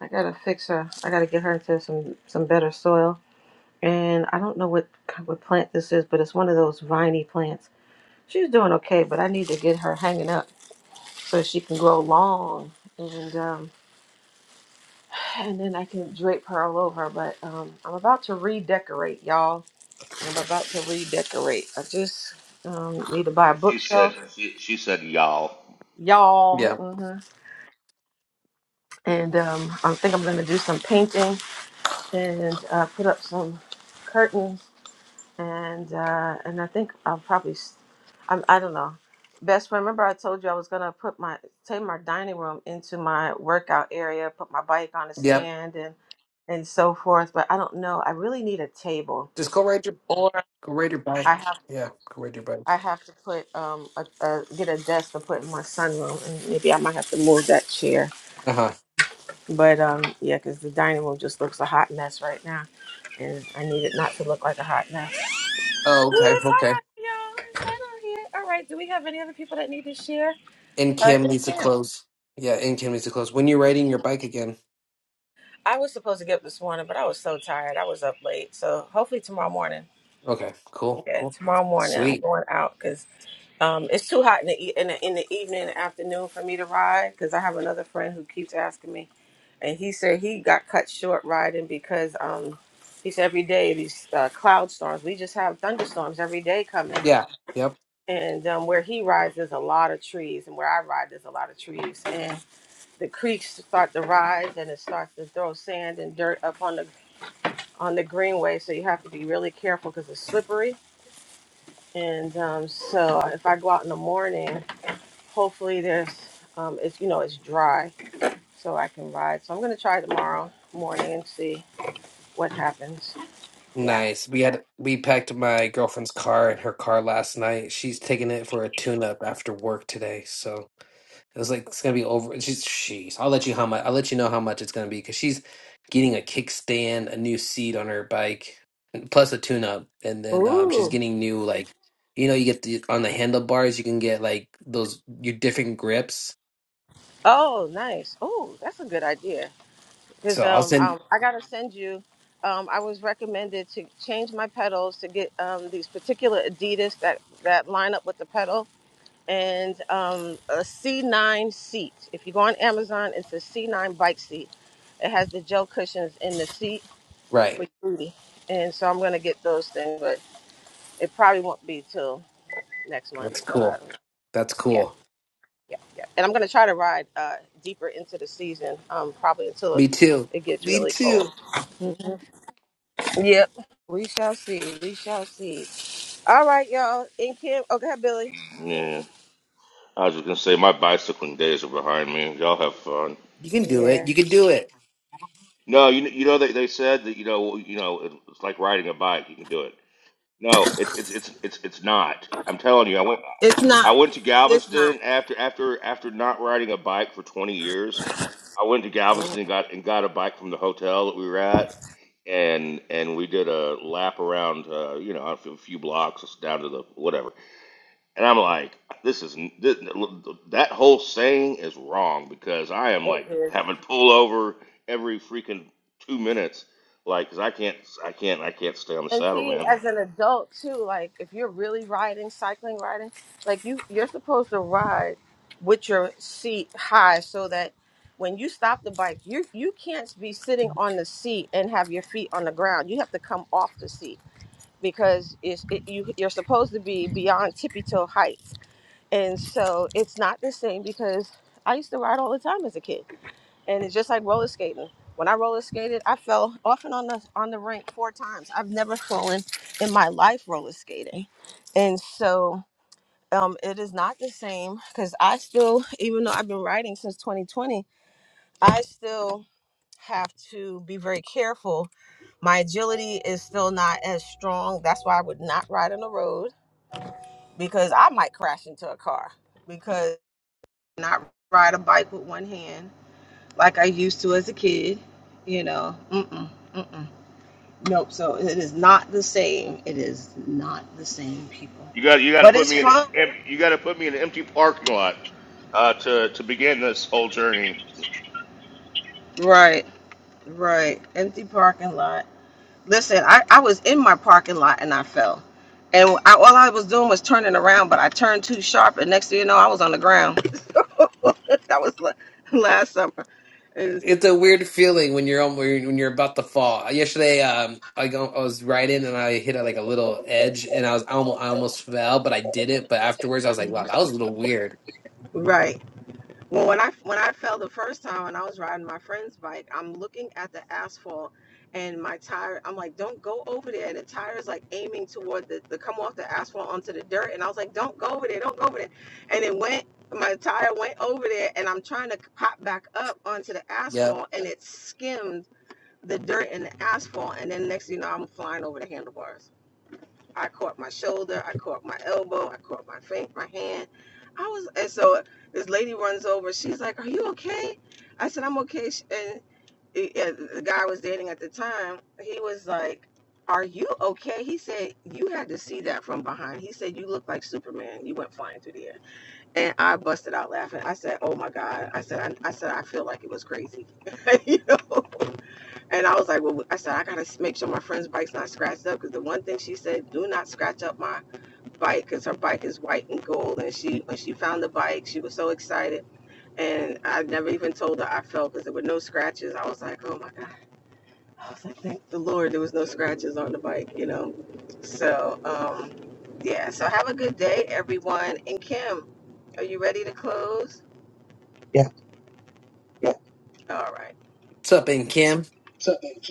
[SPEAKER 1] I gotta fix her. I gotta get her into some some better soil. And I don't know what kind of plant this is, but it's one of those viney plants. She's doing okay, but I need to get her hanging up so she can grow long, and um, and then I can drape her all over. But um, I'm about to redecorate, y'all. I'm about to redecorate. I just um, need to buy a
[SPEAKER 6] She
[SPEAKER 1] bookshelf,
[SPEAKER 6] said she, she said y'all.
[SPEAKER 1] y'all.
[SPEAKER 3] Yeah.
[SPEAKER 1] hmm And um, I think I'm gonna do some painting and uh, put up some curtains and uh, and I think I'll probably, s- I'm, I don't know. Best friend, remember I told you I was gonna put my take my dining room into my workout area, put my bike on a
[SPEAKER 3] Yeah.
[SPEAKER 1] stand, and and so forth. But I don't know. I really need a table.
[SPEAKER 3] Just go ride your go ride your bike.
[SPEAKER 1] I have
[SPEAKER 3] Yeah, go ride your bike.
[SPEAKER 1] I have to put um a, a get a desk to put in my sunroom, and maybe I might have to move that chair.
[SPEAKER 3] Uh huh.
[SPEAKER 1] But um yeah, because the dining room just looks a hot mess right now, and I need it not to look like a hot mess.
[SPEAKER 3] Oh, okay,
[SPEAKER 1] It's hot
[SPEAKER 3] okay.
[SPEAKER 1] out here, y'all. It's hot out here. All right. Do we have any other people that need to share?
[SPEAKER 3] And
[SPEAKER 1] Uh,
[SPEAKER 3] Kim
[SPEAKER 1] it's
[SPEAKER 3] needs to
[SPEAKER 1] Kim.
[SPEAKER 3] close. Yeah, and Kim needs to close. When you're riding your bike again.
[SPEAKER 1] I was supposed to get up this morning, but I was so tired. I was up late. So hopefully tomorrow morning.
[SPEAKER 3] Okay. Cool.
[SPEAKER 1] Yeah,
[SPEAKER 3] Cool.
[SPEAKER 1] tomorrow morning I'm
[SPEAKER 3] Sweet.
[SPEAKER 1] going out because um, it's too hot in the, e- in the in the evening and afternoon for me to ride. Because I have another friend who keeps asking me, and he said he got cut short riding because um, he said every day these uh, cloud storms. We just have thunderstorms every day coming.
[SPEAKER 3] Yeah. Yep.
[SPEAKER 1] and um, where he rides there's a lot of trees and where i ride there's a lot of trees and the creeks start to rise and it starts to throw sand and dirt up on the on the greenway so you have to be really careful because it's slippery and um, so if i go out in the morning hopefully there's um, it's you know it's dry so i can ride so i'm going to try tomorrow morning and see what happens yeah
[SPEAKER 3] Nice. We had we packed my girlfriend's car and her car last night. She's taking it for a tune up after work today. So It was like it's gonna be over. She's, she's. I'll let you how much. I'll let you know how much it's gonna be because she's getting a kickstand, a new seat on her bike, and plus a tune-up, and then um, she's
[SPEAKER 1] ooh
[SPEAKER 3] getting new like, you know, you get the on the handlebars, you can get like those your different grips.
[SPEAKER 1] oh nice oh that's a good idea Because
[SPEAKER 3] So I'll
[SPEAKER 1] um,
[SPEAKER 3] send.
[SPEAKER 1] um, I gotta send you. Um, I was recommended to change my pedals to get um, these particular Adidas that that line up with the pedal and um, a C9 seat. If you go on Amazon, it's a C9 bike seat. It has the gel cushions in the seat for
[SPEAKER 3] Right.
[SPEAKER 1] your booty, and so I'm gonna get those things, but it probably won't be till next month.
[SPEAKER 3] That's
[SPEAKER 1] So I
[SPEAKER 3] cool.
[SPEAKER 1] don't know.
[SPEAKER 3] That's
[SPEAKER 1] Yeah,
[SPEAKER 3] cool.
[SPEAKER 1] yeah, yeah. And I'm gonna try to ride uh, deeper into the season, um, probably until it,
[SPEAKER 3] Me too.
[SPEAKER 1] it gets
[SPEAKER 3] Me
[SPEAKER 1] really cold.
[SPEAKER 3] too.
[SPEAKER 1] Yep. We shall see. We shall see. All right, y'all. And Kim, okay, Billy.
[SPEAKER 6] Yeah. I was just gonna say my bicycling days are behind me. Y'all have fun.
[SPEAKER 3] You can do it.
[SPEAKER 1] Yeah.
[SPEAKER 3] You can do it.
[SPEAKER 6] No, you you know they they said that you know well, you know it's like riding a bike. You can do it. No, it's it's it's it's it's not. I'm telling you, I went
[SPEAKER 1] It's
[SPEAKER 6] I
[SPEAKER 1] not.
[SPEAKER 6] went to
[SPEAKER 1] It's not.
[SPEAKER 6] Galveston after after after not riding a bike for 20 years. I went to Galveston and got and got a bike from the hotel that we were at, and and we did a lap around uh, you know a few blocks down to the whatever And I'm like, this is this, that whole saying is wrong because I am
[SPEAKER 1] It
[SPEAKER 6] like
[SPEAKER 1] is.
[SPEAKER 6] having pullover every freaking two minutes, like, 'cause I can't, I can't, I can't stay on the
[SPEAKER 1] And
[SPEAKER 6] saddle,
[SPEAKER 1] see,
[SPEAKER 6] man.
[SPEAKER 1] as an adult too, like if you're really riding, cycling, riding, like you, you're supposed to ride with your seat high so that when you stop the bike, you you can't be sitting on the seat and have your feet on the ground. You have to come off the seat because it's it, you you're supposed to be beyond tippy toe height. And so it's not the same because I used to ride all the time as a kid. And it's just like roller skating. When I roller skated, I fell off and on the on the rink four times. I've never fallen in my life roller skating. And so um, it is not the same because I still, even though I've been riding since 2020, I still have to be very careful. My agility is still not as strong. That's why I would not ride on the road because I might crash into a car because not ride a bike with one hand like I used to as a kid. You know, mm-mm, mm-mm. Nope. So it is not the same. It is not the same, people.
[SPEAKER 6] You got, you got to
[SPEAKER 1] But
[SPEAKER 6] put
[SPEAKER 1] it's
[SPEAKER 6] me in, an
[SPEAKER 1] fun.
[SPEAKER 6] em- you got to put me in an empty parking lot uh, to to begin this whole journey.
[SPEAKER 1] Right, right. Empty parking lot. Listen, I, I was in my parking lot and I fell. And I, all I was doing was turning around, but I turned too sharp, and next thing you know, I was on the ground. that was la- last summer. It is-
[SPEAKER 3] It's a weird feeling when you're on, when you're about to fall. Yesterday, um, I go, I was riding and I hit a, like a little edge, and I was I almost, I almost fell, but I didn't. But afterwards, I was like, wow, that was a little weird.
[SPEAKER 1] Right. Well, when I when I fell the first time when I was riding my friend's bike, I'm looking at the asphalt and my tire. I'm like, don't go over there. And the tire is like aiming toward the, the come off the asphalt onto the dirt. And I was like, don't go over there, don't go over there. And it went. My tire went over there, and I'm trying to pop back up onto the
[SPEAKER 3] Yeah.
[SPEAKER 1] asphalt, and it skimmed the dirt and the asphalt. And then next, thing you know, I'm flying over the handlebars. I caught my shoulder, I caught my elbow, I caught my fa- my hand. I was, and so this lady runs over. She's like, "Are you okay?" I said, "I'm okay." And and eh, yeah, the guy I was dating at the time, he was like, "Are you okay?" He said, "You had to see that from behind." He said, "You look like Superman. You went flying through the air." And I busted out laughing. I said, "Oh my god!" I said, "I, I said I feel like it was crazy." you know. And I was like, well, I said, I got to make sure my friend's bike's not scratched up because the one thing she said, do not scratch up my bike because her bike is white and gold. And she, when she found the bike, she was so excited. And I never even told her I felt because there were no scratches. I was like, oh my God. I was like, thank the Lord there was no scratches on the bike, you know? So, um, yeah. So have a good day, everyone. And Kim, are you ready to close?
[SPEAKER 10] Yeah.
[SPEAKER 1] Yeah. All right.
[SPEAKER 3] What's up, and Kim?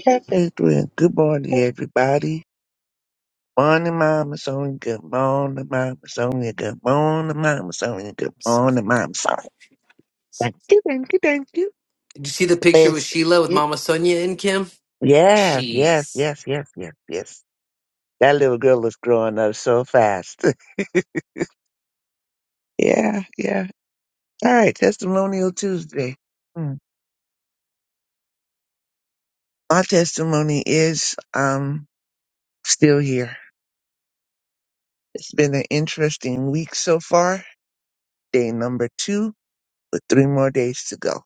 [SPEAKER 10] Hey, Adrian. Good morning, everybody. Morning, Mama Sonia. Good morning, Mama Sonia. Good morning, Mama Sonia. Good
[SPEAKER 3] What's up?
[SPEAKER 10] morning, Mama Sonia. Thank you, thank you, thank you.
[SPEAKER 3] Did you see the picture with
[SPEAKER 10] Listen.
[SPEAKER 3] Sheila with
[SPEAKER 10] It,
[SPEAKER 3] Mama Sonia and Kim?
[SPEAKER 10] yeah, yes,
[SPEAKER 3] Jeez.
[SPEAKER 10] yes, yes, yes, yes. That little girl is growing up so fast. yeah, yeah. All right, Testimonial Tuesday. Hmm. My testimony is um still here. It's been an interesting week so far. Day number two with three more days to go.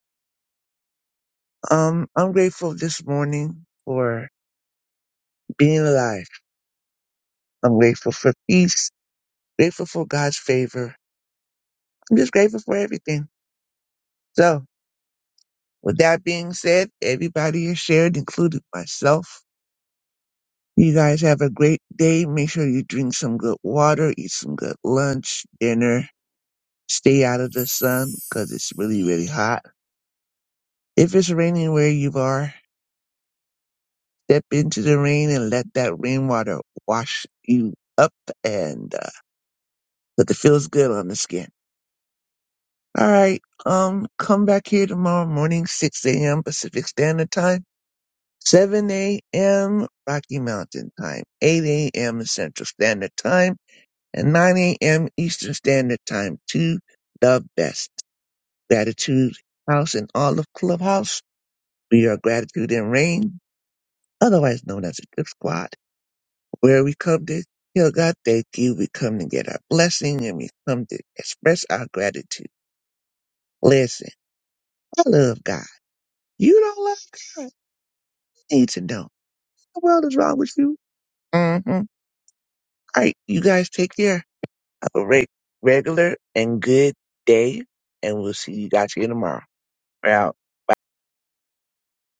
[SPEAKER 10] Um, I'm grateful this morning for being alive. I'm grateful for peace, grateful for God's favor. I'm just grateful for everything. So, with that being said, everybody is shared, including myself. You guys have a great day. Make sure you drink some good water, eat some good lunch, dinner, stay out of the sun because it's really, really hot. If it's raining where you are, step into the rain and let that rainwater wash you up and uh, but it feels good on the skin. All right. Um, come back here tomorrow morning, 6 a.m. Pacific Standard Time, 7 a.m. Rocky Mountain Time, 8 a.m. Central Standard Time, and 9 a.m. Eastern Standard Time to the best. Gratitude House and all of Clubhouse. We are Gratitude and Rain, otherwise known as the Drip Squad, where we come to tell God thank you. We come to get our blessing and we come to express our gratitude. Listen. I love God. You don't love God. You need to know. What the world is wrong with you? Mm-hmm. All right, you guys take care. Have a re- regular and good day, and we'll see you guys here tomorrow. We're out.